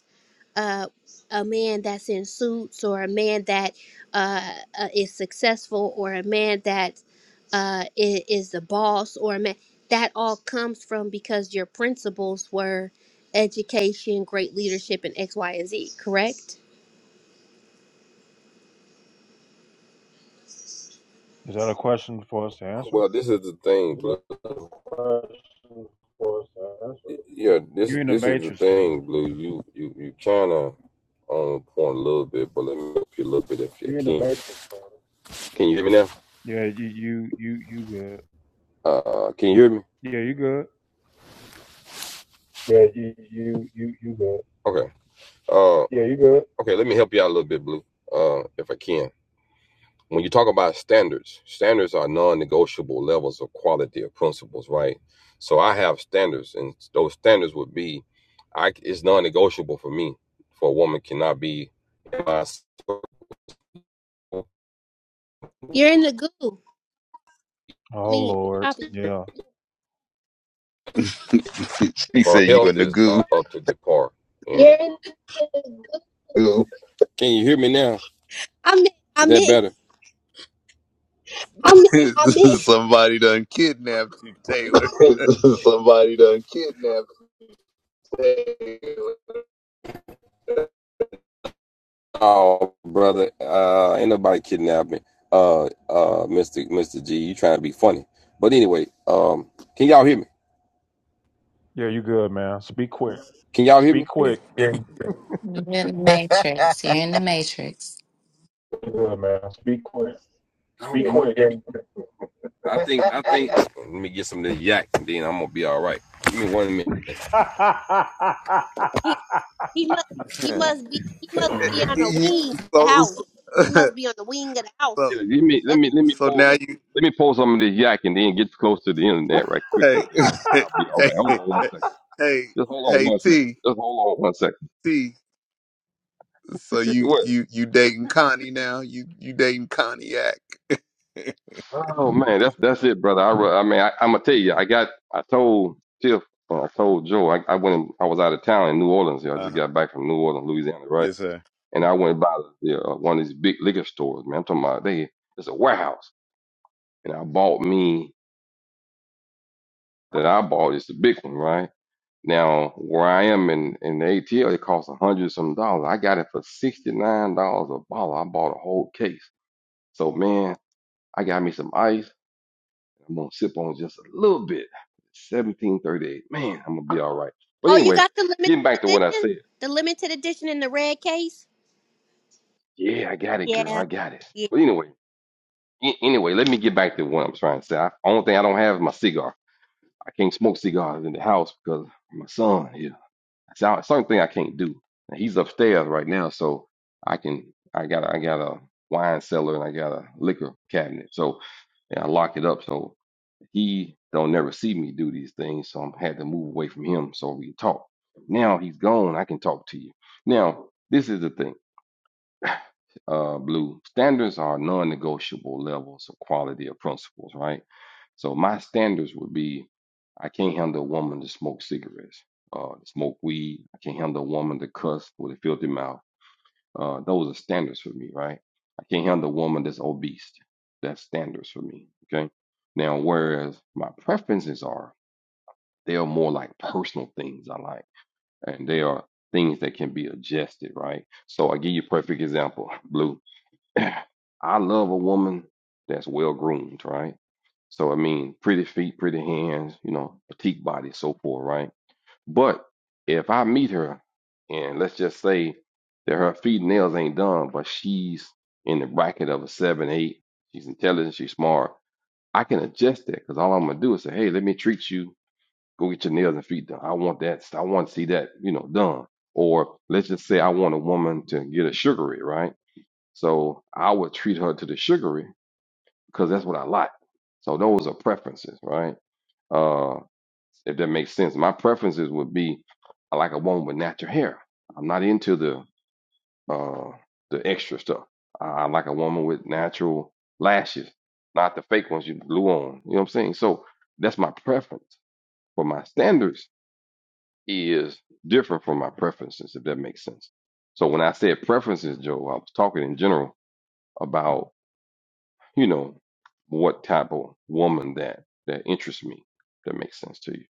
uh, a man that's in suits or a man that uh, uh, is successful or a man that uh, is, is the boss or a man that all comes from because your principles were education, great leadership, and X, Y, and Z. Correct? Is that a question for us to answer? Well, this is the thing, Blue. Yeah, this You in the this is the matrix, Taylor. thing, Blue. You you you kind of on point a little bit, but let me help you a little bit if you can. matrix, Can you hear me now? Yeah, you you you you good. Uh, can you hear me? Yeah, you good. Yeah, you you you you good. Okay. Uh, Yeah, you good. okay. Let me help you out a little bit, Blue. Uh, if I can. when you talk about standards, standards are non-negotiable levels of quality or principles, right? So I have standards, and those standards would be, I it's non-negotiable for me. For a woman cannot be, for You're in the goo. Oh Me, Lord, copy. yeah, she said you a health is nagoo. not up to the par. you Hello? Can you hear me now? I'm in- Is I'm that in. better? I'm, I'm Somebody done kidnapped you, Taylor. Somebody done kidnapped. Oh, brother, uh, ain't nobody kidnapping, Uh, uh, Mr. Mr. G, you trying to be funny. But anyway, um, can y'all hear me? yeah, you good, man. Speak quick. Can y'all hear me? Speak Yeah, quick. yeah, you're in the matrix you're in the matrix Good man. Speak quick. I Speak quick. I think I think let me get some of this yak and then I'm gonna be all right. Give me one minute. Yeah, He he must he must be he must be on the You- wing of the so, so house. He must be on the wing of the so house. Let me let me let me so pull now you let me pull some of this yak and then get close to the internet right quick and hey then I'll be all hey right. Hold on one second. hey Just hold on hey one second. T Just hold on one second. T. So you What? you you dating Connie now? You you dating Cognac? Oh man, that's that's it, brother. I, re- I mean, I, I'm gonna tell you, I got, I told Tiff, and I told Joe, I, I went, in, I was out of town in New Orleans. You know, I just Uh-huh. got back from New Orleans, Louisiana, right? Yes, sir. And I went by the, uh, one of these big liquor stores, man. I'm talking about they, it's a warehouse, and I bought me that I bought. It's the big one, right? Now where I am in in the ATL, it costs a hundred some dollars. I got it for sixty nine dollars a bottle. I bought a whole case. So man, I got me some ice. I'm gonna sip on just a little bit. 1738. Man, I'm gonna be all right. But Oh, you anyway, got the limited getting back to what I edition? said. The limited edition in the red case? Yeah, I got it, girl. Yeah. I got it. Yeah. But anyway, a- anyway, let me get back to what I'm trying to say. I, only thing I don't have is my cigar. I can't smoke cigars in the house because my son, yeah. That's the only thing I can't do. And He's upstairs right now, so I can I got I got a wine cellar and I got a liquor cabinet. So and I lock it up. So He don't never see me do these things, so I had to move away from him so we could talk. Now he's gone. I can talk to you. Now this is the thing, uh, Blue. Standards are non-negotiable levels of quality of principles, right? So my standards would be: I can't handle a woman to smoke cigarettes, uh, to smoke weed. I can't handle a woman to cuss with a filthy mouth. Uh, those are standards for me, right? I can't handle a woman that's obese. That's standards for me. Okay. Now, whereas my preferences are. They are more like personal things I like, and they are things that can be adjusted, right? So I give you a perfect example, Blue. I love a woman that's well groomed, right? So I mean, pretty feet, pretty hands, you know, petite body, so forth, right? But if I meet her, and let's just say that her feet and nails ain't done, but she's in the bracket of a seven, eight, she's intelligent, she's smart. I can adjust that because all I'm gonna do is say, hey, let me treat you Go get your nails and feet done. I want that. I want to see that, you know, done. Or let's just say I want a woman to get a sugary, right? So I would treat her to the sugary because that's what I like. So those are preferences, right? Uh, if that makes sense. My preferences would be I like a woman with natural hair. I'm not into the uh the extra stuff. I, I like a woman with natural lashes, not the fake ones you glue on. You know what I'm saying? So that's my preference. for my standards is different from my preferences, if that makes sense. So when I said preferences, Joe, I was talking in general about, you know, what type of woman that that interests me. That makes sense to you.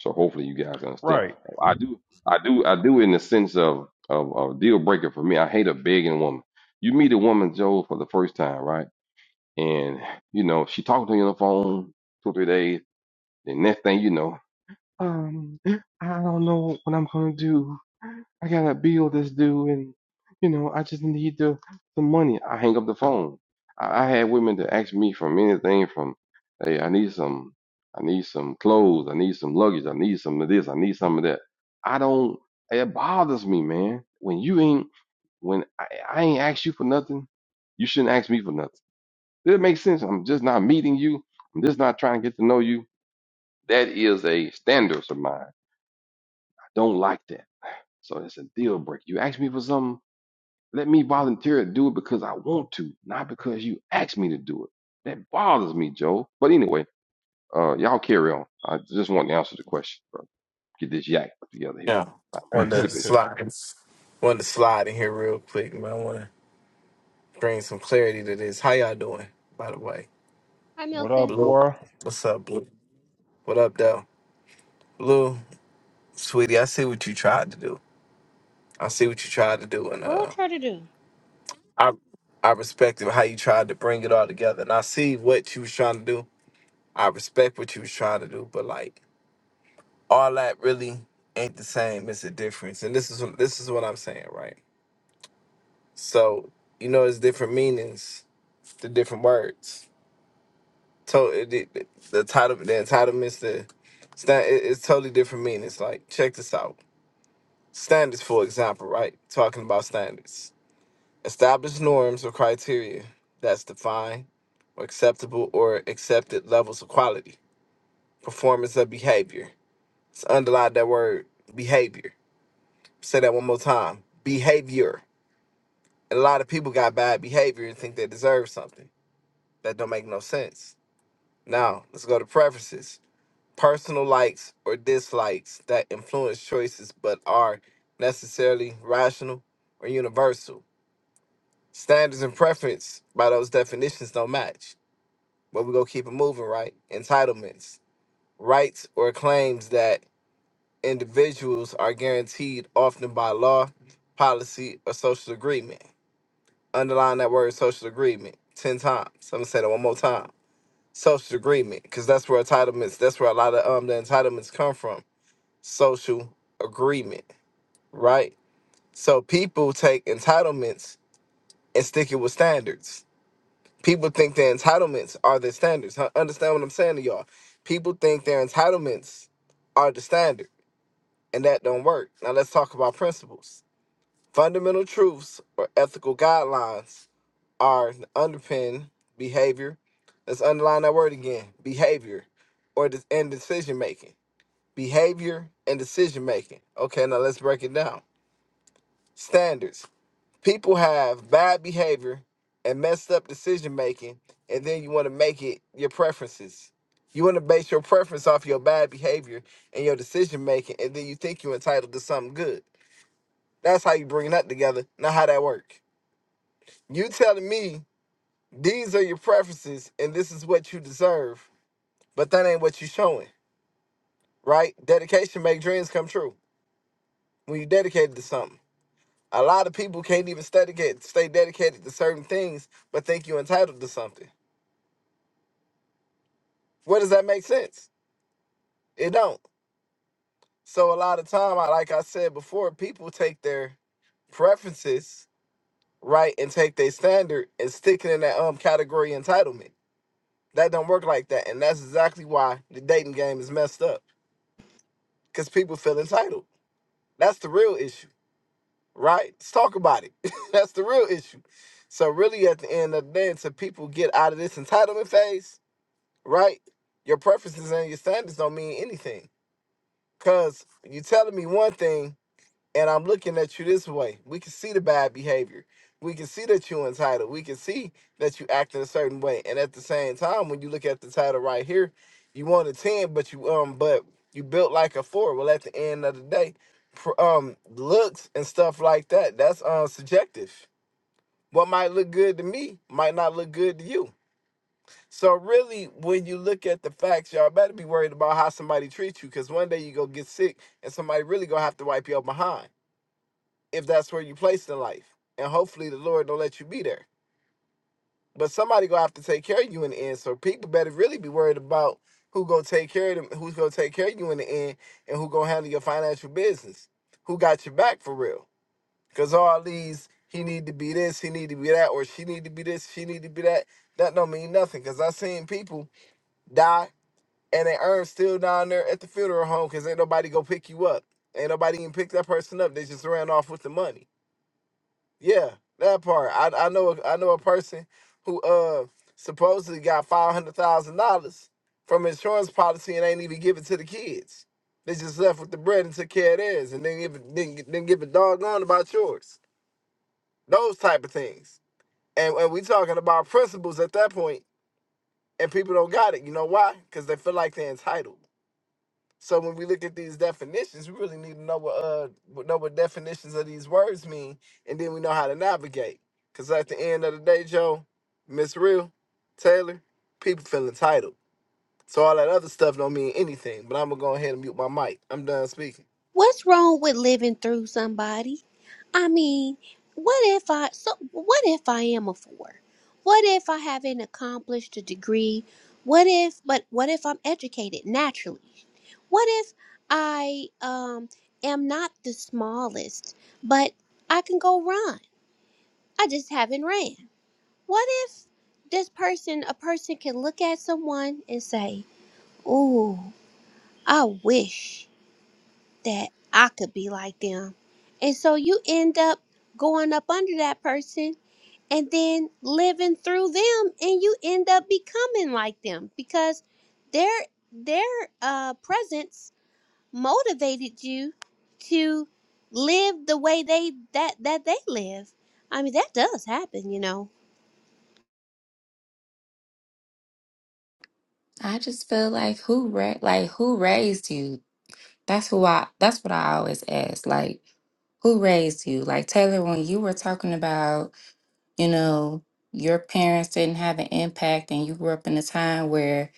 So hopefully you guys understand. right. I do, I do, I do in the sense of of, a deal breaker for me. I hate a begging woman. You meet a woman, Joe, for the first time, right? And you know, she talked to you on the phone two, three days, and next thing you know. Um, eh, I don't know what I'm gonna do. I got a bill that's due, and you know, I just need the the money. I hang up the phone. I, I had women to ask me from anything from, hey, I need some, I need some clothes, I need some luggage, I need some of this, I need some of that. I don't. It bothers me, man. When you ain't, when I, I ain't asked you for nothing, you shouldn't ask me for nothing. Does it make sense? I'm just not meeting you. I'm just not trying to get to know you. That is a standard of mine. Don't like that. So it's a deal breaker. You ask me for something, let me volunteer to do it because I want to, not because you asked me to do it. That bothers me, Joe. But anyway, uh, y'all carry on. I just want to answer the question, bro. Get this yak together here. yeah. I'm Want a to sipping cup. slide, want to slide in here real quick, man. I want to bring some clarity to this. How y'all doing, by the way? Hi, what Milton. up, Blue, boy? what's up, Blue? What up, though? Blue, sweetie, I see what you tried to do. I see what you tried to do, and What I uh, try to do? I, I respect how you tried to bring it all together, and I see what you was trying to do. I respect what you was trying to do, but like all that really ain't the same. It's a difference, and this is this is what I'm saying, right? So you know, it's different meanings, the different words. To it, it- the title, the entitlements, the stand, it, it's totally different meanings. Like check this out: standards, for example, right? Talking about standards, established norms or criteria that's defined or acceptable or accepted levels of quality, performance of behavior. It's underlined that word behavior. Say that one more time: behavior. And a lot of people got bad behavior and think they deserve something. That don't make no sense Now, let's go to preferences. Personal likes or dislikes that influence choices but are necessarily rational or universal. Standards and preference by those definitions don't match, but we're going to keep it moving, right? Entitlements, rights or claims that individuals are guaranteed often by law, policy, or social agreement. Underline that word social agreement 10 times. I'm going to say that one more time social agreement because that's where entitlements that's where a lot of um the entitlements come from social agreement right so people take entitlements and stick it with standards people think their entitlements are their standards Huh? understand what i'm saying to y'all people think their entitlements are the standard and that don't work now let's talk about principles fundamental truths or ethical guidelines are underpin behavior. Let's underline that word again: behavior, or de- and decision making. Behavior and decision making. Okay, now let's break it down. Standards. People have bad behavior and messed up decision making, and then you want to make it your preferences. You want to base your preference off your bad behavior and your decision making, and then you think you're entitled to something good. That's how you bring that together, not how that works. You telling me These are your preferences, and this is what you deserve, but that ain't what you showing, right? Dedication make dreams come true when you dedicated to something. A lot of people can't even study get, stay dedicated to certain things, but think you entitled to something. Where does that make sense? It don't. So a lot of time, I like I said before, people take their preferences right and take their standard and stick it in that um category entitlement. That don't work like that, and that's exactly why the dating game is messed up because people feel entitled. That's the real issue, right? Let's talk about it. That's the real issue. So really, at the end of the day, until people get out of this entitlement phase, right? Your preferences and your standards don't mean anything. Cause you telling me one thing and I'm looking at you this way. We can see the bad behavior. We can see that you're entitled. We can see that you act in a certain way. And at the same time, when you look at the title right here, you want a 10, but you um, but you built like a four. Well, at the end of the day, pr- um, looks and stuff like that, that's um subjective. What might look good to me might not look good to you. So really, when you look at the facts, y'all better be worried about how somebody treats you, because one day you go get sick and somebody really gonna have to wipe your behind if that's where you placed in life. And hopefully the Lord don't let you be there. But somebody gonna have to take care of you in the end. So people better really be worried about who gonna take care of them, who's gonna take care of you in the end, and who gonna handle your financial business. Who got your back for real? Cause all these he need to be this, he need to be that, or she need to be this, she need to be that. That don't mean nothing. Cause I seen people die and they earn still down there at the funeral home because ain't nobody go pick you up. Ain't nobody even pick that person up. They just ran off with the money. Yeah, that part. I I know a- I know a person who uh supposedly got five hundred thousand dollars from insurance policy and ain't even give it to the kids. They just left with the bread and took care of theirs, and then give a- didn't, gi- didn't give a doggone about yours. Those type of things. And and we talking about principles at that point, and people don't got it. You know why? Because they feel like they're entitled. So when we look at these definitions, we really need to know what uh what- know what definitions of these words mean, and then we know how to navigate. Cause at the end of the day, Joe, Miss Real, Taylor, people feel entitled. So all that other stuff don't mean anything. But I'm gonna go ahead and mute my mic. I'm done speaking. What's wrong with living through somebody? I mean, what if I so what if I am a four? What if I haven't accomplished a degree? What if but what if I'm educated naturally? What if I um am not the smallest, but I can go run. I just haven't ran. What if this person, a person can look at someone and say, Ooh, I wish that I could be like them. And so you end up going up under that person and then living through them and you end up becoming like them because their their uh, presence motivated you to live the way they that that they live. I mean that does happen, you know. i just feel like who ra- like who raised you that's who i that's what i always ask like who raised you like taylor when you were talking about you know, your parents didn't have an impact and you grew up in a time where,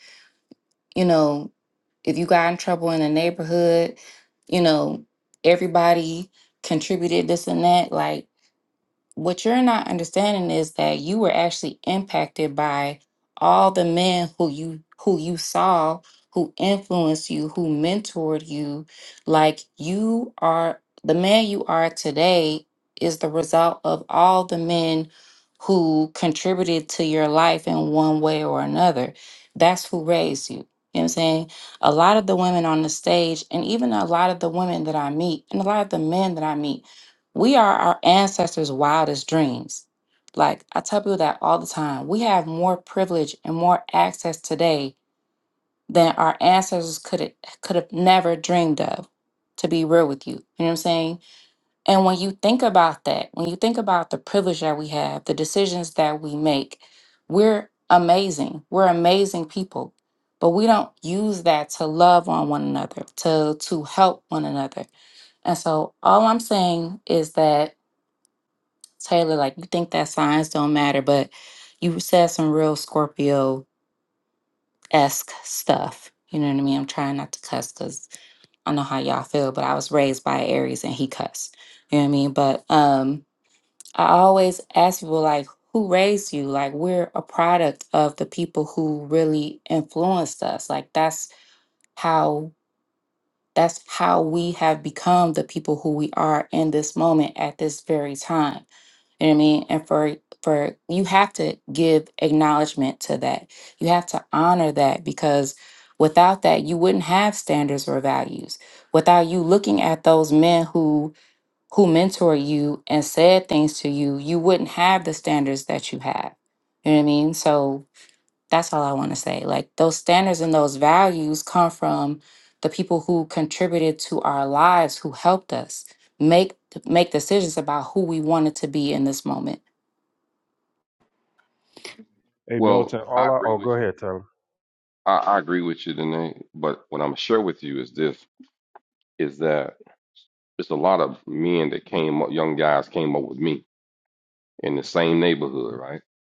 you know, if you got in trouble in the neighborhood, you know, everybody contributed this and that. Like what you're not understanding is that you were actually impacted by all the men who you who you saw who influenced you who mentored you like you are the man you are today is the result of all the men who contributed to your life in one way or another that's who raised you you know what i'm saying a lot of the women on the stage and even a lot of the women that i meet and a lot of the men that i meet we are our ancestors' wildest dreams. Like I tell people that all the time. We have more privilege and more access today than our ancestors could could have never dreamed of. To be real with you, you know what I'm saying? And when you think about that, when you think about the privilege that we have, the decisions that we make, we're amazing. We're amazing people. But we don't use that to love on one another, to to help one another. And so all I'm saying is that Taylor, like you think that signs don't matter, but you said some real Scorpio esque stuff. You know what I mean? I'm trying not to cuss because I know how y'all feel, but I was raised by Aries and he cussed. You know what I mean? But um I always ask people like who raised you? Like we're a product of the people who really influenced us. Like that's how That's how we have become the people who we are in this moment at this very time. You know what I mean? And for for you have to give acknowledgement to that. You have to honor that because without that you wouldn't have standards or values. Without you looking at those men who who mentor you and said things to you, you wouldn't have the standards that you have. You know what I mean? So that's all I want to say. Like those standards and those values come from the people who contributed to our lives, who helped us make make decisions about who we wanted to be in this moment. Hey, Well, Milton. I All I. agree Oh, with go you. ahead, Taylor. I, I agree with you, Danae. But what I'm gonna share with you is this: is that it's a lot of men that came up, young guys came up with me in the same neighborhood, right?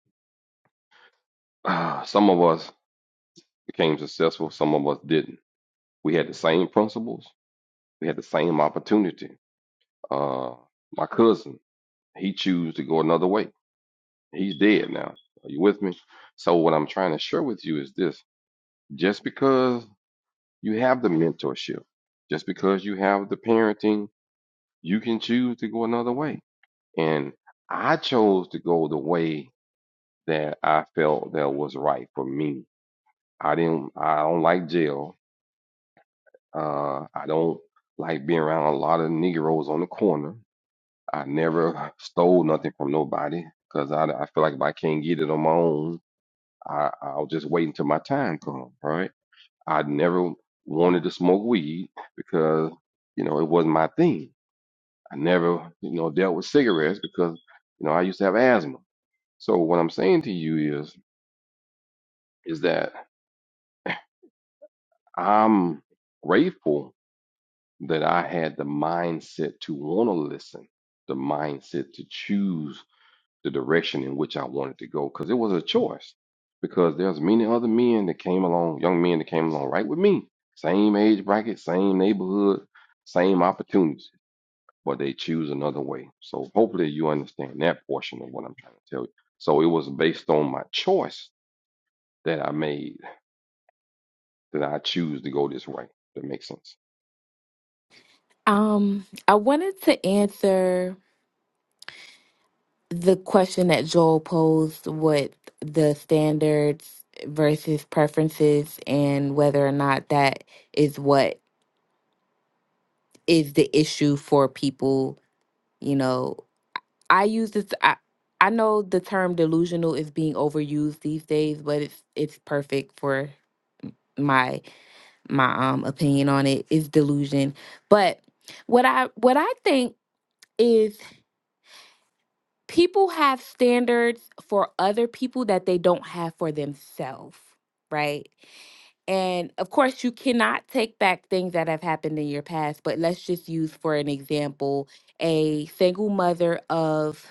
Ah, some of us became successful, some of us didn't We had the same principles. We had the same opportunity. Uh, my cousin, he chose to go another way. He's dead now. Are you with me? So what I'm trying to share with you is this: just because you have the mentorship, just because you have the parenting, you can choose to go another way. And I chose to go the way that I felt that was right for me. I didn't. I don't like jail. Uh, I don't like being around a lot of Negroes on the corner. I never stole nothing from nobody because I, I feel like if I can't get it on my own, I, I'll just wait until my time comes, right? I never wanted to smoke weed because, you know, it wasn't my thing. I never, you know, dealt with cigarettes because, you know, I used to have asthma. So what I'm saying to you is, is that I'm grateful that I had the mindset to want to listen, the mindset to choose the direction in which I wanted to go because it was a choice. Because there's many other men that came along, young men that came along right with me, same age bracket, same neighborhood, same opportunities, but they choose another way. So hopefully you understand that portion of what I'm trying to tell you. So it was based on my choice that I made that I choose to go this way. That makes sense. um, I wanted to answer the question that Joel posed with the standards versus preferences and whether or not that is what is the issue for people. You know, I use this. I, I know the term delusional is being overused these days, but it's it's perfect for my my um opinion on it is delusion. But what I what I think is people have standards for other people that they don't have for themselves, right? And of course, you cannot take back things that have happened in your past, but let's just use for an example a single mother of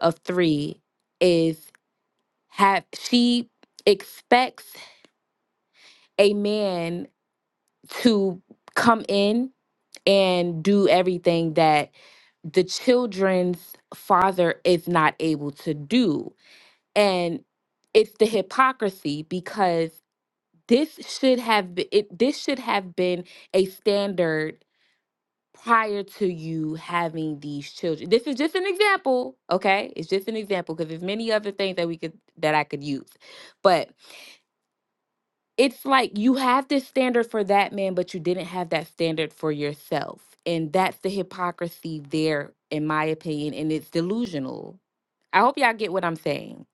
of 3 is. have she expects a man to come in and do everything that the children's father is not able to do and it's the hypocrisy because this should have been it, this should have been a standard prior to you having these children this is just an example okay it's just an example because there's many other things that we could that i could use but it's like you have this standard for that man, but you didn't have that standard for yourself. And that's the hypocrisy there, in my opinion. And it's delusional. I hope y'all get what I'm saying.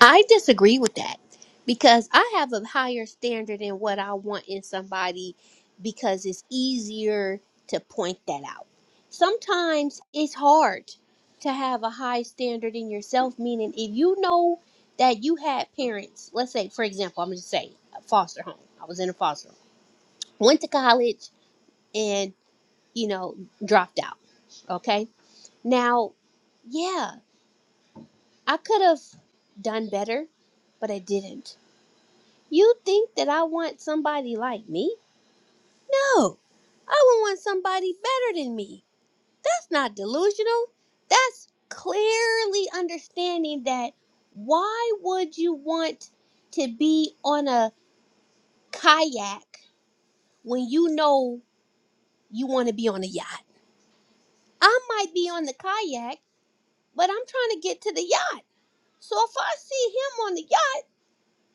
I disagree with that because I have a higher standard in what I want in somebody because it's easier to point that out. Sometimes it's hard to have a high standard in yourself, meaning if you know that you had parents, let's say, for example, I'm going to say a foster home. I was in a foster home, went to college and, you know, dropped out. Okay. Now, yeah, I could have done better, but I didn't You think that I want somebody like me? No, I would want somebody better than me. That's not delusional. That's clearly understanding that why would you want to be on a kayak when you know you want to be on a yacht? I might be on the kayak, but I'm trying to get to the yacht. So if I see him on the yacht,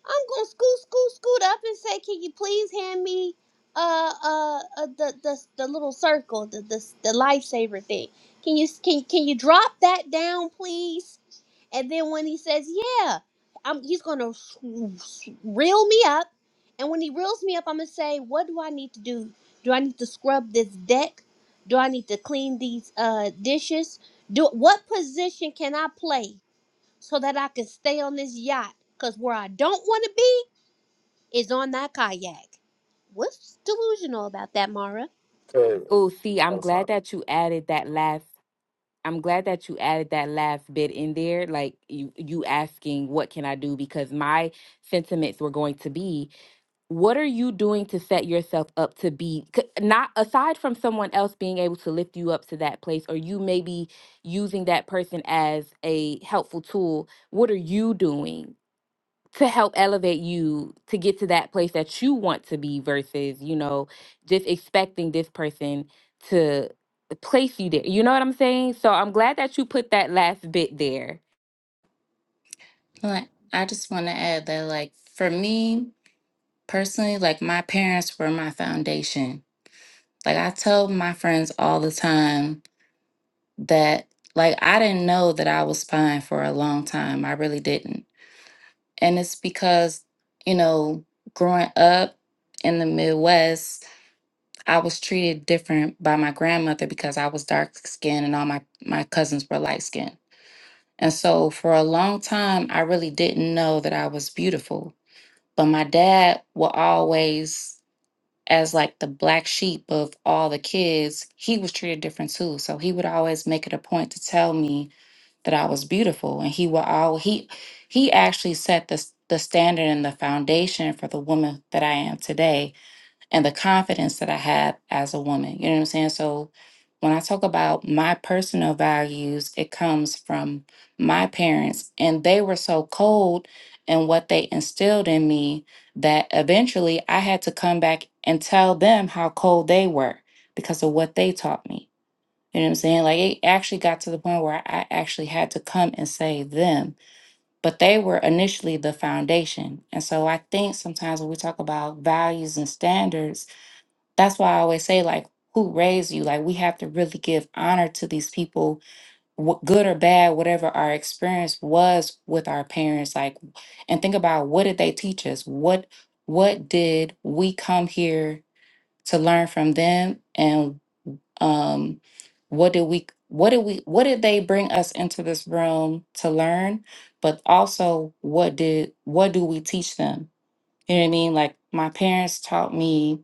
I'm gonna scoot, scoot, scoot up and say, "Can you please hand me uh uh, uh the, the the little circle, the the the lifesaver thing? Can you can can you drop that down, please?" And then when he says, "Yeah," I'm, he's gonna s- s- reel me up, and when he reels me up, I'm gonna say, "What do I need to do? Do I need to scrub this deck? Do I need to clean these uh dishes? Do what position can I play?" so that I can stay on this yacht. Because where I don't want to be is on that kayak. What's delusional about that, Mara? Cause Oh, see, I'm I'm glad sorry. that you added that last. I'm glad that you added that last bit in there. Like you, you asking, what can I do? Because my sentiments were going to be what are you doing to set yourself up to be c- not aside from someone else being able to lift you up to that place or you maybe using that person as a helpful tool what are you doing to help elevate you to get to that place that you want to be versus you know just expecting this person to place you there you know what i'm saying so i'm glad that you put that last bit there Like I just want to add that like for me personally, like my parents were my foundation. Like I tell my friends all the time that like I didn't know that I was fine for a long time. I really didn't. And it's because, you know, growing up in the Midwest, I was treated different by my grandmother because I was dark skinned and all my, my cousins were light skinned. And so for a long time, I really didn't know that I was beautiful. But my dad will always, as like the black sheep of all the kids, he was treated different too. So he would always make it a point to tell me that I was beautiful. And he will all he he actually set the s- the standard and the foundation for the woman that I am today and the confidence that I have as a woman. You know what I'm saying? So when I talk about my personal values, it comes from my parents, and they were so cold in what they instilled in me that eventually I had to come back and tell them how cold they were because of what they taught me. You know what I'm saying? Like it actually got to the point where I actually had to come and save them, but they were initially the foundation. And so I think sometimes when we talk about values and standards, that's why I always say, like, who raised you? Like, we have to really give honor to these people, wh- good or bad, whatever our experience was with our parents. Like, and think about what did they teach us? What what did we come here to learn from them? And um, what did we? What did we? What did they bring us into this room to learn? But also, what did what do we teach them? You know what I mean? Like, my parents taught me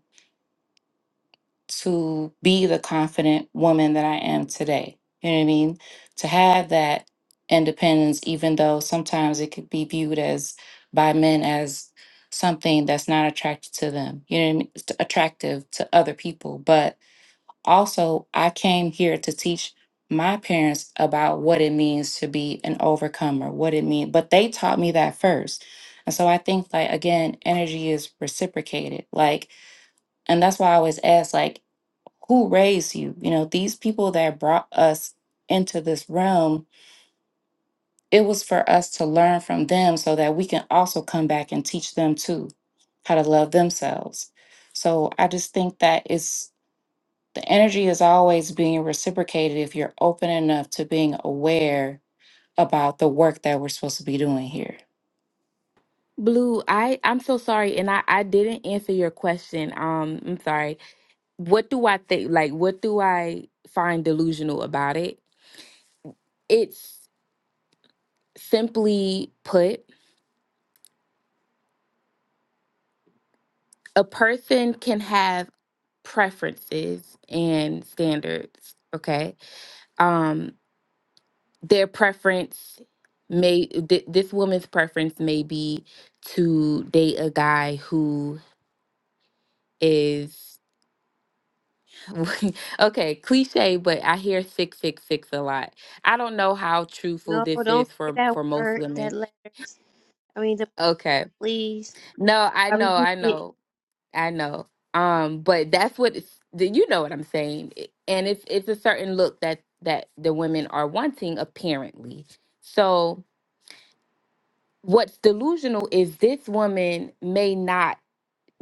to be the confident woman that I am today. You know what I mean? To have that independence, even though sometimes it could be viewed as by men as something that's not attracted to them, you know what I mean? It's attractive to other people. But also, I came here to teach my parents about what it means to be an overcomer, what it means, but they taught me that first. And so I think like again, energy is reciprocated. Like, and that's why I always ask, like, who raised you you know these people that brought us into this realm it was for us to learn from them so that we can also come back and teach them too how to love themselves so i just think that it's the energy is always being reciprocated if you're open enough to being aware about the work that we're supposed to be doing here blue i i'm so sorry and i i didn't answer your question um i'm sorry what do I think? Like, what do I find delusional about it? It's simply put, a person can have preferences and standards. Okay. Um, their preference may, th- this woman's preference may be to date a guy who is. okay, cliche, but I hear 666 a lot. I don't know how truthful No, this don't is say for that for most word, that women. letters. I mean, the Okay. please. No, I I know, rebuke I it. know, I know. Um, but that's what it's, the- you know what I'm saying, It- and it's it's a certain look that that the women are wanting apparently. So what's delusional is this woman may not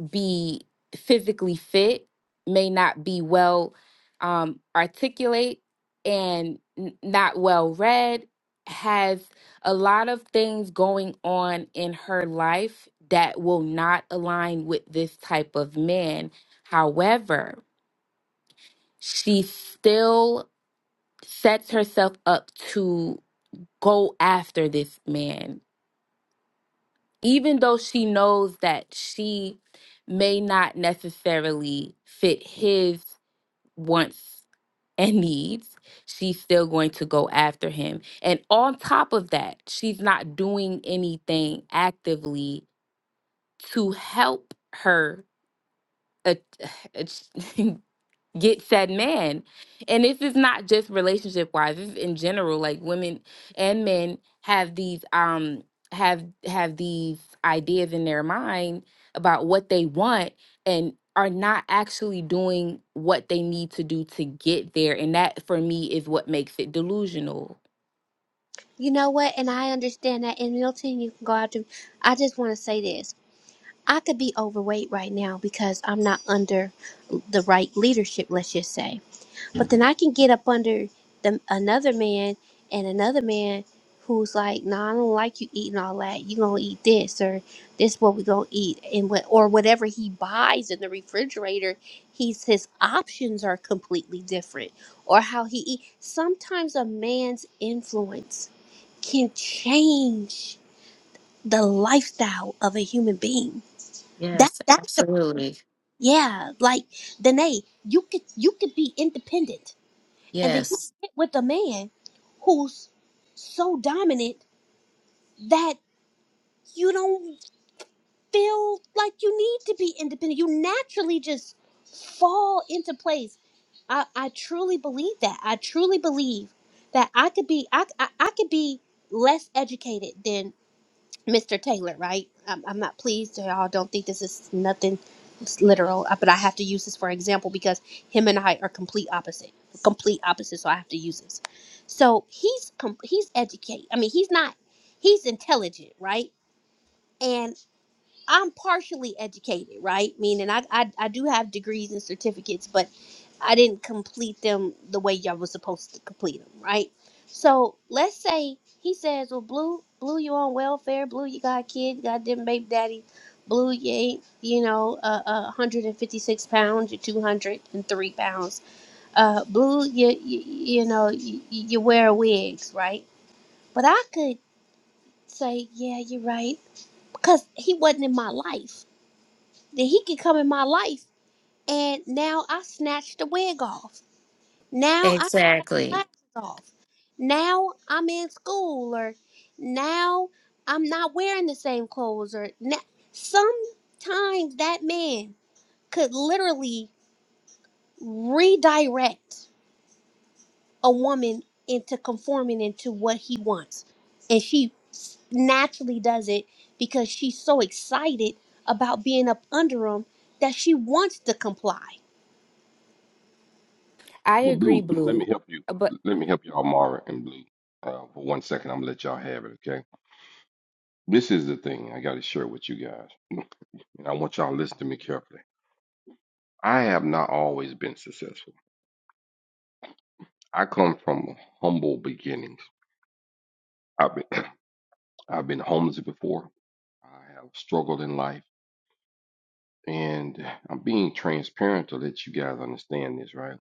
be physically fit may not be well um, articulate and n- not well read has a lot of things going on in her life that will not align with this type of man however she still sets herself up to go after this man even though she knows that she may not necessarily fit his wants and needs, she's still going to go after him. And on top of that, she's not doing anything actively to help her a- get said man. And this is not just relationship wise, this is in general. Like women and men have these um have have these ideas in their mind about what they want and are not actually doing what they need to do to get there. And that for me is what makes it delusional. You know what? And I understand that. And Milton, you can go out to. I just want to say this. I could be overweight right now because I'm not under the right leadership, let's just say. But then I can get up under the, another man and another man who's like, "No, nah, I don't like you eating all that. You gonna eat this or this? What we gonna eat and what or whatever he buys in the refrigerator? He's his options are completely different, or how he eat. Sometimes a man's influence can change the lifestyle of a human being. That yes that absolutely yeah, like Danae, you could you could be independent, and then you yes get with a man who's so dominant that you don't feel like you need to be independent. You naturally just fall into place. I, I truly believe that. I truly believe that I could be I, I, I could be less educated than Mr. Taylor, right? I'm, I'm not pleased. Y'all don't think this is nothing literal, uh, but I have to use this for example because him and I are complete opposite, complete opposite. So I have to use this. So he's com- he's educated. I mean, he's not. He's intelligent, right? And. I'm partially educated, right? Meaning I, I I do have degrees and certificates, but I didn't complete them the way y'all was supposed to complete them, right? So let's say he says, "Well, blue, blue, you on welfare? Blue, you got kids, you got them baby daddy. Blue, you ain't, you know, uh, uh, 156 pounds, you're 203 pounds. Uh, blue, you, you, you know, you, you wear wigs, right? But I could say, yeah, you're right, because he wasn't in my life that he can come in my life. And now I snatched the wig off. Now I snatched the exactly lashes off. Now I'm in school, or now I'm not wearing the same clothes, or now. sometimes that man could literally redirect a woman into conforming into what he wants. And she s- naturally does it because she's so excited about being up under him that she wants to comply I Well, agree, Blue, let me Blue. help you. But Let me help y'all, Mara and Blue. Uh, for one second, I'm gonna let y'all have it, okay? This is the thing I got to share with you guys. and I want y'all to listen to me carefully. I have not always been successful. I come from humble beginnings. I've been, I've been homeless before. I have struggled in life, and I'm being transparent to let you guys understand this, right?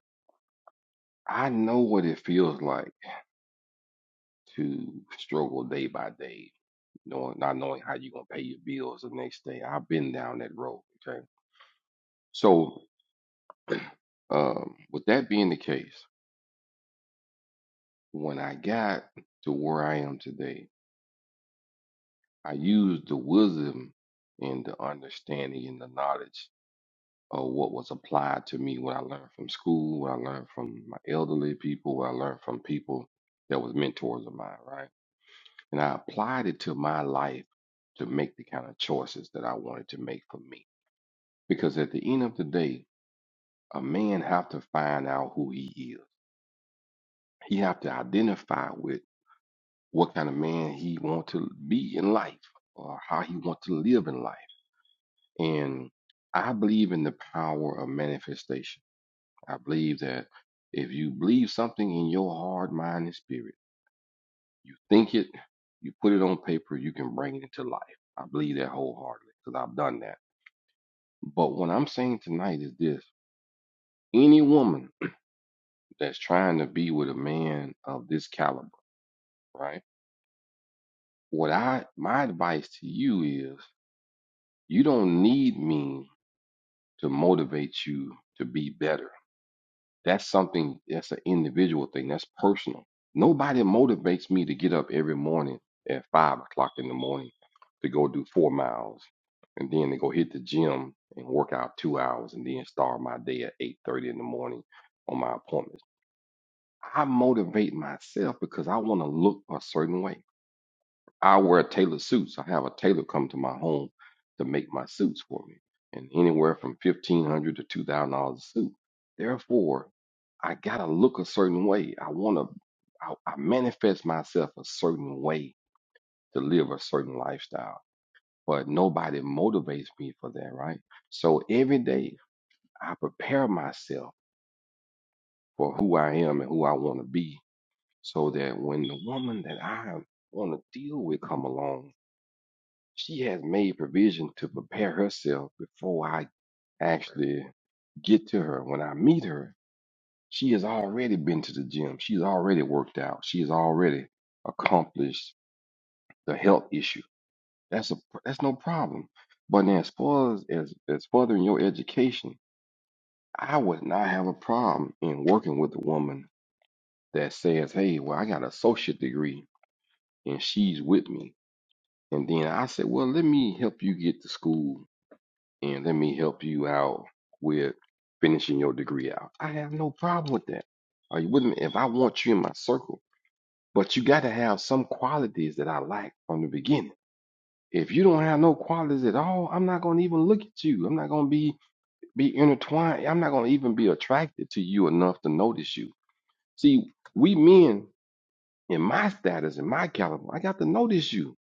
I know what it feels like to struggle day by day, knowing not knowing how you're gonna pay your bills the next day. I've been down that road. Okay, so um, with that being the case, when I got to where I am today, I used the wisdom and the understanding and the knowledge of what was applied to me, what I learned from school, what I learned from my elderly people, what I learned from people that was mentors of mine, right? And I applied it to my life to make the kind of choices that I wanted to make for me. Because at the end of the day, a man have to find out who he is. He have to identify with what kind of man he want to be in life or how he want to live in life And I believe in the power of manifestation. I believe that if you believe something in your heart, mind, and spirit, you think it, you put it on paper, you can bring it into life. I believe that wholeheartedly because I've done that. But what I'm saying tonight is this any woman that's trying to be with a man of this caliber, right? What I, my advice to you is you don't need me to motivate you to be better That's something that's an individual thing. That's personal. Nobody motivates me to get up every morning at five o'clock in the morning to go do four miles and then to go hit the gym and work out two hours and then start my day at eight thirty in the morning on my appointments. I motivate myself because I want to look a certain way. I wear tailored suits. I have a tailor come to my home to make my suits for me, and anywhere from fifteen hundred to two thousand dollars a suit. Therefore, I gotta look a certain way. I wanna, I, I manifest myself a certain way to live a certain lifestyle, but nobody motivates me for that, right? So every day I prepare myself for who I am and who I want to be, so that when the woman that I want to deal with come along she has made provision to prepare herself before I actually get to her. When I meet her, she has already been to the gym. She's already worked out. She has already accomplished the health issue. That's a that's no problem. But then as far as, as as furthering your education, I would not have a problem in working with a woman that says, Hey, well, I got an associate degree and she's with me. And then I said, Well, let me help you get to school and let me help you out with finishing your degree out. I have no problem with that. Are you with me? If I want you in my circle, but you got to have some qualities that I like from the beginning. If you don't have no qualities at all, I'm not going to even look at you. I'm not going to be be intertwined. I'm not going to even be attracted to you enough to notice you. See, we men in my status, in my caliber, I got to notice you.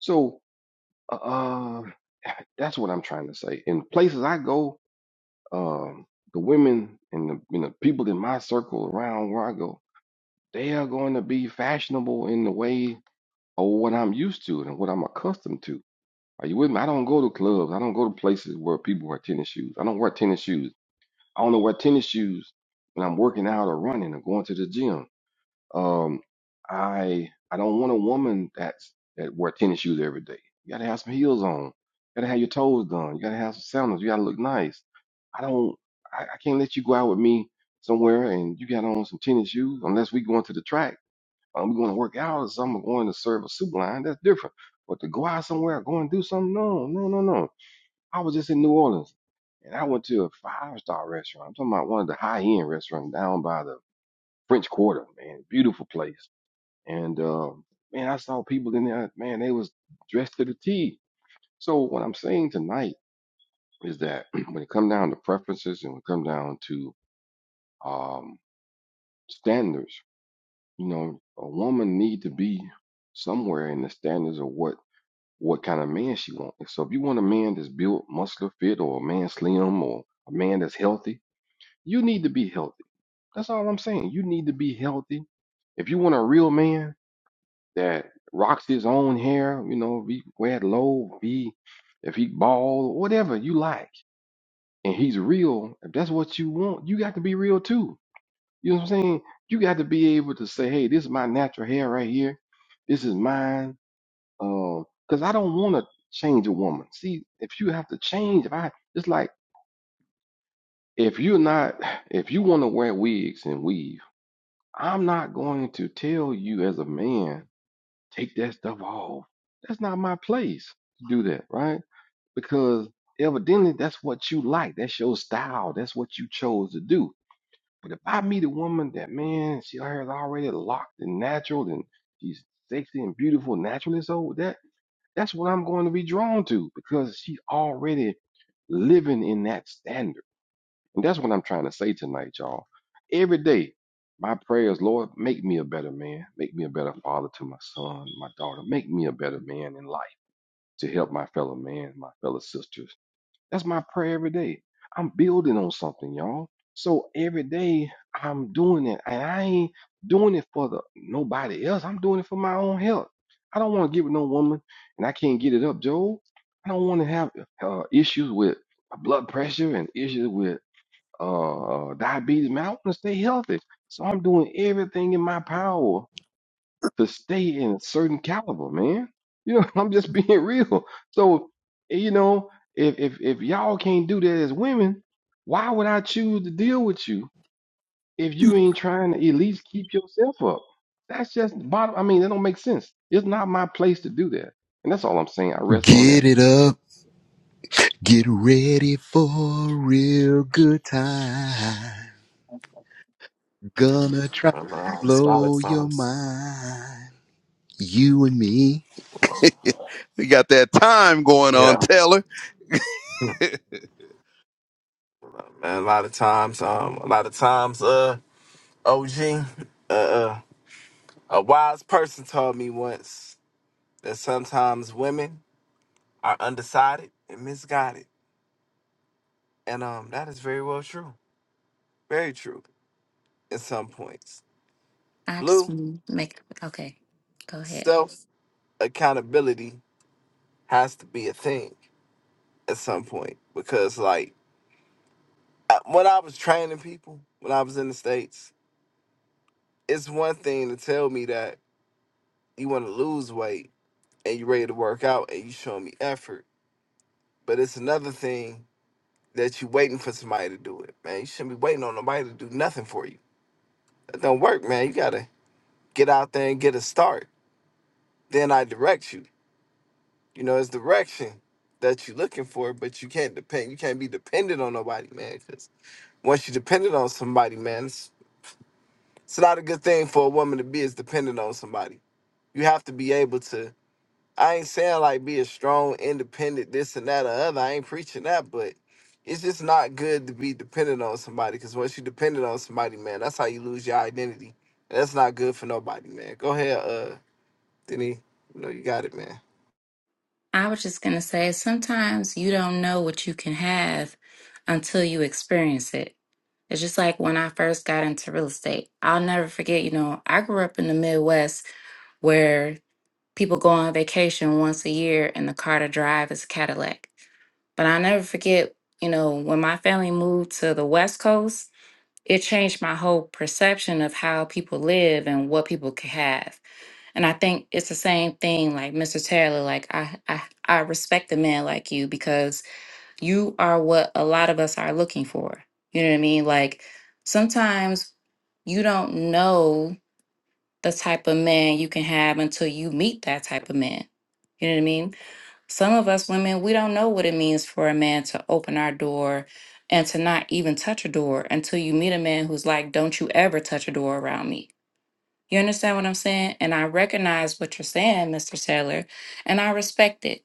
So, uh, uh, that's what I'm trying to say. In places I go, um, the women and the, and the people in my circle around where I go, they are going to be fashionable in the way of what I'm used to and what I'm accustomed to. Are you with me? I don't go to clubs. I don't go to places where people wear tennis shoes. I don't wear tennis shoes. I only wear tennis shoes when I'm working out or running or going to the gym. Um, I I don't want a woman that's that wear tennis shoes every day. You gotta have some heels on. You gotta have your toes done. You gotta have some sandals. You gotta look nice. I don't. I, I can't let you go out with me somewhere and you got on some tennis shoes unless we going to the track. Um, we going to work out or something. Going to serve a soup line. That's different. But to go out somewhere, go and do something. No, no, no, no. I was just in New Orleans and I went to a five star restaurant. I'm talking about one of the high end restaurants down by the French Quarter. Man, beautiful place and um, man, I saw people in there, man, they was dressed to the T. So what I'm saying tonight is that when it come down to preferences and when it come down to um, standards, you know, a woman need to be somewhere in the standards of what what kind of man she wants. So if you want a man that's built, muscular, fit, or a man slim, or a man that's healthy, you need to be healthy. That's all I'm saying. You need to be healthy. If you want a real man, that rocks his own hair, you know, be wear it low, be if he bald, whatever you like, and he's real, if that's what you want, you got to be real too. You know what I'm saying? You got to be able to say, hey, this is my natural hair right here. This is mine. Um, because I don't want to change a woman. See, if you have to change, if I it's like if you're not if you want to wear wigs and weave, I'm not going to tell you as a man take that stuff off. That's not my place to do that, right? Because evidently that's what you like. That's your style. That's what you chose to do. But if I meet a woman that man, she her hair is already locked and natural and she's sexy and beautiful naturally, so that that's what I'm going to be drawn to because she already living in that standard. And that's what I'm trying to say tonight, y'all. Every day, my prayers, Lord, make me a better man. Make me a better father to my son, my daughter. Make me a better man in life to help my fellow man, my fellow sisters. That's my prayer every day. I'm building on something, y'all. So every day I'm doing it, and I ain't doing it for the nobody else. I'm doing it for my own health. I don't want to give it no woman, and I can't get it up, Joe. I don't want to have uh, issues with my blood pressure and issues with uh, diabetes, man, I want to stay healthy. So I'm doing everything in my power to stay in a certain caliber, man. You know, I'm just being real. So, eh, you know, if if if y'all can't do that as women, why would I choose to deal with you if you ain't trying to at least keep yourself up? That's just bottom. I mean, that don't make sense. It's not my place to do that. And that's all I'm saying. I rest on that. Get it up, get ready for a real good time. Gonna try to Um, uh, i a just lot of blow your times, mind. You and me. we got that time going on, yeah, Taylor. man, a lot of times, um, a lot of times, uh, OG, uh, uh, a wise person told me once that sometimes women are undecided and misguided. And um that is very well true. Very true at some points. i just Blue, mm, make okay go ahead self accountability has to be a thing at some point because like I- when I was training people when I was in the States, it's one thing to tell me that you want to lose weight and you're ready to work out and you show me effort. But it's another thing that you waiting for somebody to do it. Man, you shouldn't be waiting on nobody to do nothing for you. That don't work, man. You gotta get out there and get a start then I direct you. You know, it's direction that you're looking for, but you can't depend. You can't be dependent on nobody, man. Because once you're dependent on somebody, man, it's, it's not a good thing for a woman to be is dependent on somebody. You have to be able to. I ain't saying like be a strong, independent, this and that or other. I ain't preaching that, but it's just not good to be dependent on somebody. Because once you dependent on somebody, man, that's how you lose your identity, and that's not good for nobody, man. Go ahead, uh, Denny. You know you got it, man. I was just going to say sometimes you don't know what you can have until you experience it. It's just like when I first got into real estate. I'll never forget, you know, I grew up in the Midwest where people go on vacation once a year and the car to drive is a Cadillac. But I'll never forget, you know, when my family moved to the West Coast it changed my whole perception of how people live and what people could have. And I think it's the same thing, like Mr. Taylor. Like I, I, I respect a man like you because you are what a lot of us are looking for. You know what I mean? Like sometimes you don't know the type of man you can have until you meet that type of man. You know what I mean? Some of us women, we don't know what it means for a man to open our door and to not even touch a door until you meet a man who's like, Don't you ever touch a door around me. You understand what I'm saying? And I recognize what you're saying, Mr. Taylor, and I respect it.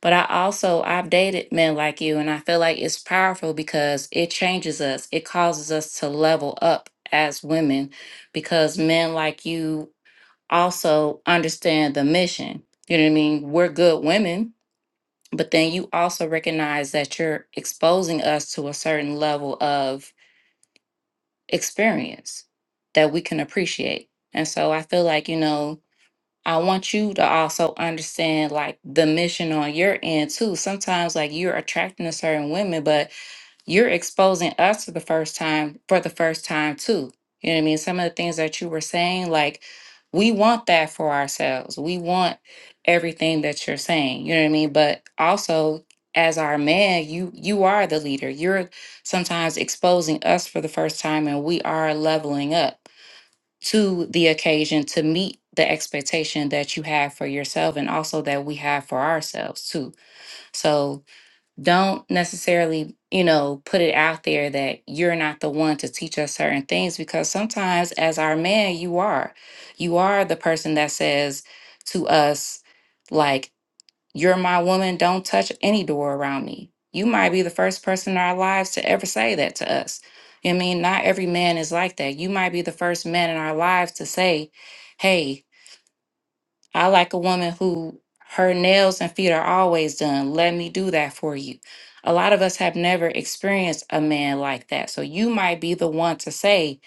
But I also, I've dated men like you, and I feel like it's powerful because it changes us. It causes us to level up as women because men like you also understand the mission. You know what I mean? We're good women but then you also recognize that you're exposing us to a certain level of experience that we can appreciate. And so I feel like, you know, I want you to also understand like the mission on your end too. Sometimes like you're attracting a certain women, but you're exposing us to the first time for the first time too. You know what I mean? Some of the things that you were saying, like we want that for ourselves. We want everything that you're saying. You know what I mean? But also as our man, you you are the leader. You're sometimes exposing us for the first time and we are leveling up to the occasion to meet the expectation that you have for yourself and also that we have for ourselves too. So don't necessarily, you know, put it out there that you're not the one to teach us certain things because sometimes as our man, you are. You are the person that says to us, like, you're my woman, don't touch any door around me. You might be the first person in our lives to ever say that to us. You know what I mean, not every man is like that. You might be the first man in our lives to say, hey, I like a woman who her nails and feet are always done. Let me do that for you. A lot of us have never experienced a man like that. So you might be the one to say,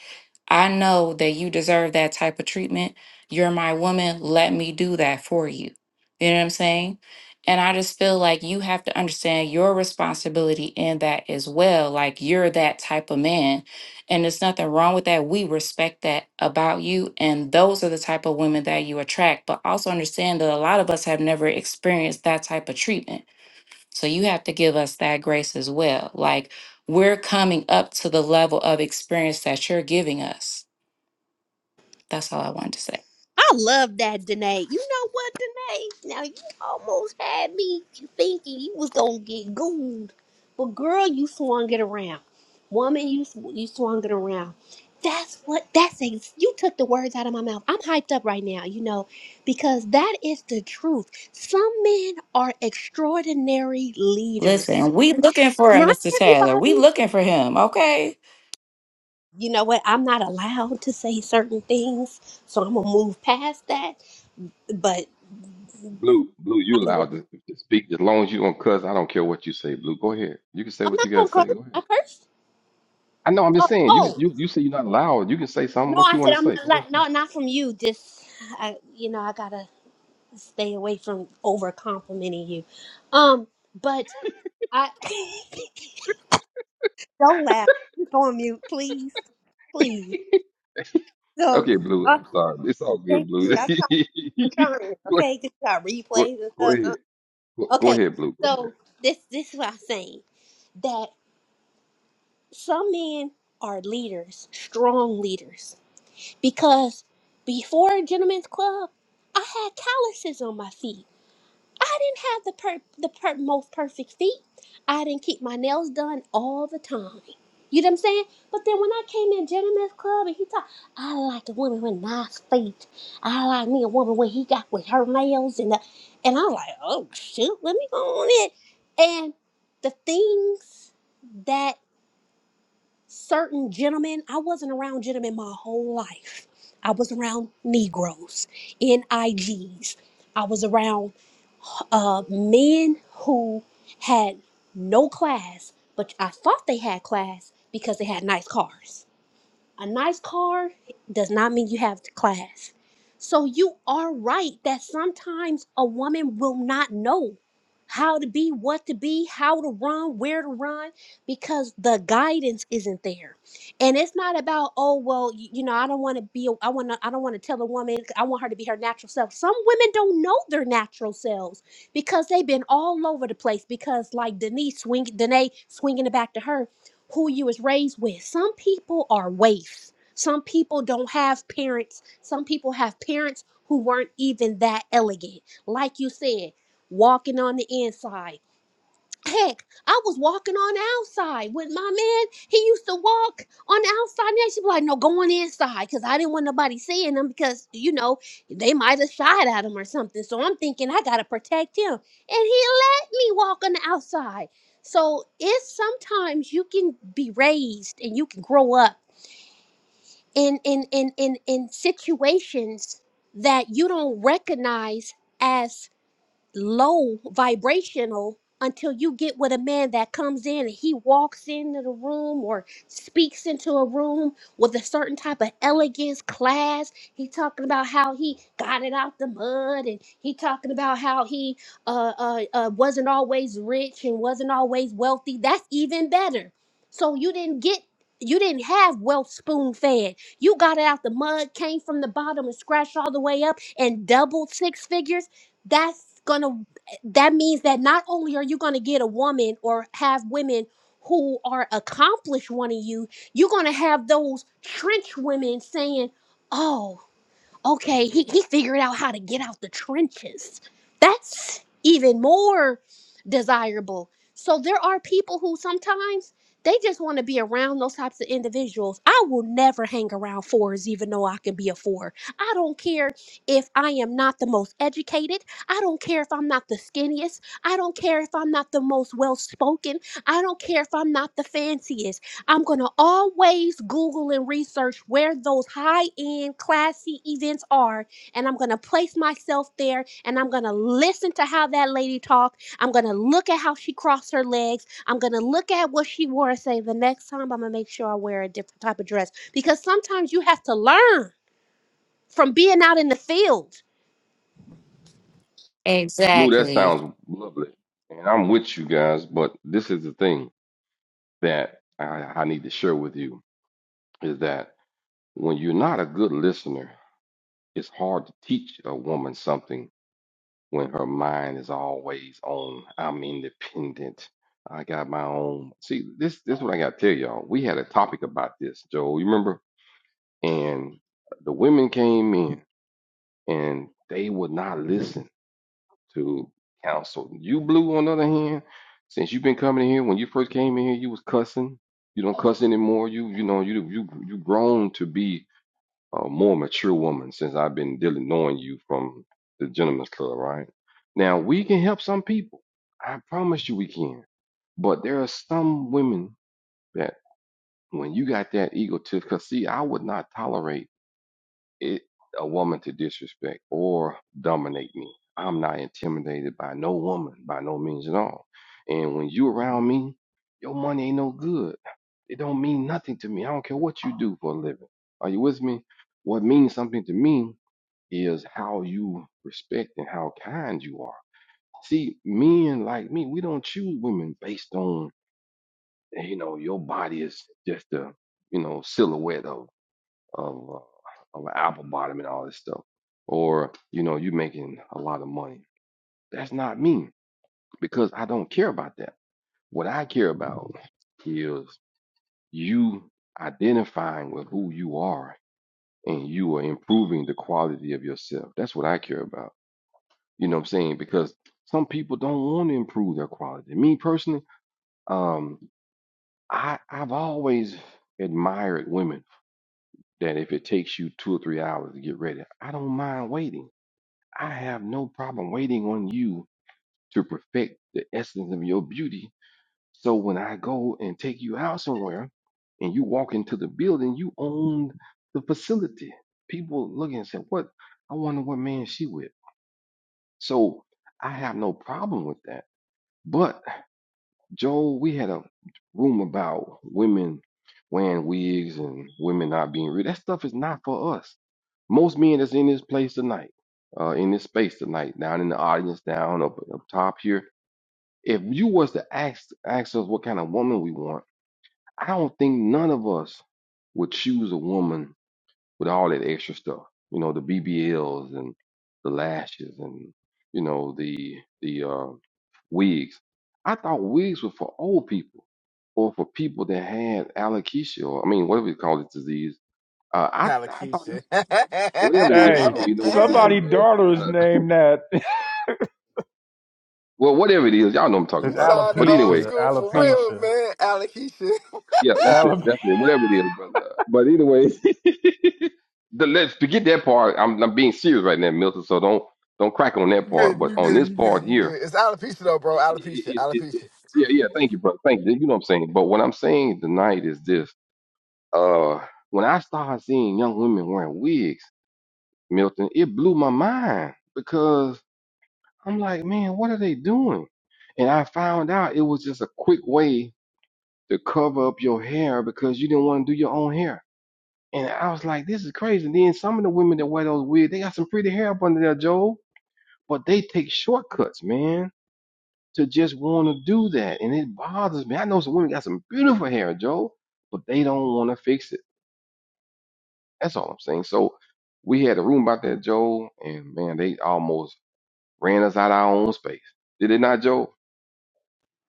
I know that you deserve that type of treatment. You're my woman. Let me do that for you. You know what I'm saying? And I just feel like you have to understand your responsibility in that as well. Like you're that type of man. And there's nothing wrong with that. We respect that about you. And those are the type of women that you attract. But also understand that a lot of us have never experienced that type of treatment. So you have to give us that grace as well. Like we're coming up to the level of experience that you're giving us. That's all I wanted to say. I love that, Danae. You know what, Danae? Now you almost had me thinking you was gonna get gooned, but girl, you swung it around. Woman, you sw- you swung it around. That's what. That's ex- you took the words out of my mouth. I'm hyped up right now, you know, because that is the truth. Some men are extraordinary leaders. Listen, we looking for him, Not Mr. Taylor. We everybody. looking for him, okay? You know what? I'm not allowed to say certain things, so I'm gonna move past that. But Blue, Blue, you allowed to, to speak as long as you don't cuss. I don't care what you say, Blue. Go ahead. You can say I'm what not you got gonna to say. curse. Go I ahead. cursed. I know. I'm Oh, just saying. You can- oh you you say you're not allowed. You can say something no! what I you said want to I'm say. not. Go ahead. Like, no, and not from you. Just I, you know, I gotta stay away from over complimenting you. Um, but I don't laugh. Go on mute, please, please. Say. So, okay, Blue. uh, I'm sorry. It's all thank good, you. Blue. I, I'm trying. go, Okay, good job. go Replays and go stuff. ahead. Uh, Go, go okay, ahead, Blue. Go ahead. so this this is what I'm saying that some men are leaders, strong leaders because before Gentlemen's Club, I had calluses on my feet. I didn't have the per- the per- most perfect feet. I didn't keep my nails done all the time. You know what I'm saying? But then when I came in Gentlemen's Club and he talked, I like a woman with nice feet. I like me a woman when he got with her nails and the, and I was like, oh shoot, let me go on it. And the things that certain gentlemen. I wasn't around gentlemen my whole life. I was around Negroes, NIGs. I Gs. I was around uh, men who had no class, but I thought they had class because they had nice cars. A nice car does not mean you have class. So you are right that sometimes a woman will not know how to be, what to be, how to run, where to run, because the guidance isn't there. And it's not about, oh well, you, you know, I don't want to be, a, I want to, I don't want to tell a woman, I want her to be her natural self. Some women don't know their natural selves because they've been all over the place. Because like Denise swing, Danae swinging it back to her, who you was raised with. Some people are waifs. Some people don't have parents. Some people have parents who weren't even that elegant. Like you said, walking on the inside Heck, I was walking on the outside with my man. He used to walk on the outside. Now she'd be like, no, go on inside because I didn't want nobody seeing him because, you know, they might have shot at him or something. So I'm thinking I got to protect him. And he let me walk on the outside. So it's sometimes you can be raised and you can grow up in, in, in, in, in situations that you don't recognize as low vibrational until you get with a man that comes in and he walks into the room or speaks into a room with a certain type of elegance class he talking about how he got it out the mud and he talking about how he uh, uh, uh, wasn't always rich and wasn't always wealthy that's even better so you didn't get you didn't have wealth spoon fed you got it out the mud came from the bottom and scratched all the way up and doubled six figures that's gonna that means that not only are you gonna get a woman or have women who are accomplished wanting you, you're gonna have those trench women saying, "Oh." okay, he, he figured out how to get out the trenches. That's even more desirable. So there are people who sometimes they just want to be around those types of individuals. I will never hang around fours, even though I can be a four. I don't care if I am not the most educated. I don't care if I'm not the skinniest. I don't care if I'm not the most well spoken. I don't care if I'm not the fanciest. I'm going to always Google and research where those high end, classy events are. And I'm going to place myself there and I'm going to listen to how that lady talked. I'm going to look at how she crossed her legs. I'm going to look at what she wore and say, the next time I'm going to make sure I wear a different type of dress. Because sometimes you have to learn from being out in the field. Blue, that Exactly. sounds lovely. And I'm with you guys, but this is the thing that I, I need to share with you is that when you're not a good listener, it's hard to teach a woman something when her mind is always on, I'm independent. I got my own. See, this this is what I gotta tell y'all. We had a topic about this, Joe. You remember? And the women came in and they would not listen to counsel. You, Blue, on the other hand, since you've been coming in here, when you first came in here, you was cussing. You don't cuss anymore. You, you know, you you you grown to be a more mature woman since I've been dealing knowing you from the Gentleman's Club, right? Now we can help some people. I promise you, we can. But there are some women that when you got that ego, to because see, I would not tolerate it a woman to disrespect or dominate me. I'm not intimidated by no woman by no means at all. And when you around me, your money ain't no good. It don't mean nothing to me. I don't care what you do for a living. Are you with me? What means something to me is how you respect and how kind you are. See, men like me, we don't choose women based on you know your body is just a you know silhouette of of uh, of an apple bottom and all this stuff, or you know, you making a lot of money. That's not me because I don't care about that. What I care about is you identifying with who you are and you are improving the quality of yourself. That's what I care about. You know what I'm saying? Because some people don't want to improve their quality. Me personally, um, I I've always admired women that if it takes you two or three hours to get ready, I don't mind waiting I have no problem waiting on you to perfect the essence of your beauty. So when I go and take you out somewhere and you walk into the building, you own the facility. People looking and say, What? I wonder what man she with. So I have no problem with that. But Joel, we had a room about women wearing wigs and women not being real. That stuff is not for us. Most men that's in this place tonight, uh, in this space tonight, down in the audience, down up, up top here, if you was to ask ask us what kind of woman we want, I don't think none of us would choose a woman with all that extra stuff. You know, the BBLs and the lashes and you know the the uh, wigs. I thought wigs were for old people or for people that had alopecia or I mean whatever you call this disease. Uh, I I thought Allocution. that's whatever it is. I Hey, don't even know what it is, somebody' man. Shit, daughter is I- named that. well, whatever it is, y'all know what I'm talking It's you about. sound But old anyway, alopecia. school for uh, real, Alopecia. man. Allocution. yeah, that's it. Alopecia. That's it. Whatever it is, brother. But anyway, the let's forget that part. I'm I'm being serious right now, Milton. So don't don't crack on You that part. good, But you on good, this you good, part you here, good. It's alopecia though, bro. it, Alopecia, it, it, alopecia. yeah, yeah. Thank you, brother. Thank you. You know what I'm saying. But what I'm saying tonight is this. Uh, when I started seeing young women wearing wigs, Milton, it blew my mind because I'm like, man, what are they doing? And I found out it was just a quick way to cover up your hair because you didn't want to do your own hair. And I was like, this is crazy. And then some of the women that wear those wigs, they got some pretty hair up under there, Joe. but they take shortcuts, man, to just want to do that, and it bothers me. I know some women got some beautiful hair, Joe, but they don't want to fix it. That's all I'm saying. So we had a room about that, Joe, and man, they almost ran us out of our own space. Did it not, Joe?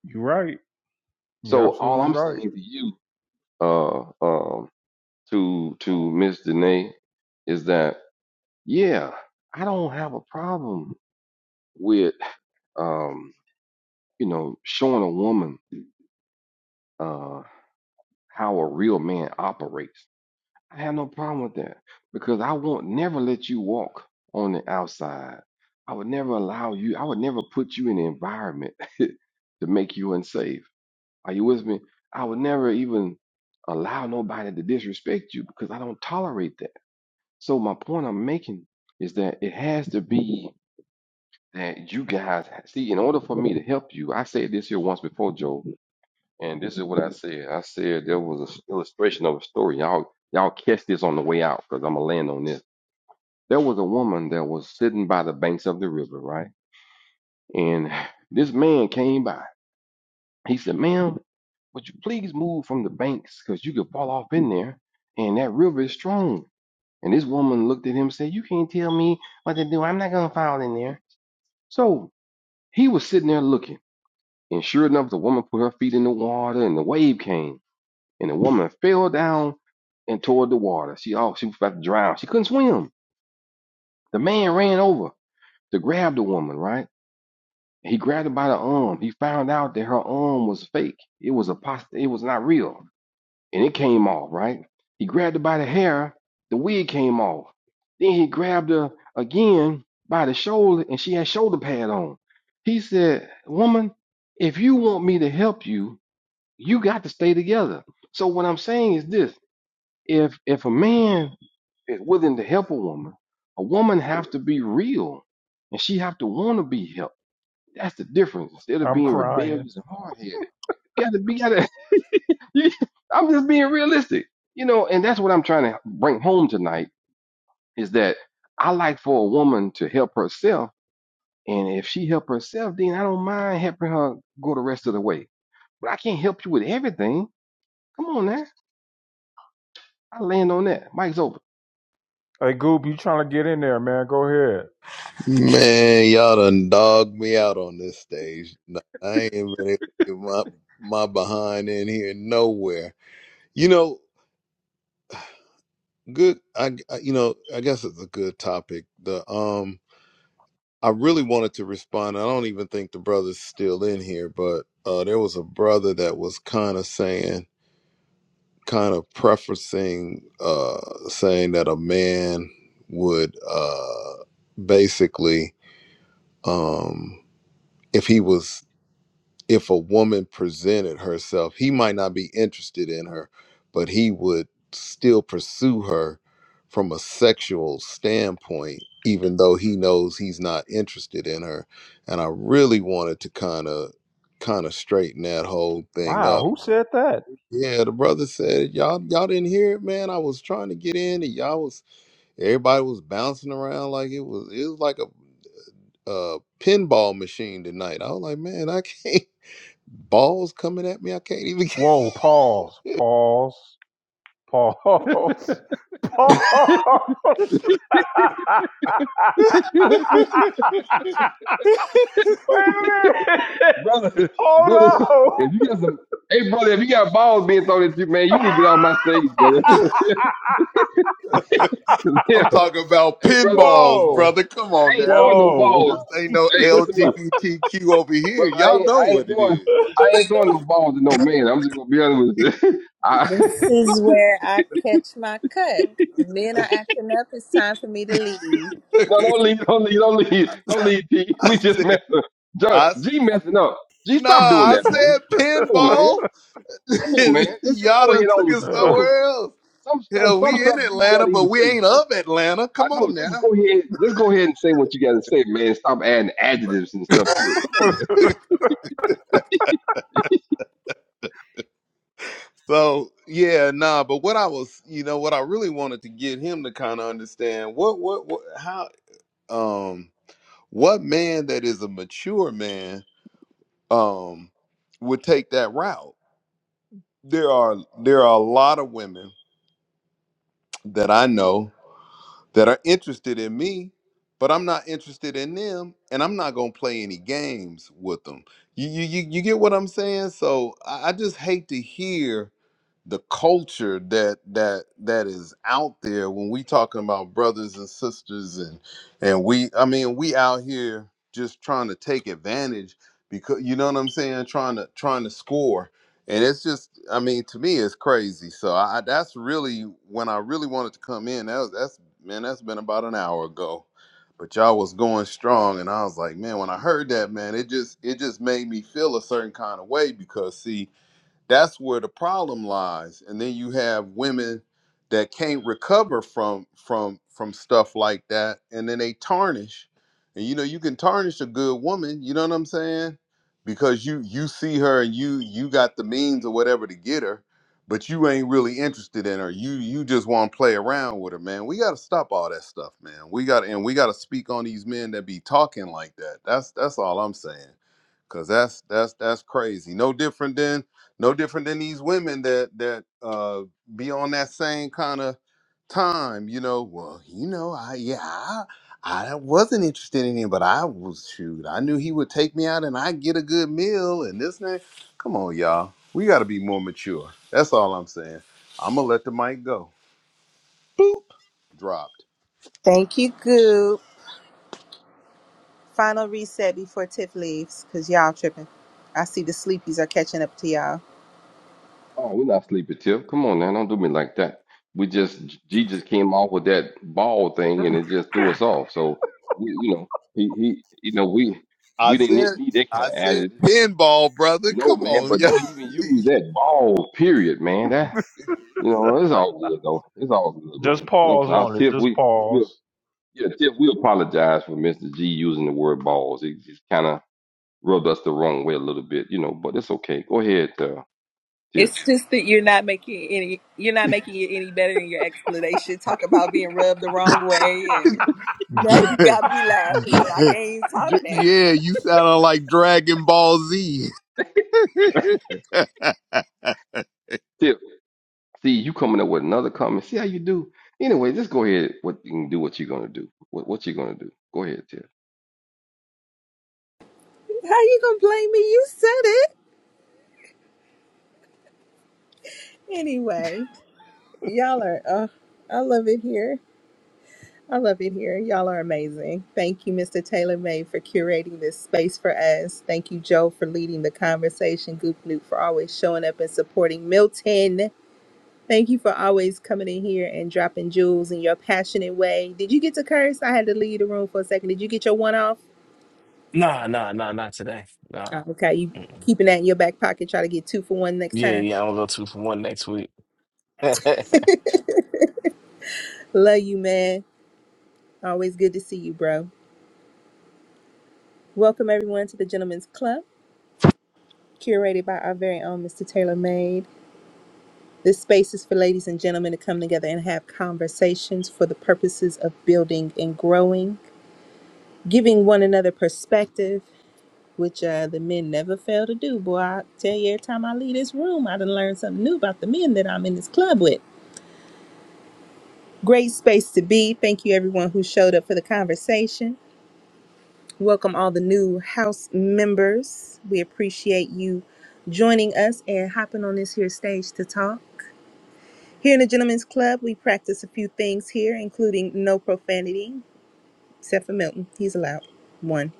You're right. You're So all absolutely I'm right. saying to you, uh, um, to to Miss Danae, is that yeah, I don't have a problem with um, you know, showing a woman. uh, how a real man operates. I have no problem with that because I won't never let you walk on the outside. I would never allow you, I would never put you in an environment to make you unsafe. Are you with me? I would never even allow nobody to disrespect you because I don't tolerate that. So, my point I'm making is that it has to be that you guys see, in order for me to help you, I said this here once before, Joe. And this is what I said. I said there was an illustration of a story. Y'all, y'all catch this on the way out because I'm gonna land on this. There was a woman that was sitting by the banks of the river, right? And this man came by. He said, "Ma'am, would you please move from the banks because you could fall off in there and that river is strong. And this woman looked at him and said, You can't tell me what to do. I'm not going to fall in there. So he was sitting there looking. And sure enough, the woman put her feet in the water and the wave came. and the woman fell down and toward the water. She oh, she was about to drown. She couldn't swim. The man ran over to grab the woman, right? He grabbed her by the arm. He found out that her arm was fake. It was a post- it was not real. And it came off, right? He grabbed her by the hair, the wig came off. Then he grabbed her again by the shoulder and she had shoulder pad on. He said, Woman, if you want me to help you, you got to stay together. So what I'm saying is this if if a man is willing to help a woman, a woman have to be real, and she have to want to be helped. That's the difference. Instead of I'm being crying. rebellious and hard headed, you gotta be gotta. you- I'm just being realistic, you know, and that's what I'm trying to bring home tonight is that I like for a woman to help herself, and if she help herself, then I don't mind helping her go the rest of the way. But I can't help you with everything. Come on now, I land on that. Mike's over. Hey, Goop, you trying to get in there, man? Go ahead. Man, y'all done dogged me out on this stage. No, I ain't been able to get my, my behind in here nowhere. You know, Good. I, I- you know, I guess it's a good topic. The um, I really wanted to respond. I don't even think the brother's still in here, but uh, there was a brother that was kind of saying, kind of prefacing, uh, saying that a man would uh, basically, um, if he was if a woman presented herself, he might not be interested in her, but he would still pursue her from a sexual standpoint, even though he knows he's not interested in her. And I really wanted to kind of kind of straighten that whole thing Wow, up. who said that? Yeah, the brother said, Y'all y'all didn't hear it, man. I was trying to get in and y'all was everybody was bouncing around like it was it was like a, a pinball machine tonight. I was like, man, I can't balls coming at me. I can't even. Whoa, pause, pause, pause, pause. Get... Wait a minute. brother, Hold brother, on. if you got some, hey, brother, if you got balls being thrown at you, man, you need to get off my stage, brother. 'Cause, yeah, I'm talking about hey, brother, pinballs, Whoa. brother. Come on I ain't now. throwing no Whoa. balls. This ain't no Hey, listen to me, LGBTQ over here. brother, I Y'all ain't, know I what ain't it throwing, is. I ain't throwing no balls to no man. I'm just gonna be honest with you. I, This is no, where I catch my cut. The men are acting up. It's time for me to leave. no, don't leave, don't leave, don't leave, don't leave. T. I We just said, messing. Ju- I s- G messing up. G, nah, stop doing I that, said man. Come on, man. pinball. Come on, man. Let's, let's Y'all go done ahead on took with it your story. somewhere else. Some stuff, Hell, some we in stuff you ain't Atlanta, gotta but even we say. ain't of Atlanta. I Come know. on Just go now. ahead. Just go ahead and say what you got to say, man. Stop adding adjectives and stuff to it. Come on here. so yeah, nah. But what I was, you know, what I really wanted to get him to kind of understand what, what, what, how. um what man that is a mature man um would take that route there are there are a lot of women that i know that are interested in me but i'm not interested in them and i'm not going to play any games with them you, you you you get what i'm saying so i, I just hate to hear the culture that that that is out there when we talking about brothers and sisters and and we i mean we out here just trying to take advantage because you know what i'm saying trying to trying to score and it's just i mean to me it's crazy so i that's really when i really wanted to come in that was, that's man that's been about an hour ago but y'all was going strong and i was like man when i heard that man it just it just made me feel a certain kind of way because see that's where the problem lies. And then you have women that can't recover from from from stuff like that, and then they tarnish. And you know, you can tarnish a good woman. You know what I'm saying? Because you you see her and you you got the means or whatever to get her, but you ain't really interested in her. You you just want to play around with her, man. We got to stop all that stuff, man. We got to and we got to speak on these men that be talking like that. That's that's all I'm saying. Cause that's that's that's crazy. No different than no different than these women that that uh be on that same kind of time, you know. Well, you know, I yeah, I, I wasn't interested in him, but I was shoot. I knew he would take me out and I get a good meal and this and that. Come on, y'all. We gotta be more mature. That's all I'm saying. I'm gonna let the mic go. Dropped. Thank you, Goop. Final reset before Tiff leaves, cause y'all tripping. I see the sleepies are catching up to y'all. Oh, we're not sleeping, Tiff. Come on, man. Don't do me like that. We just Jesus came off with that ball thing, and it just threw us off. So we, you know, he, he, you know, we I we didn't need said need that kind I of said adjective. pinball, brother. I know, Come man, on, but y'all. don't even use that ball. Period, man. That you know, it's all good though. It's all good, man. Just I'm pause sorry, on it. Tiff. Just We we pause. yeah, Tiff. We apologize for Mister G using the word balls. It just kind of rubbed us the wrong way a little bit, you know, but it's okay. Go ahead, uh, Tiff. It's just that you're not making it any you're not making it any better in your explanation. Talk about being rubbed the wrong way and now Dra- you got me laughing and I can't even talk now. yeah, you sound like Dragon Ball Z. Tiff, see, you coming up with another comment. See how you do. Anyway, just go ahead. What you can do, what you're gonna do. What what you're gonna do. Go ahead, Tiff. How you gonna blame me? You said it anyway. Y'all are. Uh, I love it here. I love it here. Y'all are amazing. Thank you, Mr. Taylor May, for curating this space for us. Thank you, Joe, for leading the conversation. Goop Newt for always showing up and supporting Milton. Thank you for always coming in here and dropping jewels in your passionate way. Did you get to curse? I had to leave the room for a second. Did you get your one off? Nah, nah, nah, not today. Nah. Oh, okay, you Mm-mm. keeping that in your back pocket. Try to get two for one next Yeah, time. yeah, I'm gonna go two for one next week. Love you, man. Always good to see you, bro. Welcome everyone to the Gentlemen's Club, curated by our very own Mr. Taylor May. This space is for ladies and gentlemen to come together and have conversations for the purposes of building and growing, giving one another perspective, which uh, the men never fail to do. Boy, I tell you, every time I leave this room, I done learned something new about the men that I'm in this club with. Great space to be. Thank you, everyone who showed up for the conversation. Welcome all the new house members. We appreciate you joining us and hopping on this here stage to talk. Here in the Gentlemen's Club, we practice a few things here, including no profanity, except for Milton. He's allowed one.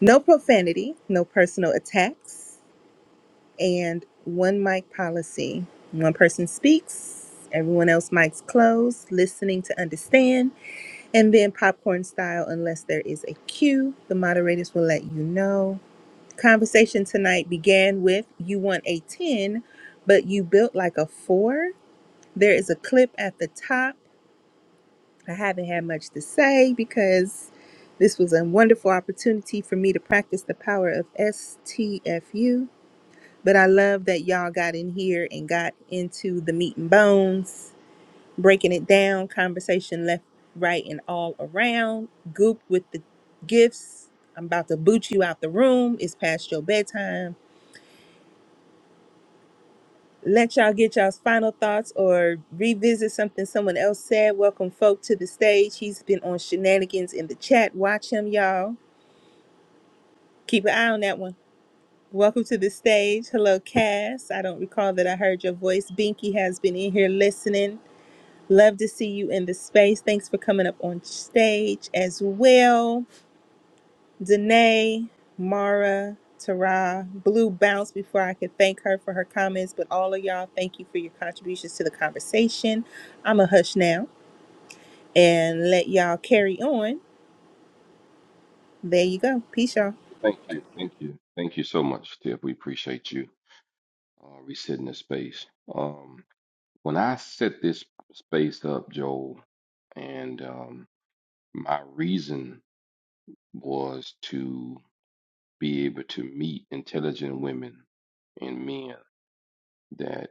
No profanity, no personal attacks, and one mic policy. One person speaks, everyone else mics closed, listening to understand, and then popcorn style, unless there is a cue, the moderators will let you know. Conversation tonight began with you want a 10, but you built like a 4." There is a clip at the top I haven't had much to say because this was a wonderful opportunity for me to practice the power of STFU. But I love that y'all got in here and got into the meat and bones, breaking it down, conversation left, right, and all around. Goop with the gifts. I'm about to boot you out the room. It's past your bedtime. let y'all get y'all's final thoughts or revisit something someone else said. Welcome folk to the stage. He's been on shenanigans in the chat. Watch him, y'all. Keep an eye on that one. Welcome to the stage. Hello, Cass. I don't recall that I heard your voice. Binky has been in here listening. Love to see you in the space. Thanks for coming up on stage as well. Danae, Mara, Tara, Blue bounced before I could thank her for her comments, but all of y'all, thank you for your contributions to the conversation. I'm a hush now and let y'all carry on. There you go. Peace, y'all. Thank you, thank you, thank you so much, Tiff. We appreciate you uh, resetting the space. Um, when I set this space up, Joel, and um, my reason was to be able to meet intelligent women and men that.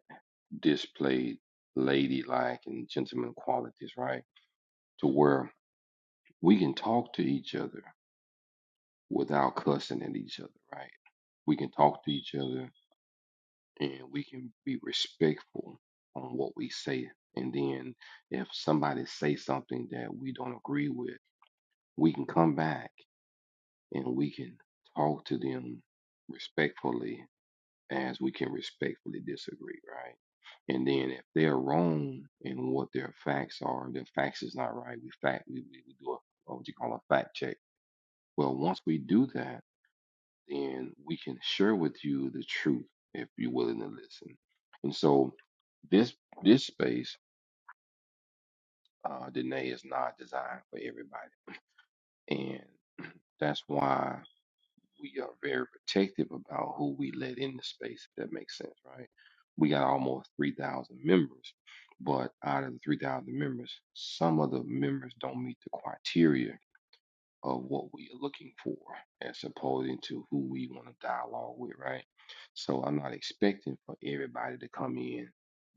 displayed ladylike and gentleman qualities, right? To where we can talk to each other without cussing at each other, right? We can talk to each other and we can be respectful on what we say. And then if somebody say something that we don't agree with, we can come back and we can talk to them respectfully as we can respectfully disagree, right? And then if they're wrong in what their facts are, their facts is not right. We fact we, we we do a what you call a fact check. Well, once we do that, then we can share with you the truth if you're willing to listen. And so this this space, uh, Danae is not designed for everybody, and that's why. we are very protective about who we let in the space, if that makes sense, right? We got almost 3,000 members, but out of the 3,000 members, some of the members don't meet the criteria of what we are looking for as opposing to who we want to dialogue with, right? So I'm not expecting for everybody to come in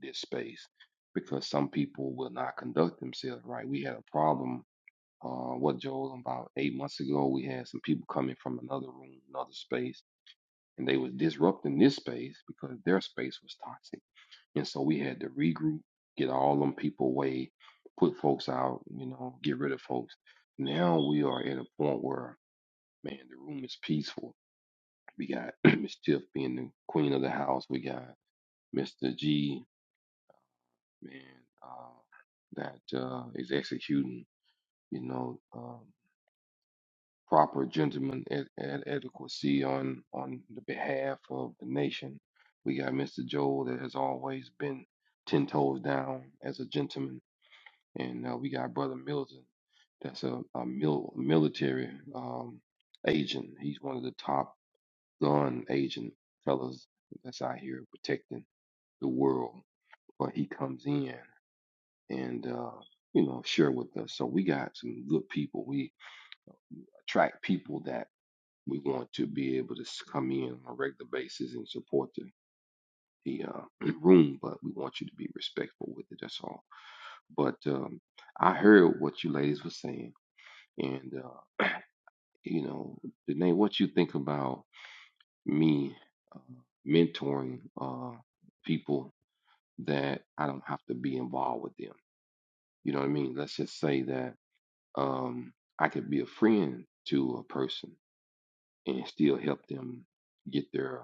this space because some people will not conduct themselves right. We had a problem uh, what Joel about eight months ago we had some people coming from another room, another space, and they was disrupting this space because their space was toxic. And so we had to regroup, get all them people away, put folks out, you know, get rid of folks. Now we are at a point where, man, the room is peaceful. We got Miss Tiff being the queen of the house. We got Mr. G, man, uh, that uh, is executing, you know. um, proper gentleman ad- ad- adequacy on on the behalf of the nation. We got Mr. Joel that has always been ten toes down as a gentleman, and uh, we got Brother Milton that's a, a mil- military um, agent. He's one of the top gun agent fellas that's out here protecting the world. But he comes in and uh, you know share with us. So we got some good people. We attract people that. we want to be able to come in on a regular basis and support the the uh, room, but we want you to be respectful with it. That's all. But um, I heard what you ladies were saying, and uh, you know, Danae, what you think about me uh, mentoring uh, people that I don't have to be involved with them? You know what I mean? Let's just say that um, I could be a friend to a person and still help them get there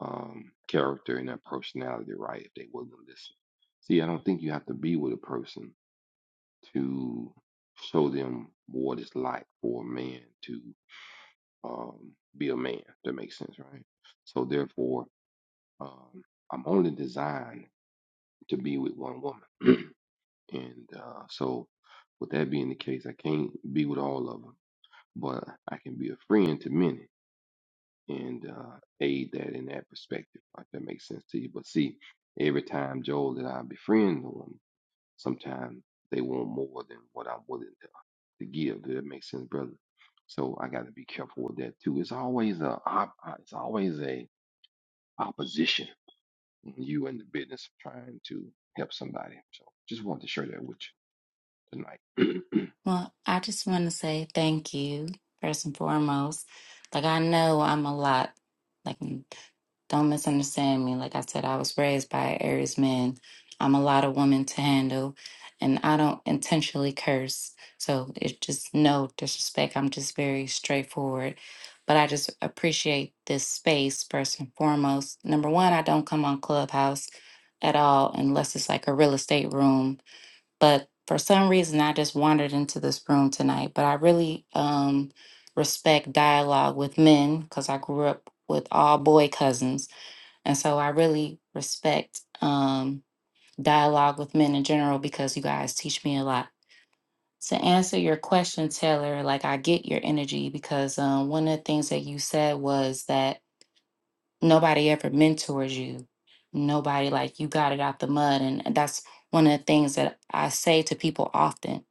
um, character and their personality right if they wouldn't listen. See, I don't think you have to be with a person to show them what it's like for a man to um, be a man. That makes sense, right? So therefore, um, I'm only designed to be with one woman, and uh, so with that being the case, I can't be with all of them, but I can be a friend to many. and uh, aid that in that perspective. If that makes sense to you. But see, every time Joel and I befriend them, sometimes they want more than what I'm willing to, to give. Does that make sense, brother? So I got to be careful with that too. It's always a op- uh, it's always a opposition when you in the business of trying to help somebody. So just wanted to share that with you tonight. Well, I just want to say thank you, first and foremost. Like, I know I'm a lot. Like, Don't misunderstand me. Like I said, I was raised by an Aries man. I'm a lot of women to handle, and I don't intentionally curse. So it's just no disrespect. I'm just very straightforward. But I just appreciate this space first and foremost. Number one, I don't come on Clubhouse at all unless it's like a real estate room. But for some reason, I just wandered into this room tonight. But I really um, respect dialogue with men because I grew up with all boy cousins. And so I really respect um, dialogue with men in general because you guys teach me a lot. To answer your question, Taylor, like I get your energy because um, one of the things that you said was that nobody ever mentors you. Nobody, like, you got it out the mud. And that's one of the things that I say to people often.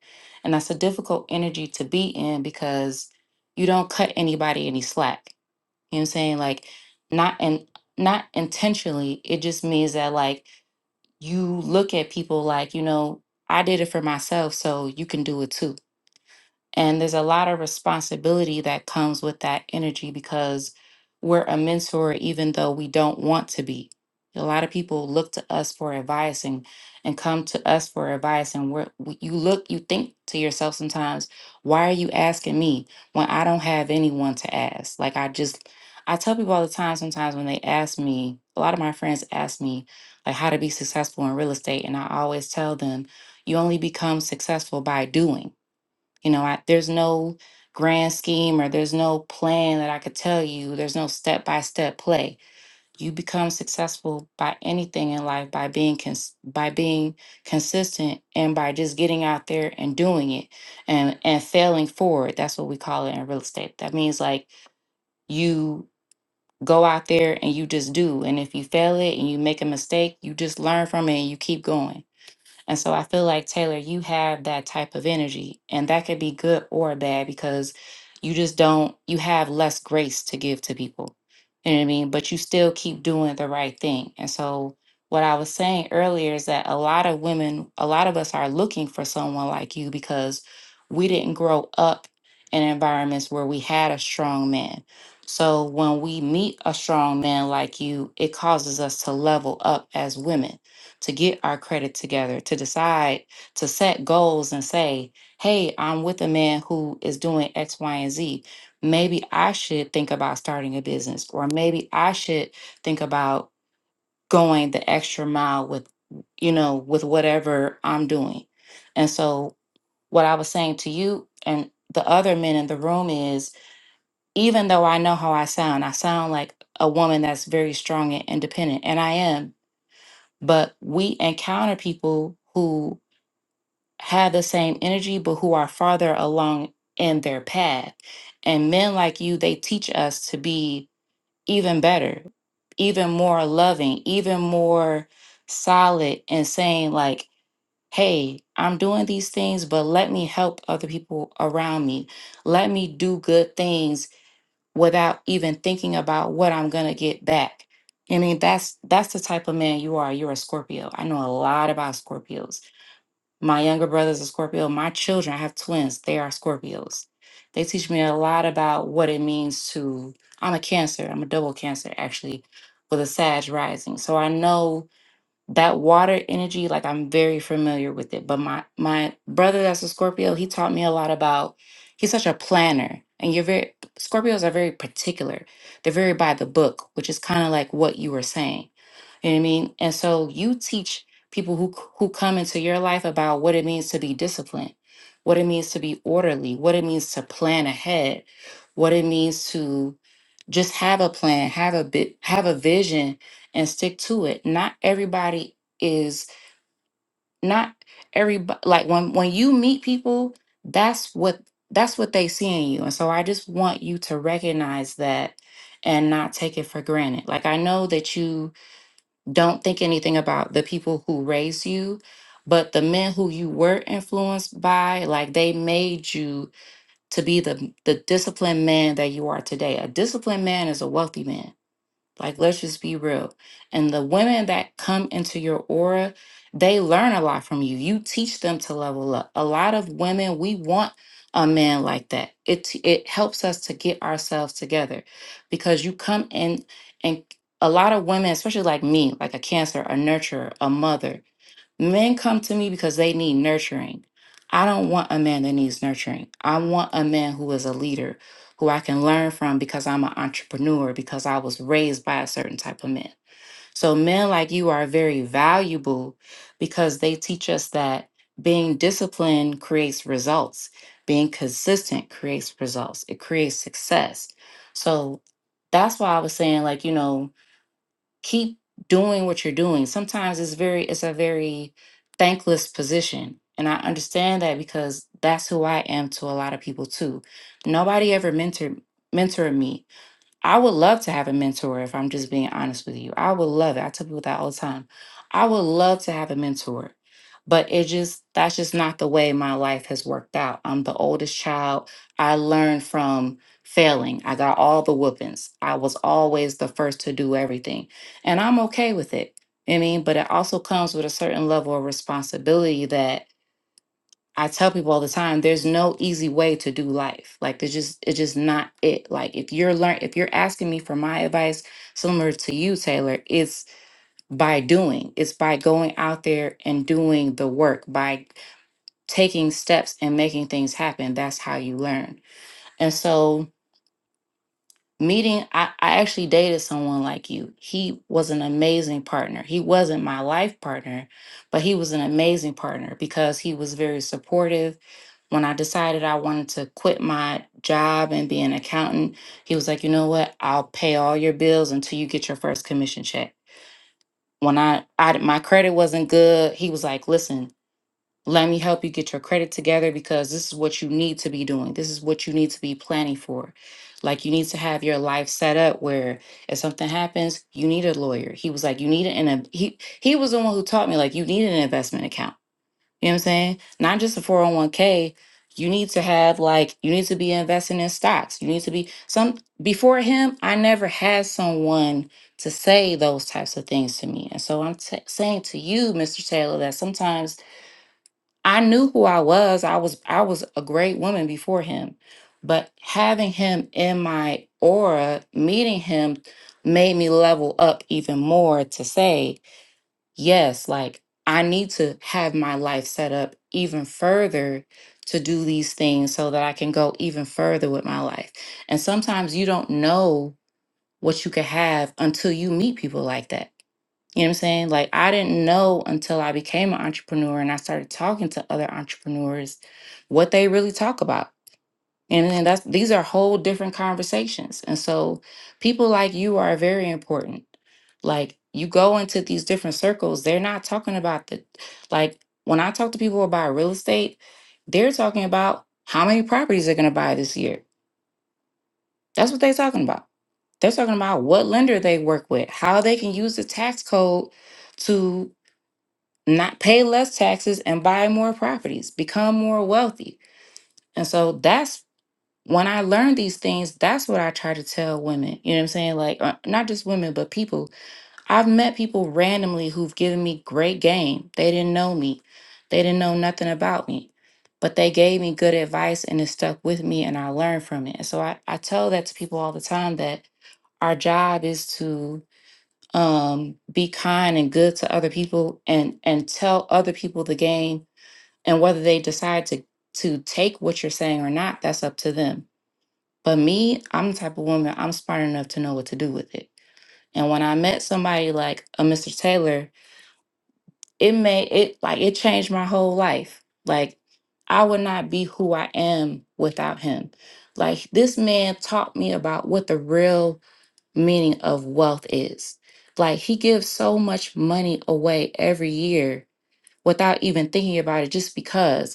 And that's a difficult energy to be in because you don't cut anybody any slack you know what I'm saying? Like not and not intentionally. It just means that like you look at people like, you know, I did it for myself, so you can do it too. And there's a lot of responsibility that comes with that energy because we're a mentor, even though we don't want to be. A lot of people look to us for advice and, and come to us for advice. And we're, we, you look, you think to yourself sometimes, why are you asking me when I don't have anyone to ask? Like, I just, I tell people all the time sometimes when they ask me, a lot of my friends ask me, like, how to be successful in real estate. And I always tell them, you only become successful by doing you know, I, there's no grand scheme or there's no plan that I could tell you. There's no step by step play. You become successful by anything in life by being cons- by being consistent and by just getting out there and doing it and and failing forward. That's what we call it in real estate. That means like you go out there and you just do. And if you fail it and you make a mistake, you just learn from it and you keep going and so I feel like, Taylor, you have that type of energy, and that could be good or bad because you just don't, you have less grace to give to people. You know what I mean? But you still keep doing the right thing. And so, what I was saying earlier is that a lot of women, a lot of us are looking for someone like you because we didn't grow up in environments where we had a strong man. So, when we meet a strong man like you, it causes us to level up as women to get our credit together, to decide, to set goals and say, hey, I'm with a man who is doing X, Y, and Z. Maybe I should think about starting a business, or maybe I should think about going the extra mile with, you know, with whatever I'm doing. And so, what I was saying to you and the other men in the room is even though I know how I sound, I sound like a woman that's very strong and independent, and I am but we encounter people who have the same energy but who are farther along in their path and men like you they teach us to be even better even more loving even more solid and saying like hey i'm doing these things but let me help other people around me let me do good things without even thinking about what I'm gonna get back. I mean, that's that's the type of man you are. You're a Scorpio. I know a lot about Scorpios. My younger brother's a Scorpio. My children, I have twins, they are Scorpios. They teach me a lot about what it means to I'm a cancer. I'm a double cancer actually with a Sag rising. So I know that water energy like i'm very familiar with it but my my brother that's a scorpio he taught me a lot about he's such a planner and you're very scorpios are very particular they're very by the book which is kind of like what you were saying you know what i mean and so you teach people who c- who come into your life about what it means to be disciplined what it means to be orderly what it means to plan ahead what it means to just have a plan have a bit have a vision and stick to it not everybody is not everybody like when when you meet people that's what that's what they see in you and so i just want you to recognize that and not take it for granted like i know that you don't think anything about the people who raised you but the men who you were influenced by like they made you to be the the disciplined man that you are today a disciplined man is a wealthy man like, let's just be real. And the women that come into your aura, they learn a lot from you. You teach them to level up. A lot of women, we want a man like that. It it helps us to get ourselves together because you come in and a lot of women, especially like me, like a cancer, a nurturer, a mother, Men come to me because they need nurturing. I don't want a man that needs nurturing. I want a man who is a leader, who I can learn from because I'm an entrepreneur, because I was raised by a certain type of man. So, men like you are very valuable because they teach us that being disciplined creates results, being consistent creates results, it creates success. So, that's why I was saying, like, you know, keep doing what you're doing. Sometimes it's very it's a very thankless position. And I understand that because that's who I am to a lot of people too. Nobody ever mentored mentored me. I would love to have a mentor if I'm just being honest with you. I would love it. I tell people that all the time. I would love to have a mentor, but it just, that's just not the way my life has worked out. I'm the oldest child. I learned from failing. I got all the whoopings. I was always the first to do everything, and I'm okay with it. I mean, but it also comes with a certain level of responsibility that. I tell people all the time, there's no easy way to do life. Like there's just it's just not it. Like if you're learn if you're asking me for my advice, similar to you, Taylor, it's by doing. It's by going out there and doing the work, by taking steps and making things happen. That's how you learn. And so meeting I, I actually dated someone like you. He was an amazing partner. He wasn't my life partner, but he was an amazing partner because he was very supportive when I decided I wanted to quit my job and be an accountant, he was like, "You know what? I'll pay all your bills until you get your first commission check." When I, I my credit wasn't good, he was like, "Listen, let me help you get your credit together because this is what you need to be doing. This is what you need to be planning for. Like you need to have your life set up where if something happens, you need a lawyer." He was like, "You need an," a he he was the one who taught me like you need an investment account you know what I'm saying? Not just a 401k. You need to have like you need to be investing in stocks. You need to be some before him, I never had someone to say those types of things to me. And so I'm t- saying to you, Mr. Taylor, that sometimes I knew who I was. I was I was a great woman before him. But having him in my aura, meeting him made me level up even more to say yes, like I need to have my life set up even further to do these things so that I can go even further with my life. And sometimes you don't know what you could have until you meet people like that. You know what I'm saying? Like I didn't know until I became an entrepreneur and I started talking to other entrepreneurs what they really talk about. And then that's these are whole different conversations. And so people like you are very important. Like you go into these different circles, they're not talking about the like when I talk to people about real estate, they're talking about how many properties they're gonna buy this year. That's what they're talking about. They're talking about what lender they work with, how they can use the tax code to not pay less taxes and buy more properties, become more wealthy. And so that's when I learned these things, that's what I try to tell women. You know what I'm saying? Like, uh, not just women, but people. I've met people randomly who've given me great game. They didn't know me, they didn't know nothing about me, but they gave me good advice and it stuck with me and I learned from it. And so I, I tell that to people all the time that our job is to um, be kind and good to other people and, and tell other people the game. And whether they decide to, to take what you're saying or not, that's up to them but me, I'm the type of woman, I'm smart enough to know what to do with it. And when I met somebody like a Mr. Taylor, it made it like it changed my whole life. Like I would not be who I am without him. Like this man taught me about what the real meaning of wealth is. Like he gives so much money away every year without even thinking about it just because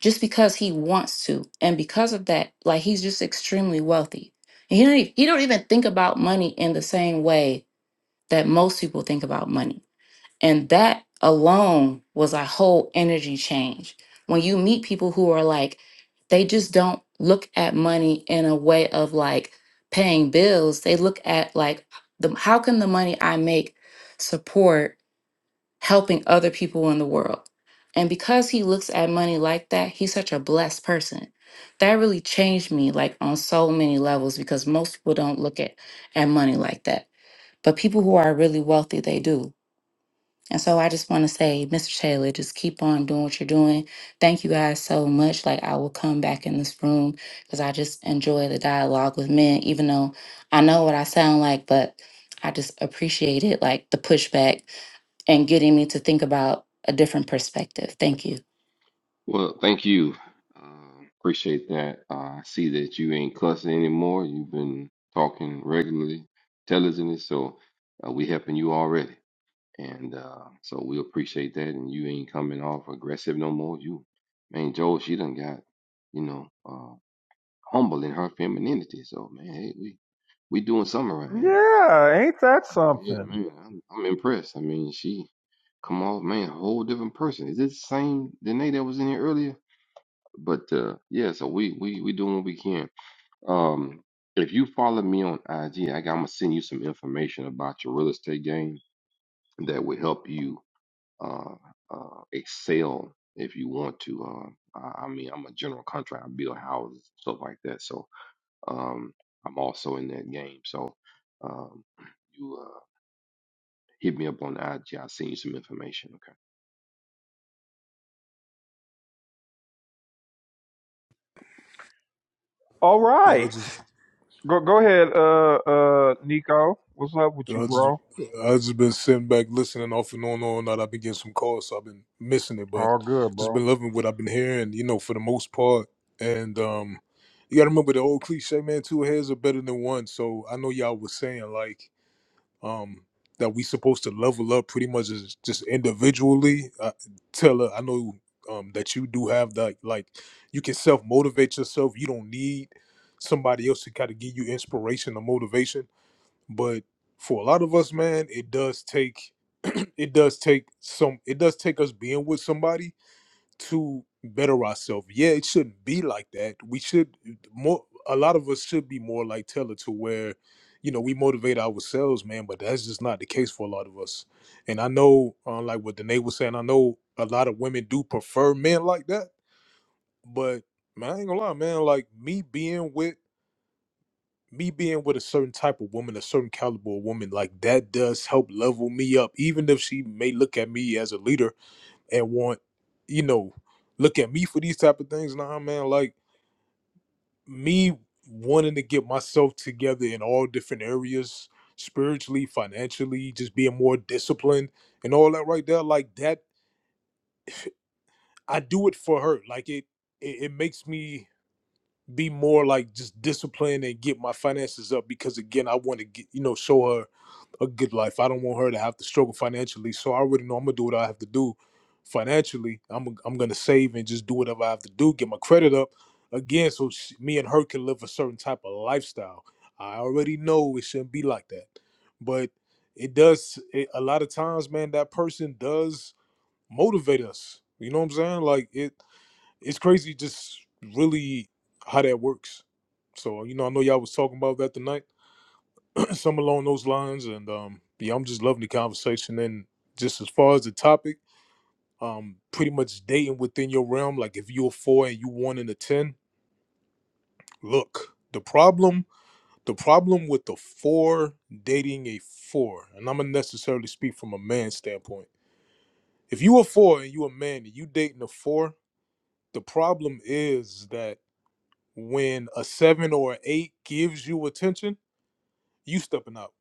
just because he wants to and because of that like he's just extremely wealthy and he don't even, he don't even think about money in the same way that most people think about money and that alone was a whole energy change when you meet people who are like they just don't look at money in a way of like paying bills they look at like the how can the money i make support helping other people in the world. And because he looks at money like that, he's such a blessed person. That really changed me like on so many levels because most people don't look at, at money like that. But people who are really wealthy, they do. And so I just want to say, Mr. Taylor, just keep on doing what you're doing. Thank you guys so much. Like I will come back in this room because I just enjoy the dialogue with men, even though I know what I sound like, but I just appreciate it, like the pushback and getting me to think about a different perspective. Thank you. Well, thank you. Um, appreciate that. Uh, I see that you ain't cussing anymore. You've been talking regularly, intelligently, so uh, we helping you already. And uh, so we appreciate that. And you ain't coming off aggressive no more. You, man, Joel, she done got, you know, uh, humble in her femininity. So man, hey, we we doing something around here. yeah, ain't that Yeah, something? man, I'm, I'm impressed. I mean, she come off, man, a whole different person. Is this the same Danae that was in here earlier? but uh yeah so we we we doing what we can um if you follow me on ig i got, i'm gonna send you some information about your real estate game that will help you uh uh excel if you want to um i I mean i'm a general contractor i build houses stuff like that so um i'm also in that game so um you uh hit me up on ig i'll send you some information All You know, I right. just, Go go ahead, uh uh Nico. What's up with you you, know, I just, bro? I just been sitting back listening off and on all night. I've been getting some calls, so I've been missing it, but All good, just bro. been loving what I've been hearing. You know, for the most part, and um, you got to remember the old cliche, man. Two heads are better than one. So I know y'all was saying like, um, that we supposed to level up pretty much as just individually. Uh, Taylor, I know um that you do have that like you can self motivate yourself. You don't need somebody else to kind of give you inspiration or motivation But for a lot of us, man, it does take it does take some it does take us being with somebody to better ourselves. Yeah, it shouldn't be like that. We should more a lot of us should be more like Taylor to where, you know, we motivate ourselves, man, but that's just not the case for a lot of us. And I know uh, like what Danae was saying, I know a lot of women do prefer men like that, but man, I ain't gonna lie, man, like me being with me being with a certain type of woman, a certain caliber of woman, like that does help level me up. Even if she may look at me as a leader and want, you know, look at me for these type of things. Nah, man, like me wanting to get myself together in all different areas, spiritually, financially, just being more disciplined and all that right there, like that, I do it for her. Like it it, it makes me be more like just disciplined and get my finances up because again I want to get you know show her a good life. I don't want her to have to struggle financially. So I already know I'm gonna do what I have to do financially. I'm I'm gonna save and just do whatever I have to do, get my credit up again, so she, me and her can live a certain type of lifestyle. I already know it shouldn't be like that, but it does. It, a lot of times, man, that person does motivate us. You know what I'm saying? Like it it's crazy just really how that works. So you know, I know y'all was talking about that tonight, some along those lines, and um, yeah, I'm just loving the conversation. And just as far as the topic, um, pretty much dating within your realm. Like if you're a four and you one and a ten, look, the problem, the problem with the four dating a four, and I'm gonna necessarily speak from a man's standpoint. If you a four and you a man and you dating a four, the problem is that when a seven or an eight gives you attention, you stepping up.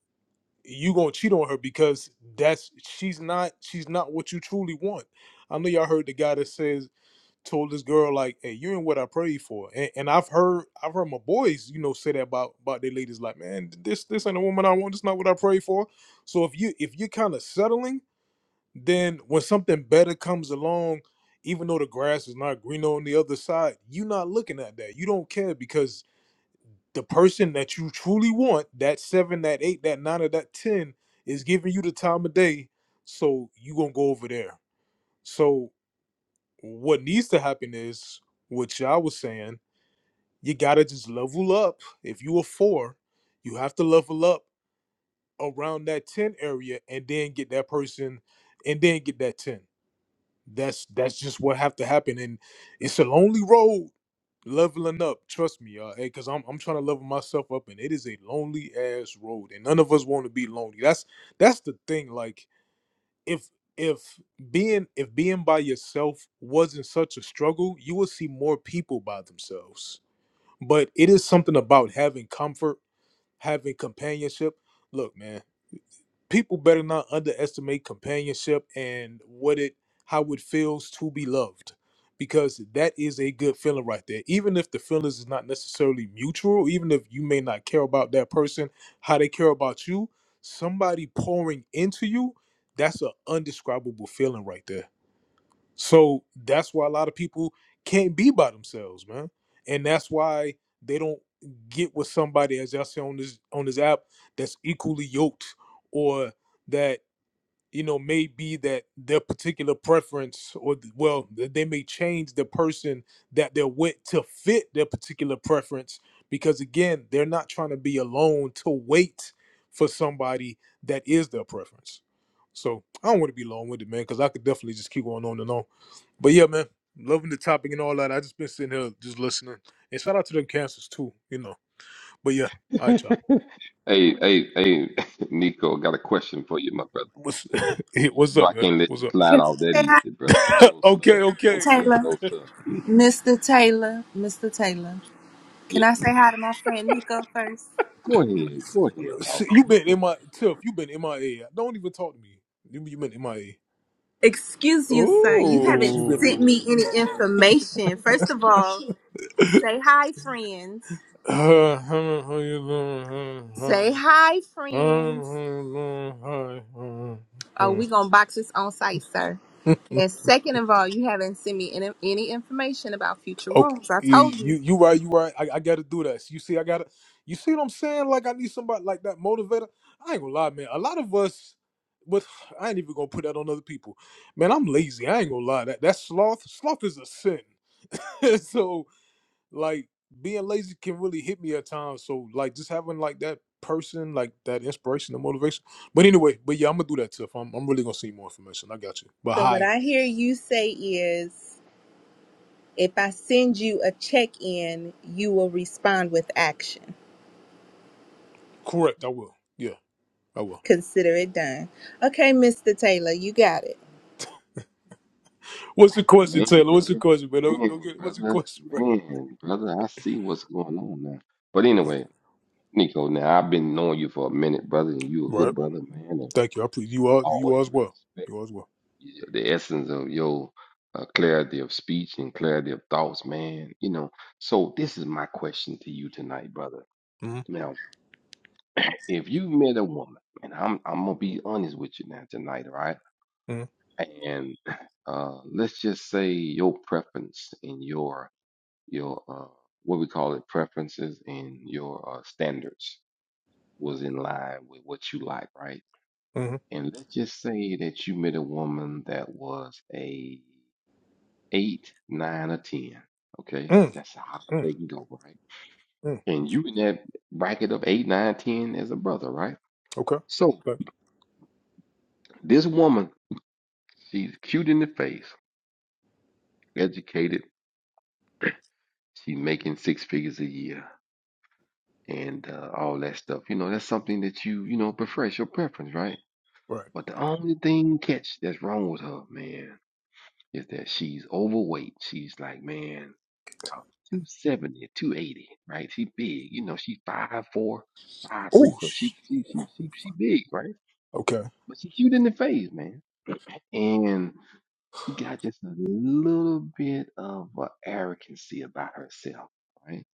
You gonna cheat on her because that's she's not she's not what you truly want. I know y'all heard the guy that says told this girl like, "Hey, you ain't what I prayed for," and, and I've heard I've heard my boys you know say that about about their ladies like, "Man, this this ain't a woman I want. This not what I prayed for." So if you if you're kind of settling, then when something better comes along, even though the grass is not greener on the other side, you're not looking at that. You don't care because the person that you truly want, that seven, that eight, that nine, or that ten, is giving you the time of day. So you gonna go over there. So what needs to happen is what y'all was saying. You gotta just level up. If you a four, you have to level up around that ten area, and then get that person, and then get that ten. That's that's just what have to happen, and it's a lonely road leveling up. Trust me, uh, hey, cause I'm I'm trying to level myself up, and it is a lonely ass road, and none of us want to be lonely. That's that's the thing. Like if if being if being by yourself wasn't such a struggle, you would see more people by themselves. But it is something about having comfort, having companionship. Look, man people better not underestimate companionship and what it how it feels to be loved because that is a good feeling right there even if the feelings is not necessarily mutual even if you may not care about that person how they care about you somebody pouring into you that's an undescribable feeling right there so that's why a lot of people can't be by themselves, man. And that's why they don't get with somebody, as y'all see on this on this app, that's equally yoked, or that you know may be that their particular preference, or th- well, that they may change the person that they're with to fit their particular preference, because again, they're not trying to be alone to wait for somebody that is their preference. So I don't want to be long-winded, man, because I could definitely just keep going on and on. But yeah, man, loving the topic and all that. I just been sitting here just listening. And shout out to them cancers too, you know. But yeah, okay all right, y'all. hey hey hey nico got a question for you my brother What's hey, You what's know I up, man? can't let What's you up? slide Can off I that say hi easy, brother. No okay, sir, no okay. to We, sir, Taylor? no sir. Mr. Taylor, Mr. Taylor. Can Yes, I say man. hi to my friend Nico first? Go ahead, go ahead, See, you doggone it, been go in ahead. my Tiff. You been in my a. yeah? Don't even talk to me. You, you been in my a. Excuse you, sir. You Yes, haven't you been. sent Ooh. me any information. First of all, say hi, friends. Say hi, friends. Oh, we gonna box this on site, sir. And second of all, you haven't sent me any, any information about future Okay, rooms. I you told you, you. you right, you right. I, I gotta do this. You see, I gotta. You see what I'm saying? Like I need somebody like that motivator. I ain't gonna lie, man. A lot of us, but I ain't even gonna put that on other people. Man, I'm lazy. I ain't gonna lie. That that sloth sloth is a sin. so like being lazy can really hit me at times. So like just having like that person, like that inspiration and motivation. But anyway, but yeah, I'm gonna do that, Tiff. I'm I'm really gonna see more information. I got you. But So what hi, I hear you say is if I send you a check-in, you will respond with action. correct. I will. Yeah, I will. Consider it done. Okay, Mr. Taylor, you got it. What's the question, Man, Taylor? What's the brother, question, man? Don't, don't man, get, what's the brother, question, bro? man, brother. I see what's going on now. But anyway, Nico, now I've been knowing you for a minute, brother, and you a good Right. brother, man, and Thank you. I appreciate you I all. You always all as well. respect You all as well. you- the essence of your uh, clarity of speech and clarity of thoughts, man. You know, so this is my question to you tonight, brother. Mm-hmm. Now. if you met a woman, and I'm I'm gonna be honest with you now tonight, all right? Mm-hmm. And uh, let's just say your preference and your your uh, what we call it preferences and your uh, standards was in line with what you like, right? Mm. And let's just say that you met a woman that was a eight, nine, or ten. Okay, Mm. that's how high Mm. they can go, right? mm. And you in that bracket of eight, nine, ten as a brother, right? Okay. So Thank this woman She's cute in the face, educated. She making six figures a year and uh, all that stuff. You know, that's something that you, you know, prefer. It's your preference, right? you. Right. But the only thing catch that's wrong with her, man, is that she's overweight. She's like, man, about 270, right? She big. You know, she five four, five three. Oh. So she she she she she big, right? Okay. But she cute in the face, man. And she got just a little bit of a arrogancy about herself, right?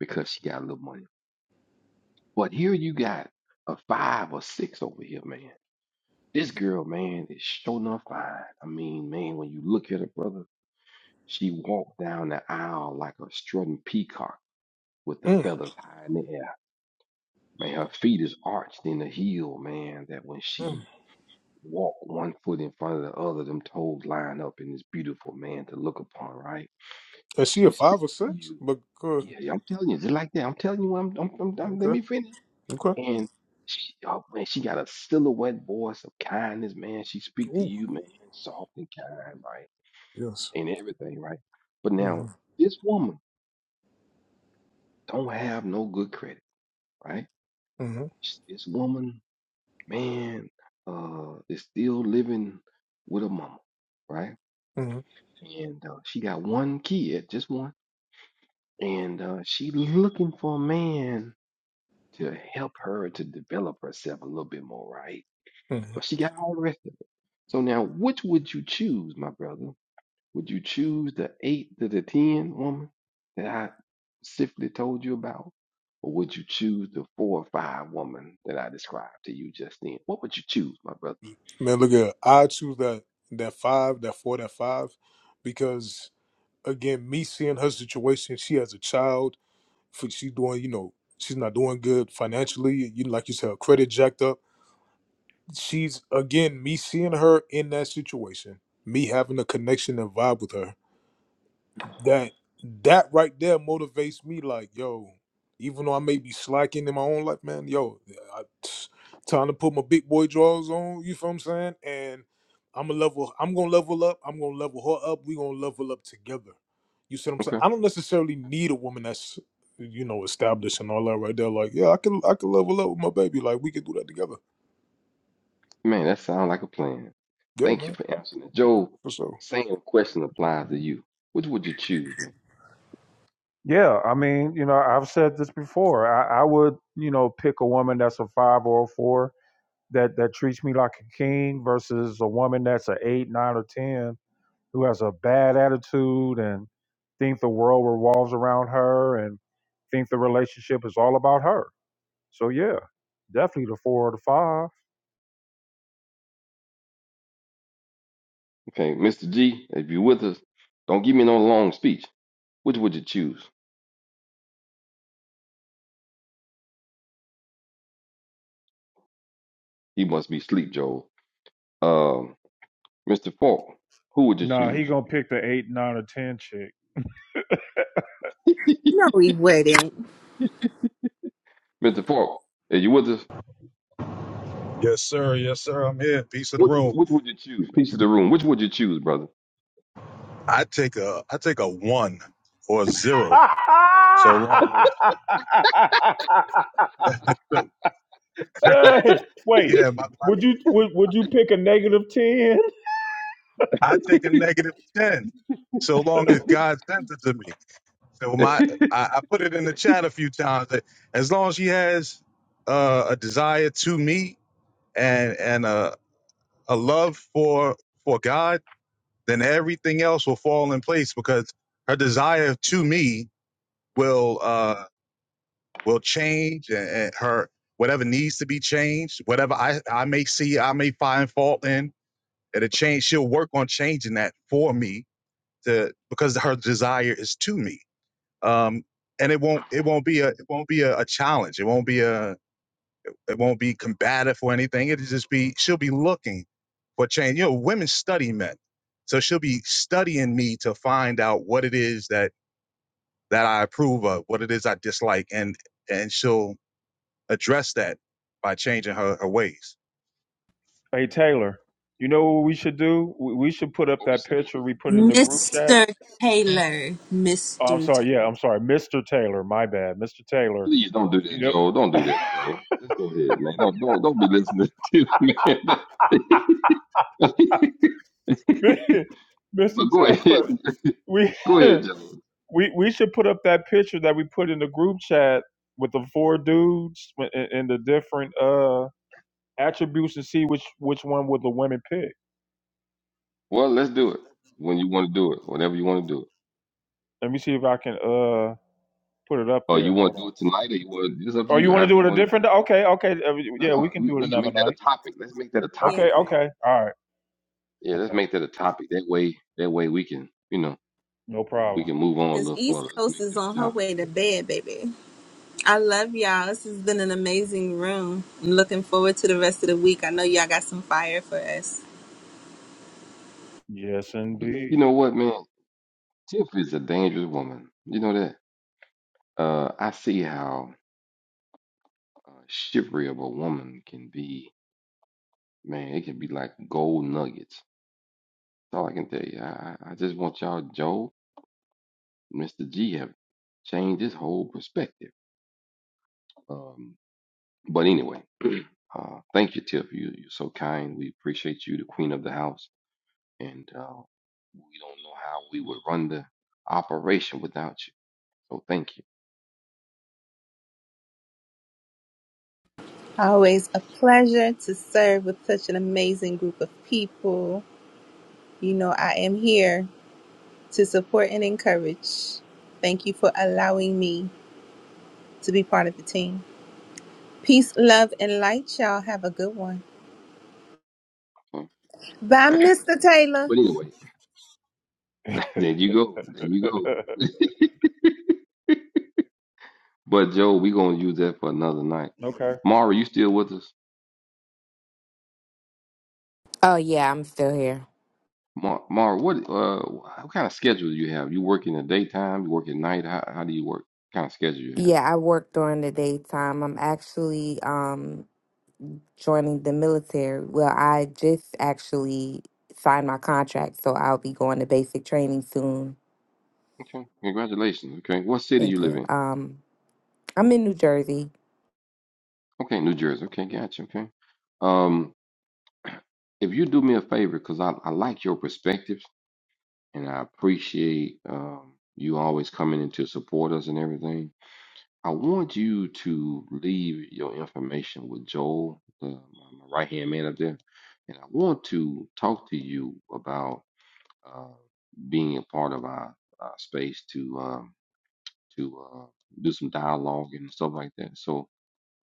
Because she got a little money. But here you got a five or six over here, man. This girl, man, is sure enough fine. I mean, man, when you look at her, brother, she walked down the aisle like a strutting peacock with the Mm. feathers high in the air. Man, her feet is arched in a heel, man, that when Mm. she walked one foot in front of the other, them toes line up and it's beautiful, man, to look upon, right? Is she a She five speaks or to six? you. But good. Yeah, yeah, I'm telling you, just like that. I'm telling you, I'm, I'm, I'm, I'm- let Okay. me finish. Okay. And she, oh man, she got a silhouette voice of kindness, man. She speak to Ooh. you, man, soft and kind, right, Yes. and everything, right. But Mm-hmm. now this woman don't have no good credit, right? Mm-hmm. Sh- This woman, man, uh, is still living with her mama, right? Mm-hmm. And uh, she got one kid, just one, and uh, she looking for a man to help her to develop herself a little bit more, right? But Mm-hmm. she got all the rest of it. So now, which would you choose, my brother? Would you choose the eight to the ten woman that I specifically told you about? Or would you choose the four or five woman that I described to you just then? What would you choose, my brother? Man, look at her. I choose that that five, that four, that five, because again, me seeing her situation, she has a child for she's doing, you know, she's not doing good financially. You like you said, her credit jacked up. She's again me seeing her in that situation, me having a connection and vibe with her that that right there motivates me like yo even though i may be slacking in my own life man yo I, time to put my big boy drawers on you feel what i'm saying and i'm a level i'm gonna level up i'm gonna level her up we gonna level up together you see what i'm saying Okay. i don't necessarily need a woman that's you know established and all that right there like yeah i can i can level up with my baby like we can do that together Man, that sounds like a plan. yeah Thank you man for answering it. Job, for sure same question applies to you. Which would you choose, man? Yeah, I mean, you know, I've said this before. I, I would, you know, pick a woman that's a five or a four that that treats me like a king versus a woman that's a eight, nine, or ten who has a bad attitude and think the world revolves around her and think the relationship is all about her. So yeah, definitely the four or the five. Okay, Mr. G, if you're with us, don't give me no long speech. Which would you choose? He must be sleep, Joel. Um, Mr. Falk, who would you Nah, he choose? gonna pick the eight, nine, or ten chick. No, we wouldn't. Mr. Falk, are you with us? Yes, sir. Yes, sir. I'm here. Piece of the Which, room. which would you choose? Piece of the room. Which would you choose, brother? I take a I take a one or a zero. So long as Just wait. yeah, my, my, Live I take a negative ten. So long as to- God sent it to me. So my I, I put it in the chat a few times that as long as she has uh, a desire to me and and a, a love for for God, then everything else will fall in place because her desire to me will. uh, will change and, and her whatever needs to be changed, whatever I, I may see, I may find fault in, it'll change. She'll work on changing that for me to because her desire is to me. Um, and it won't it won't be a it won't be a, a challenge. It won't be a it won't be combative or anything. It'll just be she'll be looking for change. You know, women study men. So she'll be studying me to find out what it is that that I approve of, what it is I dislike, and and she'll address that by changing her, her ways. Hey Taylor, you know what we should do? We we should put up What we that picture we put in the group chat. Mr. Taylor. Oh, I'm Mr. Taylor. sorry. Yeah, I'm sorry, Mr. Taylor. My bad, Mr. Taylor. Please don't do that, You Joel. Don't do that, know, Joel. Just go ahead, man. Don't don't don't be listening to me, man. Mr. but go ahead, Taylor. We go ahead, Joel. we we should put up that picture that we put in the group chat with the four dudes and, and the different uh attributes and see which which one would the women pick. Well, let's do it when you want to do it, whenever you want to do it, Let me see if I can uh put it up or you there. want Hold to do on. it tonight, or you want. It's up to Oh, you you. want to However do you it a want to do it. different? Okay, okay. uh, No, Yeah, we no, can we, do it we can another make that night. a topic. Let's make that a Yeah, topic, Okay, man. okay. All right. Yeah, let's Okay. make that a topic. That way, that way we can, you know, No we problem. can move on a because little further. East Let's Coast make is that on a her topic. way to Yeah. bed, baby. I love y'all. This has been an amazing room. I'm looking forward to the rest of the week. I know y'all got some fire for us. Yes, Mhm. You indeed. know what, man? Tiff is a dangerous woman. You know that? Uh, I see how uh, chivalry of a woman can be. Man, it can be like gold nuggets. That's all I can tell you. I, I I just want y'all, Joe, Mr. G, have changed his whole perspective. Um, But anyway, uh, thank you, Tiff. You, you're so kind. We appreciate you, the queen of the house. And uh, we don't know how we would run the operation without you. So thank you. Always a pleasure to serve with such an amazing group of people. You know, I am here to support and encourage. Thank you for allowing me to be part of the team. Peace, love, and light, y'all. Have a good one. Mm. Bye, Mr. Taylor. But anyway, there you go. There you go. but Joe, we're gonna use that for another night. okay. Mara, you still with us? Oh yeah, I'm still here. Mar, Mara, what uh, what kind of schedule do you have? You work in the daytime? You work at night? How how do you work? What kind of schedule you have? Yeah, I work during the daytime. I'm actually um joining the military. Well, I just actually signed my contract, so I'll be going to basic training soon. Okay, congratulations. Okay, what city you Thank live you. in? Um, I'm in New Jersey. Okay, New Jersey. Okay, gotcha. Okay. Um, if you do me a favor, because I, I like your perspectives and I appreciate um, you always coming in to support us and everything. I want you to leave your information with Joel, the, my right hand man up there, and I want to talk to you about uh, being a part of our, our space to um, to uh, do some dialogue and stuff like that. So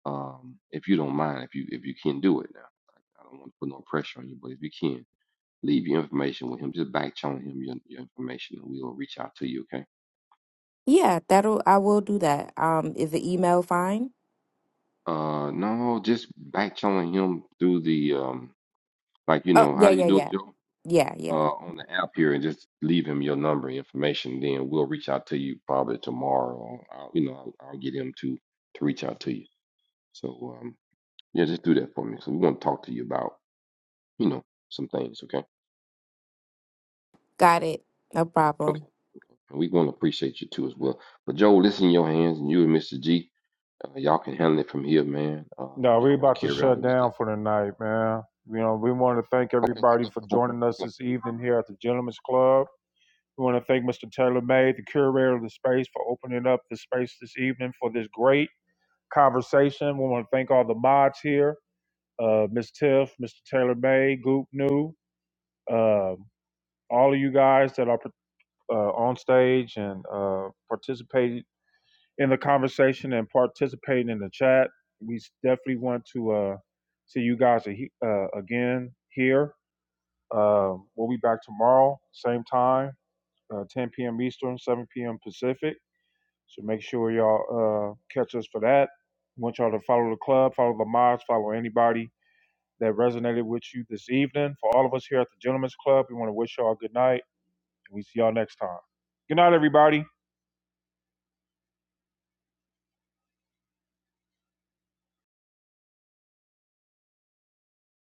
um, if you don't mind, if you if you can do it now, I don't want to put no pressure on you, but if you can, leave your information with him. Just back channel him your, your information, and we'll reach out to you. Okay? Yeah, that'll I will do that. Um, is the email fine? Uh, no, just back channeling him through the um, like you Oh, know, how yeah, do you yeah, do it, yeah. Joe? Yeah, yeah. Uh, on the app here, and just leave him your number and information. Then we'll reach out to you probably tomorrow. Or I'll, you know, I'll, I'll get him to to reach out to you. So um, yeah, just do that for me. So we want to talk to you about you know some things. Okay? Got it. No Okay? problem. And we're going to appreciate you too as well. But Joel, this in your hands, and you and Mr. G, uh, y'all can handle it from here, man. Uh, No, we are y'all want to about to carry shut on with it. down for the night, man. You know, we want to thank Okay, Okay, everybody okay, for joining okay. us this evening here at the Gentlemen's Club. We want to thank Mr. Taylor May, the curator of the space, for opening up the space this evening for this great conversation. We want to thank all the mods here, uh, Ms. Tiff, Mr. Taylor May, Goop New, uh, all of you guys that are uh, on stage and uh, participated in the conversation and participating in the chat. We definitely want to uh, see you guys a uh, again here. Uh, we'll be back tomorrow, same time, uh, 10 p.m. Eastern, 7 p.m. Pacific. So make sure y'all uh, catch us for that. We want y'all to follow the club, follow the mods, follow anybody that resonated with you this evening. For all of us here at the Gentlemen's Club, we want to wish y'all a good night. and We see y'all next time. Good night, everybody.